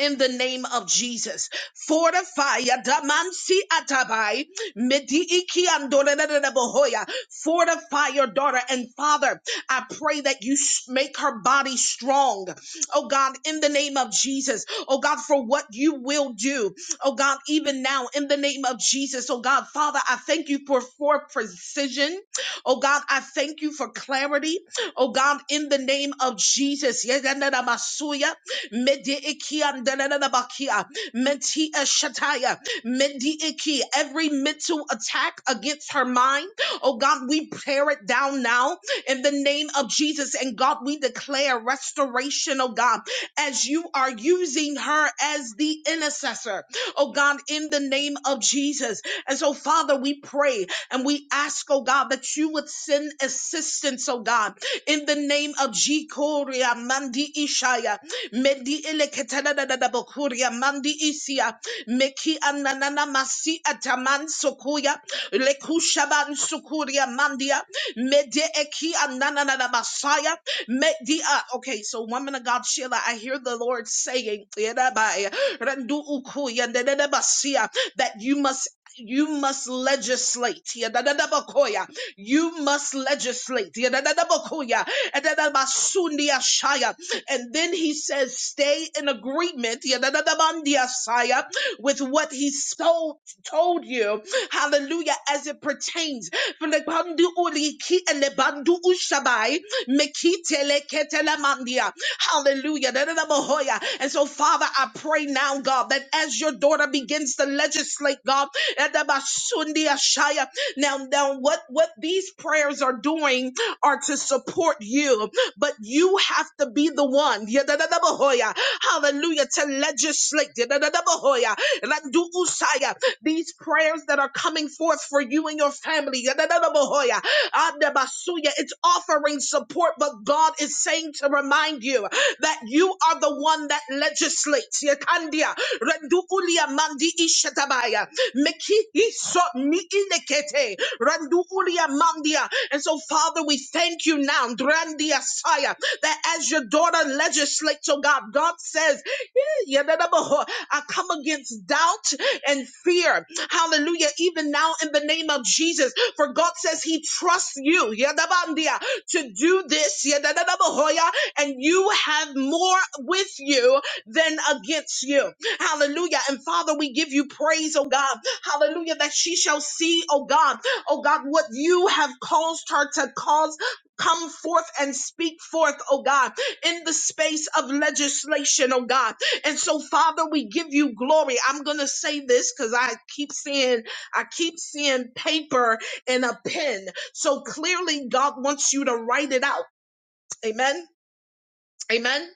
Speaker 4: in the name of Jesus. Fortify Damansi Atabai. Midi Iki Andorelele Bohoya. Fortify your daughter. And Father, I pray that you s- make her body strong. Oh God, in the name of Jesus. Oh God, for what you will do. Oh God, even now, in the name of Jesus. Oh God, Father, I thank you for, for precision. Oh God, I thank you for clarity. Oh God, in the name of Jesus. Yedanamasuya. Medi iki andanana bakia, Menti eshataya. Medi iki. Every mental attack against her mind. Oh God, we tear it down now in the name of Jesus. And God, we declare restoration, oh God, as you are using her as the intercessor, oh God, in the name of Jesus. And so, Father, we pray and we ask, oh God, that you would send assistance, oh God, in the name of Jikoria Mandi Ishaya. Medi eleketana da da da bokuria mandi isia. Meki ananana masi ataman sokuya. Lekushaban sukuria mandia. Mede eki ananana da basaya. Medi ah. Okay, so woman of God, Sheila, I hear the Lord saying, "Yerabai, randu ukuya dedede that you must you must legislate. Yadadadabakoya. You must legislate. Yadadadabakoya. Edadabasundi ashaya. And then he says, stay in agreement yadadabandiasaya, with what he told, told you. Hallelujah. As it pertains. Flebanduuliki elebanduushabai, mekiteleketelemania. Hallelujah. Dadadabahoya. And so, Father, I pray now, God, that as your daughter begins to legislate righteously, God. Edabasundi ashaya. Now, now what, what these prayers are doing are to support you, but you have to be the one. Yedadadabahoya. Hallelujah. To legislate. Yedadadabahoya. Landuusaya. These prayers that are coming forth for you and your family. Yedadadabahoya. It's offering support, but God is saying to remind you that you are the one that legislates. Yekandia, rendu ulia mandi ishatabaya, meki iso ni inekete, rendu ulia mandia. And so, Father, we thank you now, drandia saya, that as your daughter legislates, oh God, God says Yadadabaho. I come against doubt and fear. Hallelujah. Even now in the name of Jesus. For God says he trusts you Yadabandia, to do this Yadadabahoya, and you have more with you than against you. Hallelujah. And Father, we give you praise, oh God. Hallelujah. That she shall see, oh God, oh God, what you have caused her to cause come forth and speak forth, oh God, in the space of legislation, oh God. And so, Father, we give you glory. I'm going to say this because I keep seeing, I keep seeing paper and a pen. So clearly, God wants you to write it out. Amen. Amen.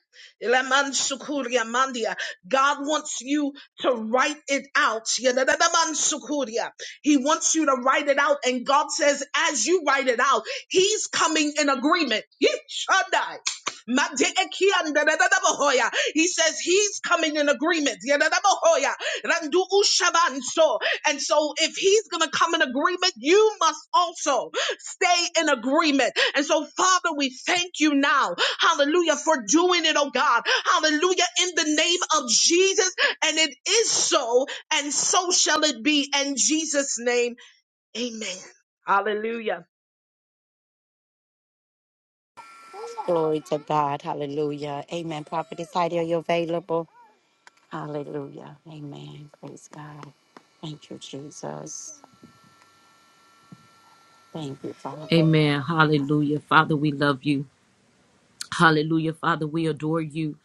Speaker 4: Ilamansukuria mandia. God wants you to write it out. Yadadadamansukuria. He wants you to write it out. And God says, as you write it out, He's coming in agreement. Yishadai. Mateekian dadadadabahoya. He says he's coming in agreement. Yadadabahoya. Randu ushabanso. And so, if he's going to come in agreement, you must also. Stay in agreement. And so, Father, we thank you now. Hallelujah for doing it, oh God. Hallelujah in the name of Jesus. And it is so, and so shall it be. In Jesus' name, amen. Hallelujah.
Speaker 1: Glory to God. Hallelujah. Amen. Prophetess Heidi, are you available? Hallelujah. Amen. Praise God. Thank you, Jesus. Thank you, Father.
Speaker 2: Amen. Hallelujah. Father, we love you. Hallelujah, Father. We adore you.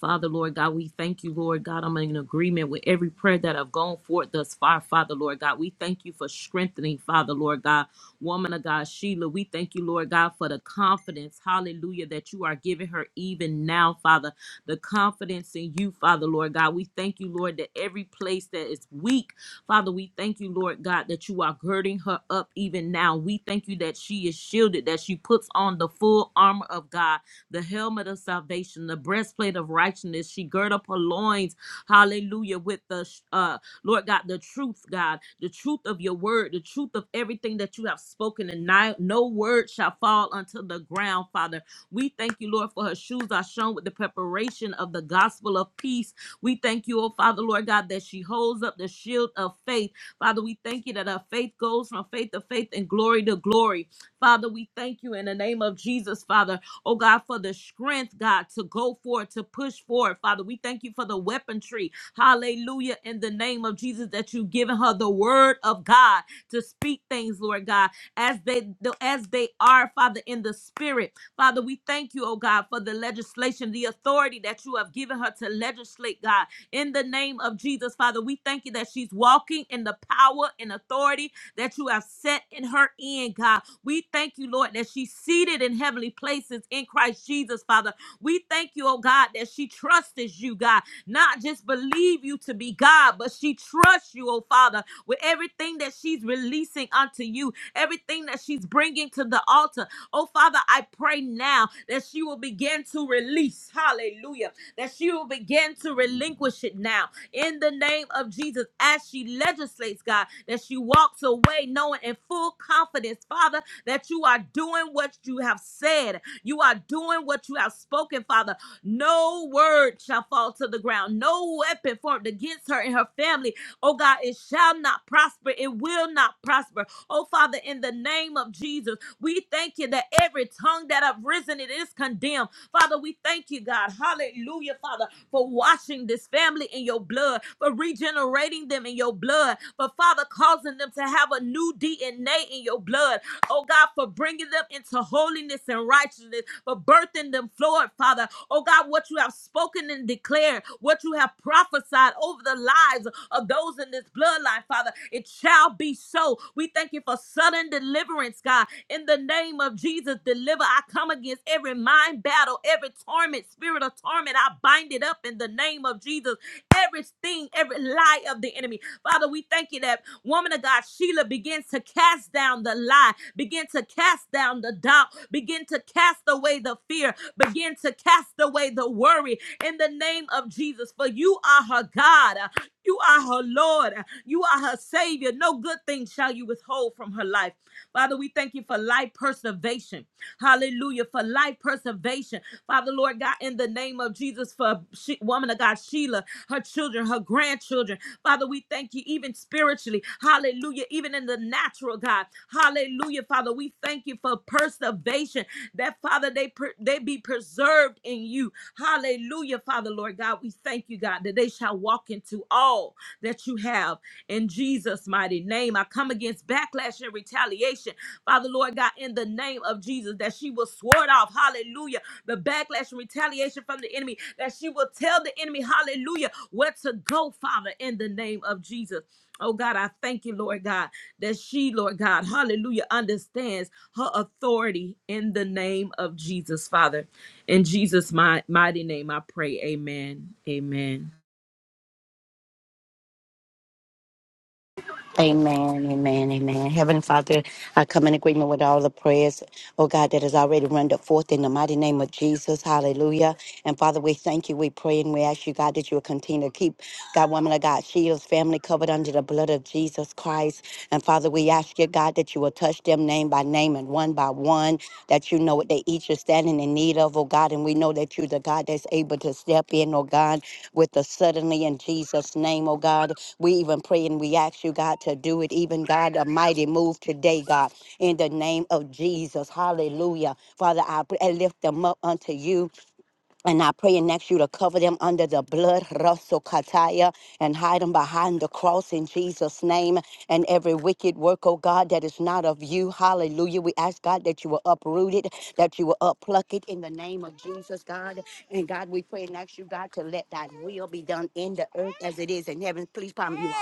Speaker 2: Father, Lord God, we thank you, Lord God. I'm in agreement with every prayer that have gone forth thus far, Father, Lord God. We thank you for strengthening, Father, Lord God. Woman of God, Sheila, we thank you, Lord God, for the confidence, hallelujah, that you are giving her even now, Father. The confidence in you, Father, Lord God. We thank you, Lord, that every place that is weak, Father, we thank you, Lord God, that you are girding her up even now. We thank you that she is shielded, that she puts on the full armor of God the helmet of salvation, the breastplate of righteousness. She gird up her loins, hallelujah, with the, uh, Lord God, the truth, God, the truth of your word, the truth of everything that you have spoken, and ni- no word shall fall unto the ground, Father. We thank you, Lord, for her shoes are shown with the preparation of the gospel of peace. We thank you, oh Father, Lord God, that she holds up the shield of faith. Father, we thank you that our faith goes from faith to faith and glory to glory. Father, we thank you in the name of Jesus, Father oh God, for the strength, God, to go forward, to push forward. Father, we thank you for the weaponry. Hallelujah. In the name of Jesus, that you've given her the word of God to speak things, Lord God, as they as they are, Father, in the spirit. Father, we thank you, oh God, for the legislation, the authority that you have given her to legislate, God. In the name of Jesus, Father, we thank you that she's walking in the power and authority that you have set in her end, God. We thank you, Lord, that she's seated in heavenly places in Christ Jesus, Father. We thank you, oh God, that she trusts you, God. Not just believe you to be God, but she trusts you, oh Father, with everything that she's releasing unto you, everything that she's bringing to the altar. Oh Father, I pray now that she will begin to release, hallelujah, that she will begin to relinquish it now in the name of Jesus as she legislates, God, that she walks away knowing in full confidence, Father, that you are doing what you have said. You are doing what you have spoken, Father. No word shall fall to the ground. No weapon formed against her and her family. Oh God, it shall not prosper. It will not prosper. Oh Father, in the name of Jesus. We thank you that every tongue that have risen, it is condemned. Father, we thank you, God. Hallelujah, Father, for washing this family in your blood, for regenerating them in your blood, for Father, causing them to have a new DNA in your blood. Oh God, for bringing them into holiness and righteousness, for birthing them forward, Father. Oh God, what you have spoken and declared, what you have prophesied over the lives of those in this bloodline, Father. It shall be so. We thank you for for sudden deliverance, God. In the name of Jesus, deliver. I come against every mind battle, every torment, spirit of torment. I bind it up in the name of Jesus. Everything, every lie of the enemy. Father, we thank you that woman of God, Sheila, begins to cast down the lie, begin to cast down the doubt, begin to cast away the fear, begin to cast away the worry in the name of Jesus. For you are her God. You are her Lord. You are her Savior. No good thing shall you withhold from her life. Father, we thank you for life preservation. Hallelujah. For life preservation. Father, Lord God, in the name of Jesus, for she, woman of God, Sheila, her children, her grandchildren. Father, we thank you even spiritually. Hallelujah. Even in the natural, God. Hallelujah. Father, we thank you for preservation. That, Father, they, per- they be preserved in you. Hallelujah. Father, Lord God, we thank you, God, that they shall walk walk into all that you have in Jesus' mighty name. I come against backlash and retaliation, Father Lord God, in the name of Jesus, that she will sword off, hallelujah, the backlash and retaliation from the enemy, that she will tell the enemy, hallelujah, where to go, Father, in the name of Jesus. Oh God, I thank you, Lord God, that she, Lord God, hallelujah, understands her authority in the name of Jesus, Father. In Jesus' mi- mighty name, I pray, amen. Amen.
Speaker 1: Amen, amen, amen. Heavenly Father, I come in agreement with all the prayers, oh God, that has already rendered forth in the mighty name of Jesus. Hallelujah. And Father, we thank you, we pray, and we ask you, God, that you will continue to keep God, woman of God, Sheila's family covered under the blood of Jesus Christ. And Father, we ask you, God, that you will touch them name by name and on one by one, that you know what they each are standing in need of, oh God. And we know that you're the God that's able to step in, oh God, with the suddenly in Jesus' name, oh God. We even pray and we ask you, God, to do it, even God, a mighty move today, God, in the name of Jesus. Hallelujah. Father, I pray- I lift them up unto you and I pray and ask you to cover them under the blood, Russell Kataya, and hide them behind the cross in Jesus' name. And every wicked work, oh God, that is not of you, hallelujah. We ask, God, that you will uproot it, that you will uppluck it in the name of Jesus, God. And God, we pray and ask you, God, to let that will be done in the earth as it is in heaven. Please, palm you. are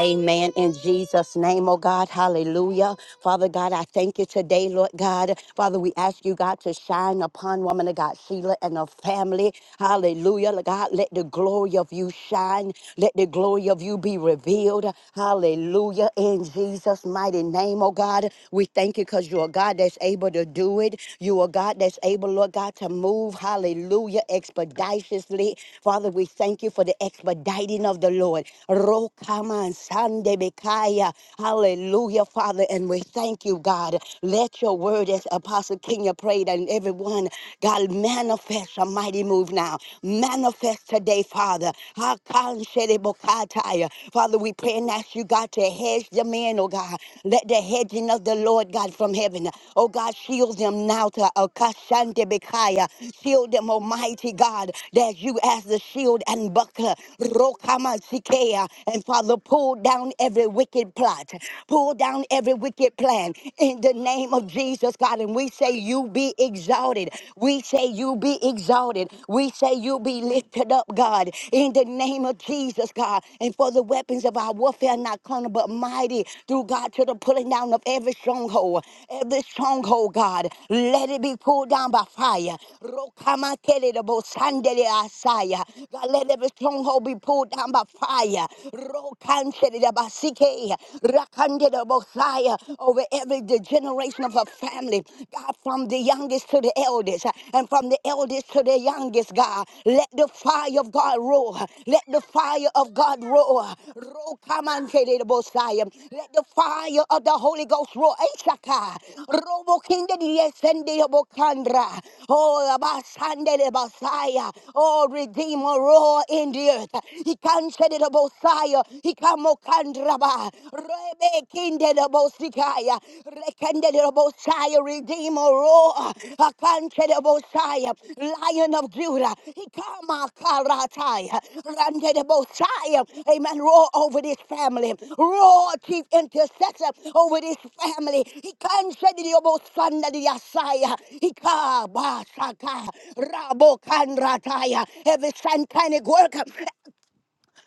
Speaker 1: Amen. In Jesus' name, oh God, hallelujah. Father God, I thank you today, Lord God. Father, we ask you, God, to shine upon woman of God, Sheila and her family. Hallelujah. Lord God, let the glory of you shine. Let the glory of you be revealed. Hallelujah. In Jesus' mighty name, oh God, we thank you because you're a God that's able to do it. You are God that's able, Lord God, to move. Hallelujah. Expeditiously. Father, we thank you for the expediting of the Lord. Come on, Sunday, Micaiah. Hallelujah, Father. And we thank you, God. Let your word, as Apostle Kenya prayed, and everyone, God, manifest a mighty move now. Manifest today, Father. Hakan Shede Bokataya. Father, we pray and ask you, God, to hedge them in, oh God. Let the hedging of the Lord, God, from heaven, oh God, shield them now to Akashante Bikaya. Shield them, Almighty God, that you as the shield and buckler. Rokama prayer. And Father, pull down every wicked plot, pull down every wicked plan in the name of Jesus, God. And we say, You be exalted. We say, You be exalted. We say, You be lifted up, God, in the name of Jesus, God. And for the weapons of our warfare, are not carnal, but mighty through God to the pulling down of every stronghold, every stronghold, God. Let it be pulled down by fire. Rokamakerebo sandereasaya. God, let every stronghold be pulled down by fire fire. Rokanchedabasike, rakandedabosaya, Over every de- generation of a family, God, from the youngest to the eldest, and from the eldest to the youngest, God, let the fire of God roar. Let the fire of God roar. Rokamanchedabosaya, Let the fire of the Holy Ghost roar. Ishaka, robokindediesendeyabokandra. Oh, abasandedabasaya. Oh, Redeemer, roar in the earth. Kanshedabosaya, Hikamokandraba, Rebe Kindedabosikaya, Rekendedabosaya, Redeemer Roa, Akanshedabosaya, Lion of Judah, Hikama Karataya, Randedabosaya, Amen. Roar over this family, roar, chief intercessor over this family. Hikanshedabosandadiasaya, Rabo Rabokanrataya, every satanic work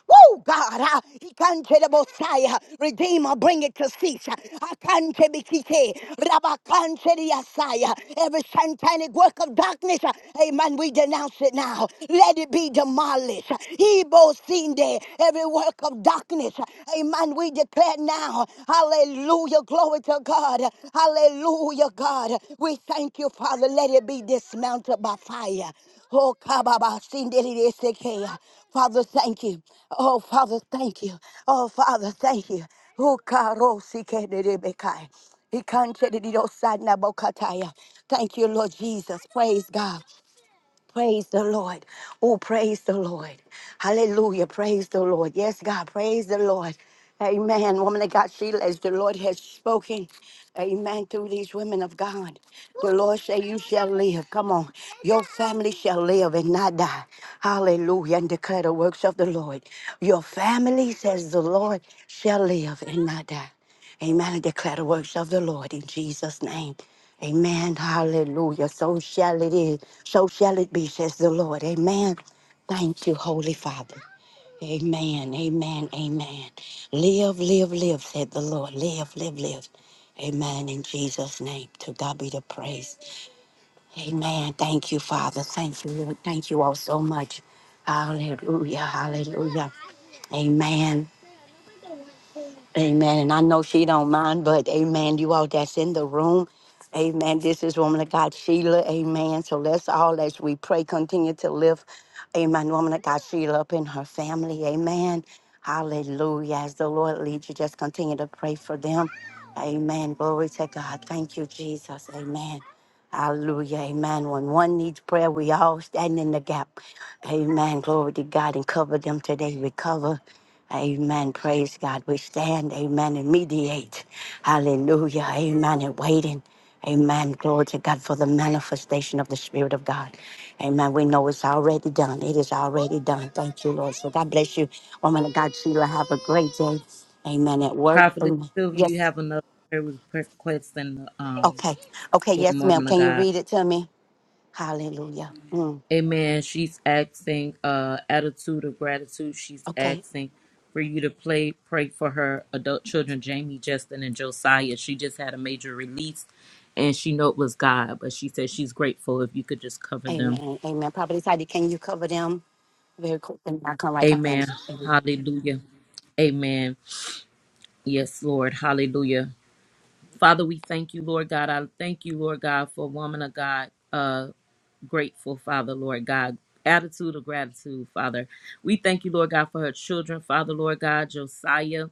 Speaker 1: Woo, God. ah, Ikante de Bosaya. Redeemer, bring it to cease. Akante bikite. Rabakante de Yasaya. Every satanic work of darkness, ah, amen, we denounce it now. Let it be demolished. Ibo sinde. Every work of darkness, ah, amen, we declare now. Hallelujah. Glory to God. Hallelujah, God. We thank you, Father. Let it be dismantled by fire. Oh, kababa sinde de de sekea. Father, thank you. Oh, Father, thank you. Oh, Father, thank you. Oh, karosi kenerebekai. He can't shed it, it outside, nabokataya. Thank you, Lord Jesus. Praise God. Praise the Lord. Oh, praise the Lord. Hallelujah. Praise the Lord. Yes, God. Praise the Lord. Amen. Woman of God, Sheila, as the Lord has spoken, amen, through these women of God, the Lord say, You shall live. Come on. Your family shall live and not die. Hallelujah. And declare the works of the Lord. Your family, says the Lord, shall live and not die. Amen. And declare the works of the Lord in Jesus' name. Amen. Hallelujah. So shall it is. So shall it be, says the Lord. Amen. Thank you, Holy Father. Amen. Amen. Amen. Live, live, live, said the Lord. Live, live, live. Amen. In Jesus' name. To God be the praise. Amen. Thank you, Father. Thank you, Lord. Thank you all so much. Hallelujah. Hallelujah. Amen. Amen. And I know she don't mind, but amen. You all that's in the room. Amen. This is woman of God Sheila. Amen. So let's all as we pray continue to lift. Amen. Woman of God Sheila up in her family. Amen. Hallelujah. As the Lord leads you, just continue to pray for them. Amen. Glory to God. Thank you, Jesus. Amen. Hallelujah. Amen. When one needs prayer, we all stand in the gap. Amen. Glory to God and cover them today. Recover. Amen. Praise God. We stand. Amen. And mediate. Hallelujah. Amen. And waiting. Amen. Glory to God for the manifestation of the Spirit of God. Amen. We know it's already done. It is already done. Thank you, Lord. So God bless you. Woman of God, Sheila, have a great day. Amen. At work.
Speaker 2: Prophetess
Speaker 1: Amen.
Speaker 2: Sylvia, you
Speaker 1: Yes.
Speaker 2: have another prayer request in the, um,
Speaker 1: Okay. Okay.
Speaker 2: from
Speaker 1: Yes, ma'am.
Speaker 2: Woman of
Speaker 1: Can you
Speaker 2: God.
Speaker 1: read it to me? Hallelujah. Mm.
Speaker 2: Amen. She's asking uh, attitude of gratitude. She's
Speaker 1: Okay.
Speaker 2: asking for you to play, pray for her adult children, Jamie, Justin, and Josiah. She just had a major release, and she know it was God, but she said she's grateful if you could just cover them.
Speaker 1: Amen. Amen. Probably Heidi, can you cover them? Very quick, and I'll come right behind
Speaker 2: Amen.
Speaker 1: you.
Speaker 2: Hallelujah. Amen. Yes, Lord. Hallelujah. Father, we thank you, Lord God. I thank you, Lord God, for woman of God. uh, grateful, Father, Lord God. Attitude of gratitude, Father. We thank you, Lord God, for her children, Father, Lord God, Josiah.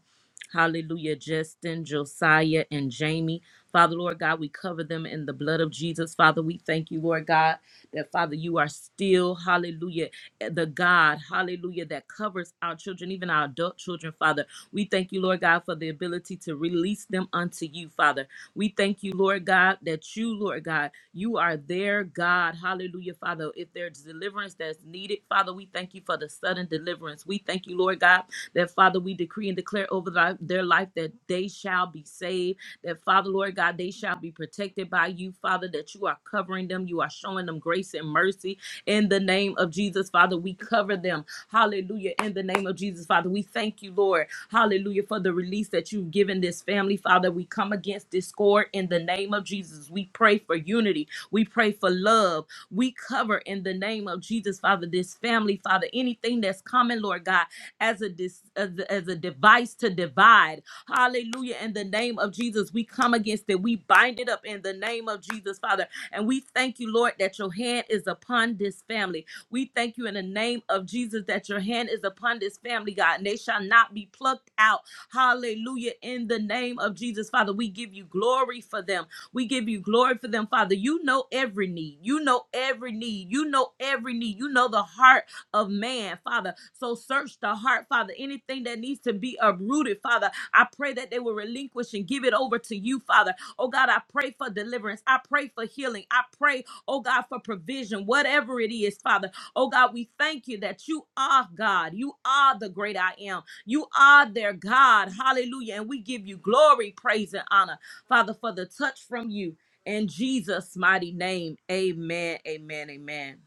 Speaker 2: Hallelujah, Justin, Josiah, and Jamie. Father, Lord God, we cover them in the blood of Jesus. Father, we thank you, Lord God, that Father, you are still, hallelujah, eh, the God, hallelujah, that covers our children, even our adult children, Father. We thank you, Lord God, for the ability to release them unto you, Father. We thank you, Lord God, that you, Lord God, you are their God. Hallelujah, Father. If there's deliverance that's needed, Father, we thank you for the sudden deliverance. We thank you, Lord God, that Father, we decree and declare over thy- their life that they shall be saved, that Father, Lord God, they shall be protected by you, Father, that you are covering them, you are showing them grace and mercy in the name of Jesus, Father. We cover them, hallelujah, in the name of Jesus, Father. We thank you, Lord. Hallelujah. For the release that you've given this family, Father, we come against discord in the name of Jesus. We pray for unity. We pray for love. We cover in the name of Jesus, Father, this family, Father, anything that's coming, Lord God, as a dis- as a, as a device to divide. Hallelujah. In the name of Jesus, we come against it. We bind it up in the name of Jesus, Father. And we thank you, Lord, that your hand is upon this family. We thank you in the name of Jesus that your hand is upon this family, God, and they shall not be plucked out. Hallelujah. In the name of Jesus, Father, we give you glory for them. We give you glory for them, Father. You know every need. You know every need. You know every need. You know the heart of man, Father. So search the heart, Father. Anything that needs to be uprooted, Father, I pray that they will relinquish and give it over to you, Father. Oh God, I pray for deliverance. I pray for healing. I pray, oh God, for provision, whatever it is, Father. Oh God, we thank you that you are God. You are the great I am. You are their God. Hallelujah. And we give you glory, praise, and honor, Father, for the touch from you. In Jesus' mighty name, amen, amen, amen.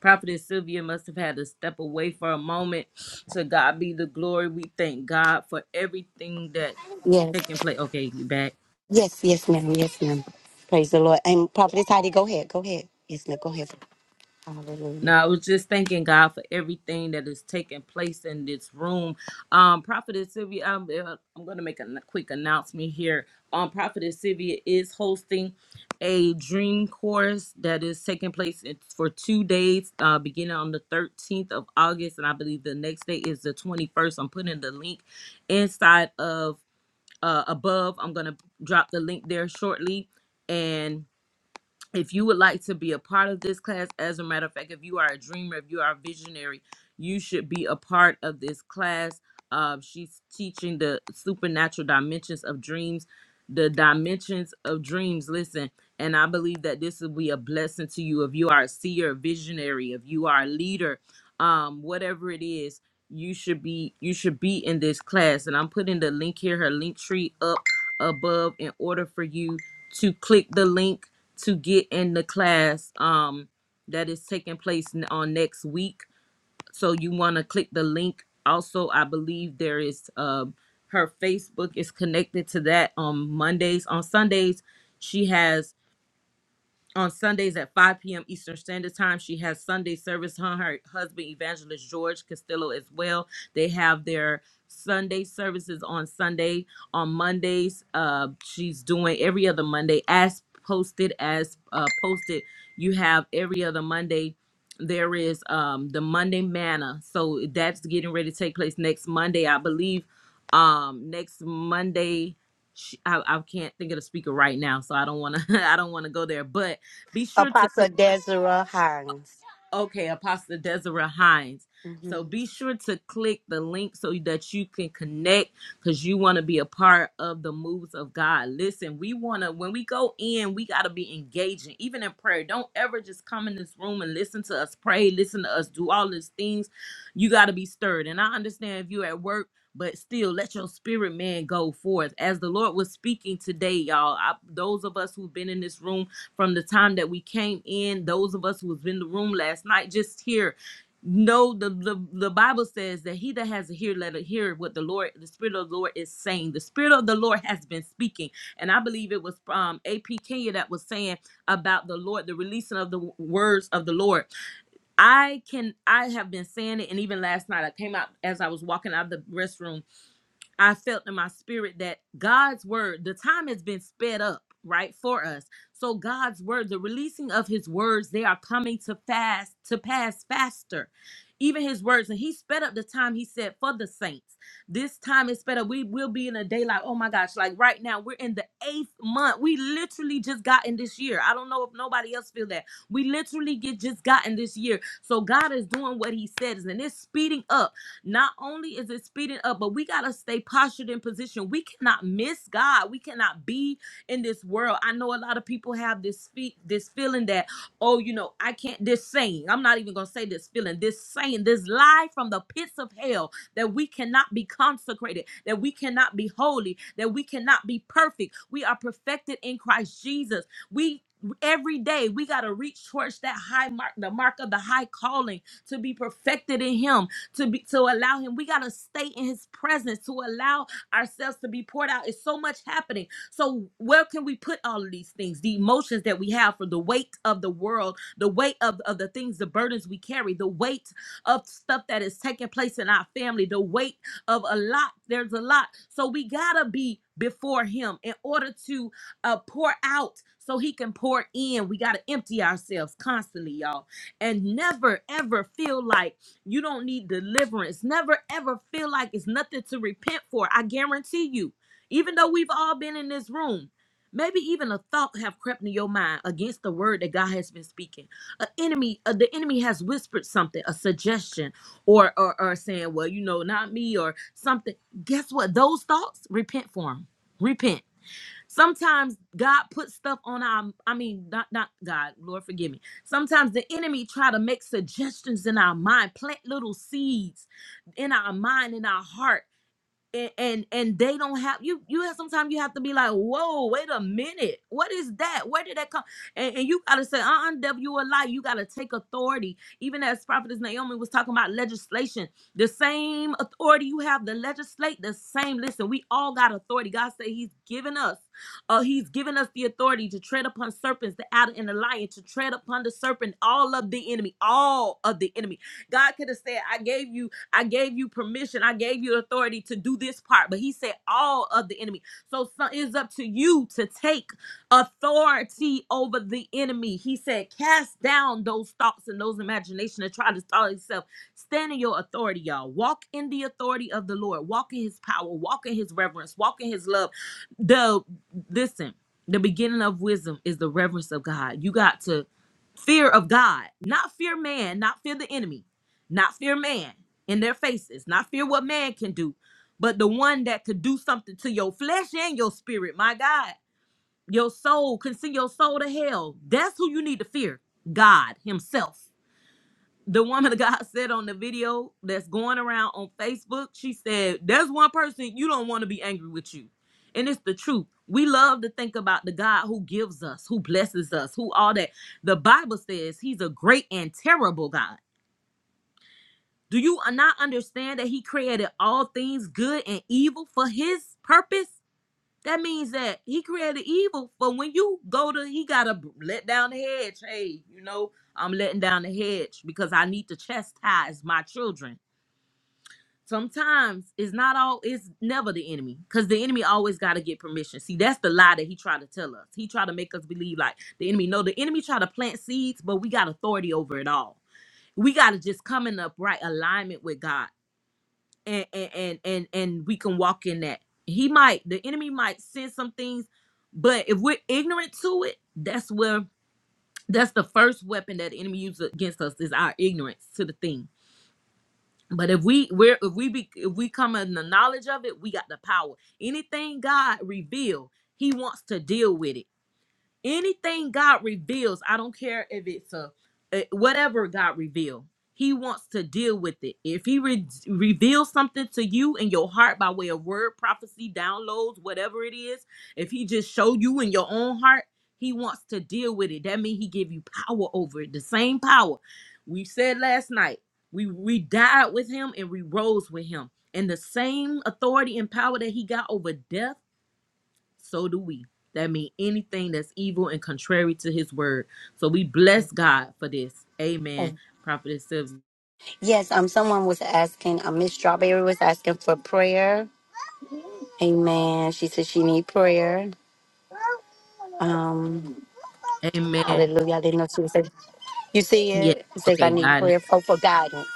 Speaker 2: Prophetess Sylvia must have had to step away for a moment. To God be the glory. We thank God for everything that
Speaker 1: Yes,
Speaker 2: taking place. Okay, you back.
Speaker 1: yes, yes, ma'am, yes, ma'am. Praise the Lord. And Prophetess Heidi, go ahead, go ahead. Yes, ma'am, go ahead.
Speaker 2: No,
Speaker 1: Hallelujah.
Speaker 2: I was just thanking God for everything that is taking place in this room. Um, Prophetess Sylvia, I'm, uh, I'm going to make a n- quick announcement here. Um, Prophetess Sylvia is hosting a dream course that is taking place in- for two days, uh, beginning on the 13th of August, and I believe the next day is the 21st. I'm putting the link inside of uh, above. I'm going to drop the link there shortly, and if you would like to be a part of this class, as a matter of fact, if you are a dreamer, if you are a visionary, you should be a part of this class. Uh, she's teaching the supernatural dimensions of dreams, the dimensions of dreams. Listen, and I believe that this will be a blessing to you if you are a seer, a visionary, if you are a leader, um, whatever it is, you should be you should be in this class. And I'm putting the link here, her link tree up above in order for you to click the link to get in the class um that is taking place n- on next week so you want to click the link also i believe there is um her facebook is connected to that on mondays on sundays she has on Sundays at 5 p.m. Eastern Standard Time. She has Sunday service. Her, her husband, Evangelist George Castillo, as well. They have their Sunday services on Sunday. On Mondays, uh, she's doing every other Monday as posted as uh, posted. You have every other Monday. There is um the Monday manna. So that's getting ready to take place next Monday, I believe. Um, next Monday. She, I, I can't think of the speaker right now, so I don't want to. I don't want to go there. But be sure to
Speaker 1: Apostle
Speaker 2: click.
Speaker 1: Deborah Hines.
Speaker 2: Okay, Apostle Deborah Hines. So
Speaker 1: hmm
Speaker 2: be sure to click the link so that you can connect because you want to be a part of the moves of God. Listen, we want to, when we go in, we got to be engaging, even in prayer. Don't ever just come in this room and listen to us pray, listen to us do all these things. You got to be stirred. And I understand if you're at work, but still let your spirit man go forth. As the Lord was speaking today, y'all, I, those of us who've been in this room, from the time that we came in those of us who was in the room last night just here know the, the the bible says that he that has a ear let it hear what the lord the spirit of the lord is saying the spirit of the lord has been speaking and i believe it was from ap kenya that was saying about the lord the releasing of the w- words of the lord i can i have been saying it and even last night i came out as i was walking out of the restroom I felt in my spirit that God's word, the time has been sped up, right, for us. So God's word, the releasing of his words, they are coming to fast, to pass faster. Even his words, and he sped up the time he said for the saints. This time is sped up. We will be in a day like, oh my gosh, like right now, we're in the eighth month. We literally just got in this year. I don't know if nobody else feel that. We literally get just gotten this year. So God is doing what he says, and it's speeding up not only is it speeding up, but we got to stay postured in position. We cannot miss God. We cannot be in this world. I know a lot of people have this fe- this feeling that, oh, you know, I can't, this saying, I'm not even going to say this feeling, this saying, this lie from the pits of hell that we cannot be consecrated, that we cannot be holy, that we cannot be perfect. We are perfected in Christ Jesus. We every day we got to reach towards that high mark the mark of the high calling to be perfected in him to be to allow him. We gotta stay in his presence to allow ourselves to be poured out. It's so much happening. So where can we put all of these things? The emotions that we have for the weight of the world, the weight of, of the things, the burdens we carry, the weight of stuff that is taking place in our family, the weight of a lot. There's a lot. So we gotta be before him in order to uh, pour out so he can pour in. We gotta empty ourselves constantly, y'all and never ever feel like you don't need deliverance. Never ever feel like it's nothing to repent for. I guarantee you. Even though we've all been in this room, maybe even a thought have crept in your mind against the word that God has been speaking. A enemy, uh, the enemy has whispered something, a suggestion, or, or or saying, "Well, you know, not me," or something. Guess what? Those thoughts, repent for them. Repent Sometimes God puts stuff on our I mean not not God, Lord forgive me. Sometimes the enemy try to make suggestions in our mind, plant little seeds in our mind in our heart and and, and they don't have you you have sometimes you have to be like whoa wait a minute what is that where did that come and, and you gotta say uh-uh devil you lie you gotta take authority even as prophetess naomi was talking about legislation the same authority you have to legislate the same listen we all got authority god said he's given us uh he's given us the authority to tread upon serpents the adder and the lion to tread upon the serpent all of the enemy all of the enemy god could have said i gave you I gave you permission. I gave you authority to do this part. But he said all of the enemy. So, so it's up to you to take authority over the enemy. He said, cast down those thoughts and those imaginations that try to stall itself. Stand in your authority, y'all. Walk in the authority of the Lord. Walk in his power. Walk in his reverence. Walk in his love. The listen, the beginning of wisdom is the reverence of God. You got to fear of God, not fear man, not fear the enemy not fear man in their faces, not fear what man can do, but the one that could do something to your flesh and your spirit, my God, your soul, can send your soul to hell. That's who you need to fear God Himself. The woman of God said on the video that's going around on Facebook, she said, There's one person you don't want to be angry with you. And it's the truth. We love to think about the God who gives us, who blesses us, who all that. The Bible says He's a great and terrible God. Do you not understand that he created all things good and evil for his purpose? That means that he created evil for when you go to, he got to let down the hedge. Hey, you know, I'm letting down the hedge because I need to chastise my children. Sometimes it's not all, it's never the enemy because the enemy always got to get permission. See, that's the lie that he tried to tell us. He tried to make us believe like the enemy. No, the enemy tried to plant seeds, but we got authority over it all. We got to just come in upright alignment with God and and and and, and we can walk in that. He might the enemy might send some things, but if we're ignorant to it, that's where that's the first weapon that the enemy uses against us is our ignorance to the thing. But if we we're if we be if we come in the knowledge of it, we got the power. Anything God revealed, He wants to deal with it anything God reveals, I don't care if it's a, a- whatever God revealed, He wants to deal with it. If He re- reveals something to you in your heart by way of word, prophecy, downloads, whatever it is, if He just showed you in your own heart, He wants to deal with it. That means He give you power over it. The same power we said last night. We we died with Him and we rose with Him, and the same authority and power that He got over death so do we. That means anything that's evil and contrary to his word. So we bless God for this. Amen.
Speaker 1: Oh,
Speaker 2: Prophetess Sylvia.
Speaker 1: yes, um, someone was asking, um, Miss Strawberry was asking for prayer. Amen. She said she need prayer. Um,
Speaker 2: Amen.
Speaker 1: hallelujah. I didn't know she was saying, you see
Speaker 2: Yes.
Speaker 1: it? It says I
Speaker 2: Okay,
Speaker 1: need
Speaker 2: Got it.
Speaker 1: prayer. Oh, for guidance.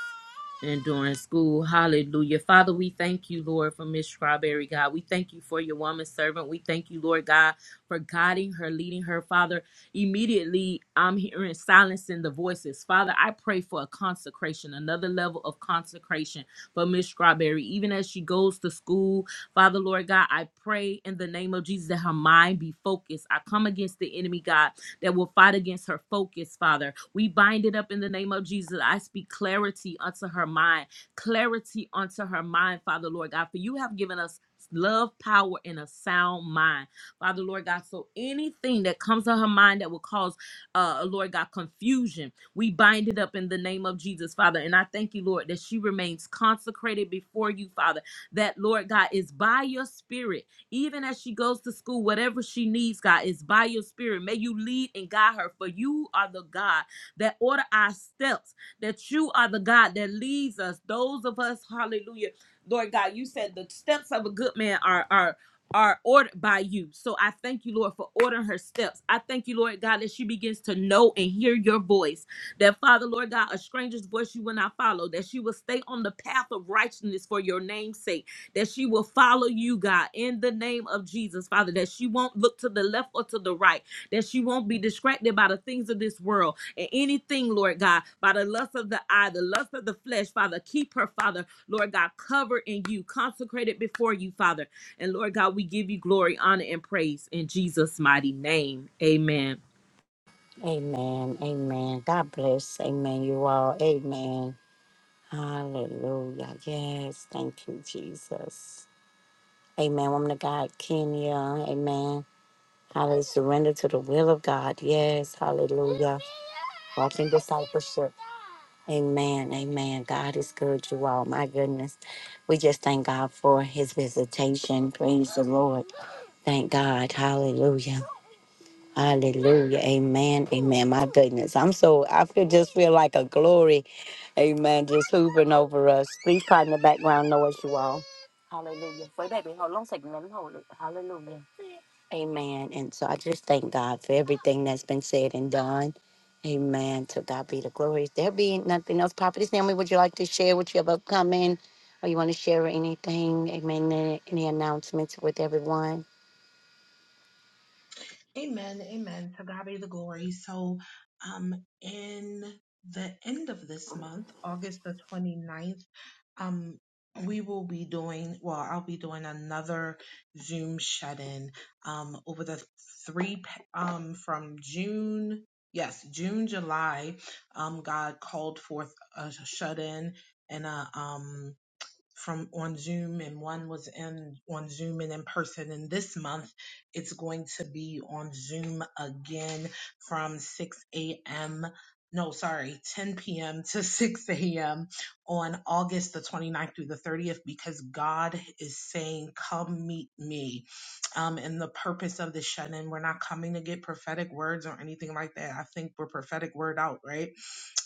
Speaker 2: and during school. Hallelujah. Father, we thank you, Lord, for Miss Strawberry, God. We thank you for your woman servant. We thank you, Lord God, for guiding her, leading her, Father. Immediately, I'm hearing silencing the voices. Father, I pray for a consecration, another level of consecration for Miss Strawberry, even as she goes to school. Father, Lord God, I pray in the name of Jesus that her mind be focused. I come against the enemy, God that will fight against her focus, Father. We bind it up in the name of Jesus. I speak clarity unto her mind, clarity unto her mind, Father, Lord God, for you have given us love, power, and a sound mind, Father, Lord God. So anything that comes to her mind that will cause, uh, Lord God, confusion, we bind it up in the name of Jesus, Father. And I thank you, Lord, that she remains consecrated before you, Father, that, Lord God, is by your spirit even as she goes to school, whatever she needs, God, is by your spirit. May you lead and guide her, for you are the God that order our steps, that you are the God that leads us. Those of us, hallelujah. Lord God, you said the steps of a good man are are are ordered by you. So I thank you, Lord, for ordering her steps. I thank you, Lord God, that she begins to know and hear your voice. That Father, Lord God, a stranger's voice you will not follow. That she will stay on the path of righteousness for your name's sake that she will follow you, God, in the name of Jesus, Father, that she won't look to the left or to the right, that she won't be distracted by the things of this world and anything, Lord God, by the lust of the eye, the lust of the flesh, Father. Keep her, Father, Lord God, covered in you, consecrated before you, Father. And Lord God, we give you glory, honor, and praise in Jesus' mighty name. Amen.
Speaker 1: Amen. Amen. God bless. Amen. You all. Amen. Hallelujah. Yes. Thank you, Jesus. Amen. Woman of God, Kenya. Amen. Hallelujah. Surrender to the will of God. Yes. Hallelujah. Walk in discipleship. Amen. Amen. God is good, you all. My goodness. We just thank God for his visitation. Praise the Lord. Thank God. Hallelujah. Hallelujah. Amen. Amen. My goodness. I'm so, I feel just feel like a glory. Amen. Just hoovering over us. Please pardon the background noise, you all. Hallelujah. Wait, baby, hold on a second. Let me hold it. Hallelujah. Amen. And so I just thank God for everything that's been said and done. Amen. To God be the glory. If There be nothing else. Prophetess Naomi, would you like to share what you have upcoming? Or you want to share anything? Amen. Any any announcements with everyone?
Speaker 4: Amen. Amen. To God be the glory. So, um, in the end of this month, August the twenty-ninth, um, we will be doing, well, I'll be doing another Zoom shut in, um, over the three, p- um, from June, yes, June, July, um, God called forth a shut in and a, um, from on Zoom and one was in on Zoom and in person. And this month it's going to be on Zoom again from 6 a.m. No, sorry, 10 p.m. to 6 a.m. on August the 29th through the 30th because God is saying, Come meet me. Um, and the purpose of the shut in, we're not coming to get prophetic words or anything like that. I think we're prophetic word out, right?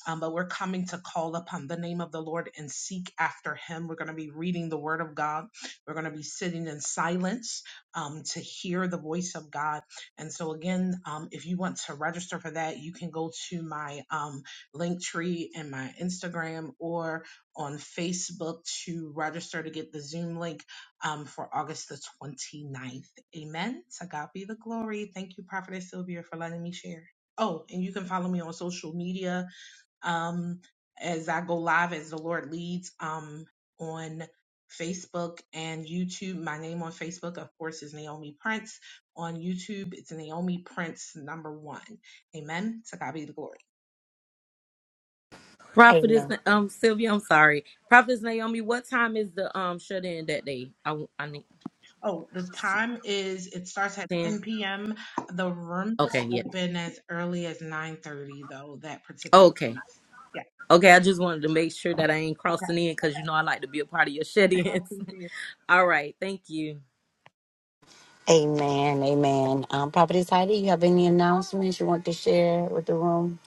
Speaker 4: um, but we're coming to call upon the name of the Lord and seek after Him. We're going to be reading the Word of God. We're going to be sitting in silence um, to hear the voice of God. And so, again, um, if you want to register for that, you can go to my um, link tree and my Instagram or on Facebook to register to get the Zoom link um, for August the twenty ninth. Amen. To God be the glory. Thank you, Prophetess Sylvia, for letting me share. Oh, and you can follow me on social media um, as I go live as the Lord leads um, on Facebook and YouTube. My name on Facebook, of course, is Naomi Prince. On YouTube, it's Naomi Prince number one. Amen. To God be the glory.
Speaker 2: Prophetess
Speaker 1: Amen.
Speaker 2: um Sylvia, I'm sorry. Prophetess Naomi, what time is the um shut in that day? I I need
Speaker 4: Oh, the time is it starts at
Speaker 2: 10.
Speaker 4: 10 p.m. The room
Speaker 2: Okay,
Speaker 4: will
Speaker 2: yes.
Speaker 4: open as early as 9:30, though that particular
Speaker 2: Okay.
Speaker 4: night. Yeah.
Speaker 2: Okay, I just wanted to make sure that I ain't
Speaker 4: Okay.
Speaker 2: crossing in because you know I like to be a part of your shut
Speaker 4: I
Speaker 2: ins.
Speaker 4: appreciate
Speaker 2: All right, thank you.
Speaker 1: Amen. Amen. Um, Prophetess Heidi, you have any announcements you want to share with the room?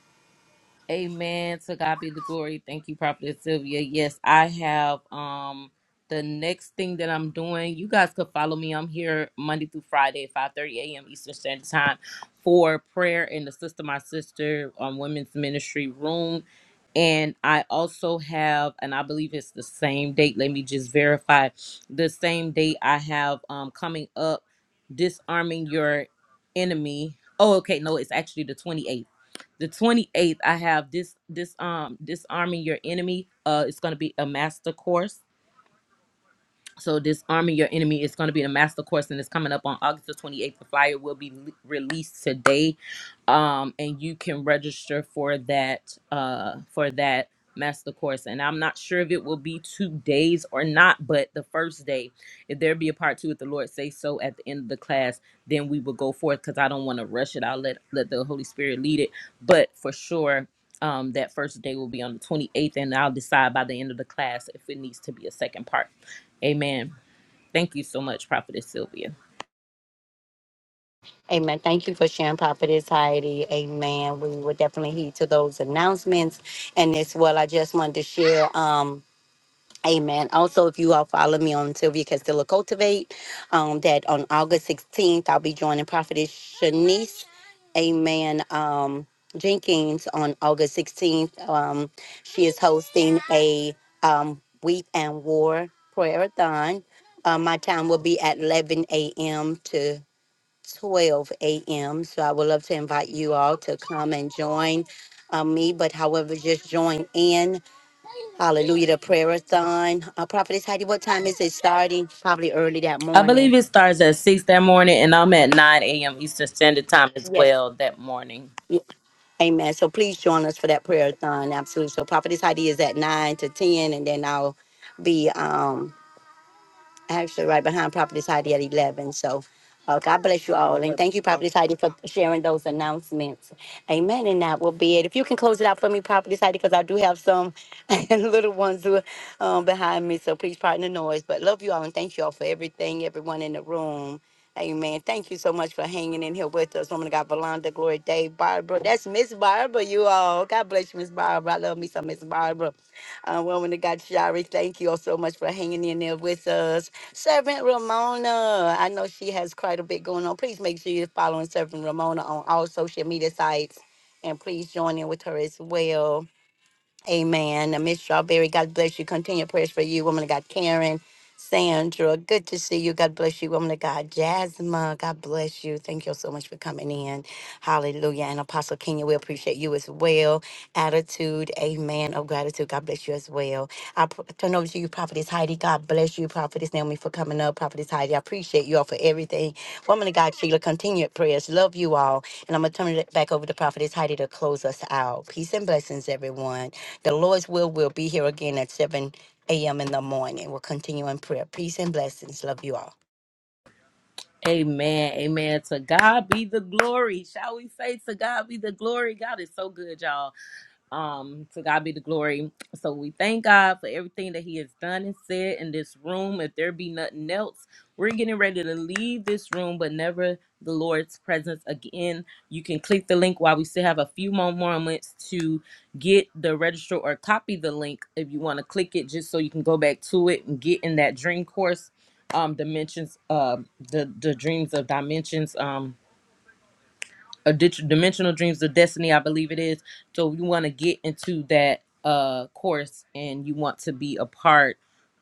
Speaker 2: Amen. To God be the glory. Thank you, Prophet Sylvia. Yes, I have um the next thing that I'm doing. You guys could follow me. I'm here Monday through Friday, at 5:30 a.m. Eastern Standard Time for prayer in the Sister My Sister um, Women's Ministry Room. And I also have, and I believe it's the same date. Let me just verify the same date I have um coming up, disarming your enemy. Oh, okay. No, it's actually the 28th the 28th i have this this um disarming your enemy uh it's going to be a master course so disarming your enemy is going to be a master course and it's coming up on august the 28th the flyer will be le- released today um and you can register for that uh for that master course and i'm not sure if it will be two days or not but the first day if there be a part two if the lord say so at the end of the class then we would go forth because I don't want to rush it. I'll let let the Holy Spirit lead it. But for sure, um, that first day will be on the 28th, and I'll decide by the end of the class if it needs to be a second part. Amen. Thank you so much, Prophetess Sylvia.
Speaker 1: Amen. Thank you for sharing, Prophetess Heidi. Amen. We will definitely heed to those announcements. And as well, I just wanted to share. Um, Amen. Also, if you all follow me on Sylvia Castillo Cultivate, um, that on August 16th, I'll be joining Prophetess Shanice, amen, um, Jenkins on August 16th. Um, she is hosting a um, Weep and War Prayer-a-thon. Uh, my time will be at 11 a.m. to 12 a.m. So I would love to invite you all to come and join uh, me, but however, just join in Hallelujah. The prayer-a-thon. Uh, Prophetess Heidi, what time is it starting? Probably early that
Speaker 2: I believe
Speaker 1: morning.
Speaker 2: it starts at 6 that morning, and I'm at 9 a.m. Eastern Standard Time as
Speaker 1: Yes.
Speaker 2: well that morning.
Speaker 1: Y- Amen. So please join us for that prayer-a-thon. Absolutely. So Prophetess Heidi is at 9 to 10, and then I'll be. um Actually, right behind Property Heidi at 11. So uh, God bless you all. And thank you, Property Heidi, for sharing those announcements. Amen. And that will be it. If you can close it out for me, Property Heidi, because I do have some little ones who, are um, behind me. So please pardon the noise. But love you all and thank you all for everything, everyone in the room. Amen. Thank you so much for hanging in here with us. Woman of God, Valanda, Glory Day, Barbara. That's Miss Barbara, you all. God bless you, Miss Barbara. I love me some Miss Barbara. Uh, woman of God, Shari, thank you all so much for hanging in there with us. Servant Ramona, I know she has quite a bit going on. Please make sure you're following Servant Ramona on all social media sites and please join in with her as well. Amen. Uh, Miss Strawberry, God bless you. Continue prayers for you, woman of God. Karen, Sandra, good to see you. God bless you, woman of God. Jasmine, God bless you. Thank you so much for coming in. Hallelujah. And Apostle Kenya, we appreciate you as well. Attitude, amen, of gratitude. God bless you as well. I pr- turn over to you, Prophetess Heidi. God bless you, Prophetess Naomi, for coming up. Prophetess Heidi, I appreciate you all for everything Woman of God, Sheila, continued prayers. Love you all. And I'm going to turn it back over to Prophetess Heidi to close us out. Peace and blessings, everyone. The Lord's will will be here again at 7 a.m. in the morning. We'll continue in prayer. Peace and blessings. Love you all.
Speaker 2: Amen. Amen. To God be the glory. Shall we say to God be the glory? God is so good, y'all. Um, to God be the glory. So we thank God for everything that He has done and said in this room. If there be nothing else, we're getting ready to leave this room, but never the Lord's presence again. You can click the link while we still have a few more moments to get the register or copy the link if you want to click it, just so you can go back to it and get in that dream course. Um, dimensions, uh, the the dreams of dimensions. Um, a dit- dimensional dreams of destiny i believe it is so you want to get into that uh course and you want to be a part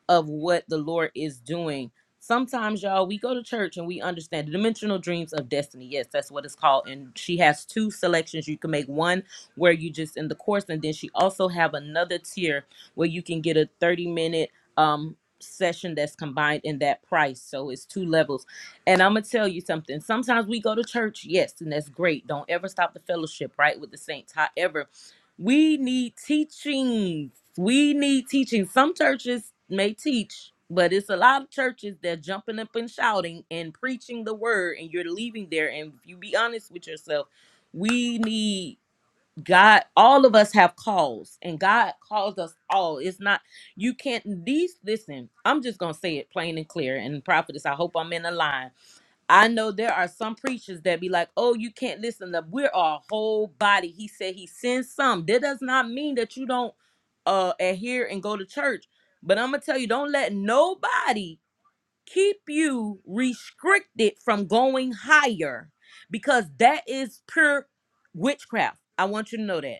Speaker 2: of what the lord is doing sometimes y'all we go to church and we understand the dimensional dreams of destiny yes that's what it's called and she has two selections you can make one where you just in the course and then she also have another tier where you can get a 30 minute um session that's combined in that price so it's two levels and I'm gonna tell you something. Sometimes we go to church, yes, and that's great. Don't ever stop the fellowship, right, with the saints. However, we need teachings. We need teaching. Some churches may teach, but it's a lot of churches that jumping up and shouting and preaching the word, and you're leaving there. And if you be honest with yourself, we need God. All of us have calls, and God calls us all. It's not you can't these listen. I'm just gonna say it plain and clear. And prophetess, I hope I'm in a line I know there are some preachers that be like, oh, you can't listen to we're our whole body. He said he sends some. That does not mean that you don't uh adhere and go to church. But I'm gonna tell you, don't let nobody keep you restricted from going higher because that is pure witchcraft. I want you to know that.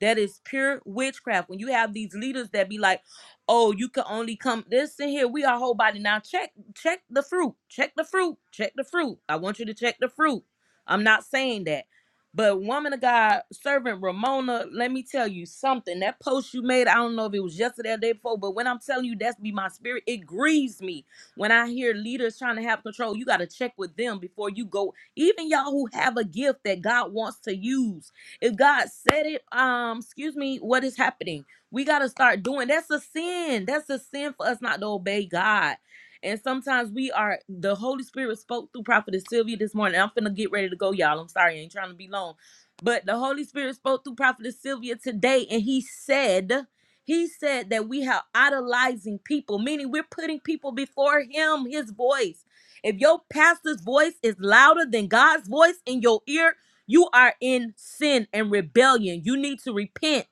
Speaker 2: That is pure witchcraft. When you have these leaders that be like, "Oh, you can only come this in here. We are whole body now. Check, check the fruit. Check the fruit. Check the fruit. I want you to check the fruit. I'm not saying that, but woman of God, servant Ramona, let me tell you something. That post you made, I don't know if it was yesterday or the day before, but when I'm telling you, that's be my spirit. It grieves me when I hear leaders trying to have control. You got to check with them before you go. Even y'all who have a gift that God wants to use if God said it, um, excuse me, what is happening? We gotta start doing. That's a sin. That's a sin for us not to obey God. And sometimes we are. The Holy Spirit spoke through Prophetess Sylvia this morning. I'm finna get ready to go, y'all. I'm sorry, I ain't trying to be long, but the Holy Spirit spoke through Prophetess Sylvia today, and He said. He said that we have idolizing people, meaning we're putting people before him, his voice. If your pastor's voice is louder than God's voice in your ear, you are in sin and rebellion. You need to repent.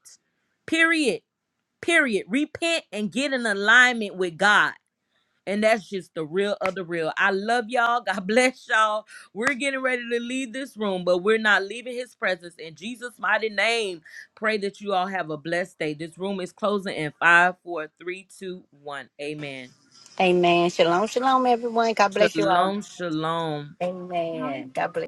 Speaker 2: Period. Period. Repent and get in alignment with God. And that's just the real of the real. I love y'all. God bless y'all. We're getting ready to leave this room, but we're not leaving his presence. In Jesus' mighty name, pray that you all have a blessed day. This room is closing in five, four, three, two, one. Amen.
Speaker 1: Amen. Shalom, shalom, everyone. God bless you all.
Speaker 2: Shalom, shalom.
Speaker 1: Amen. God bless.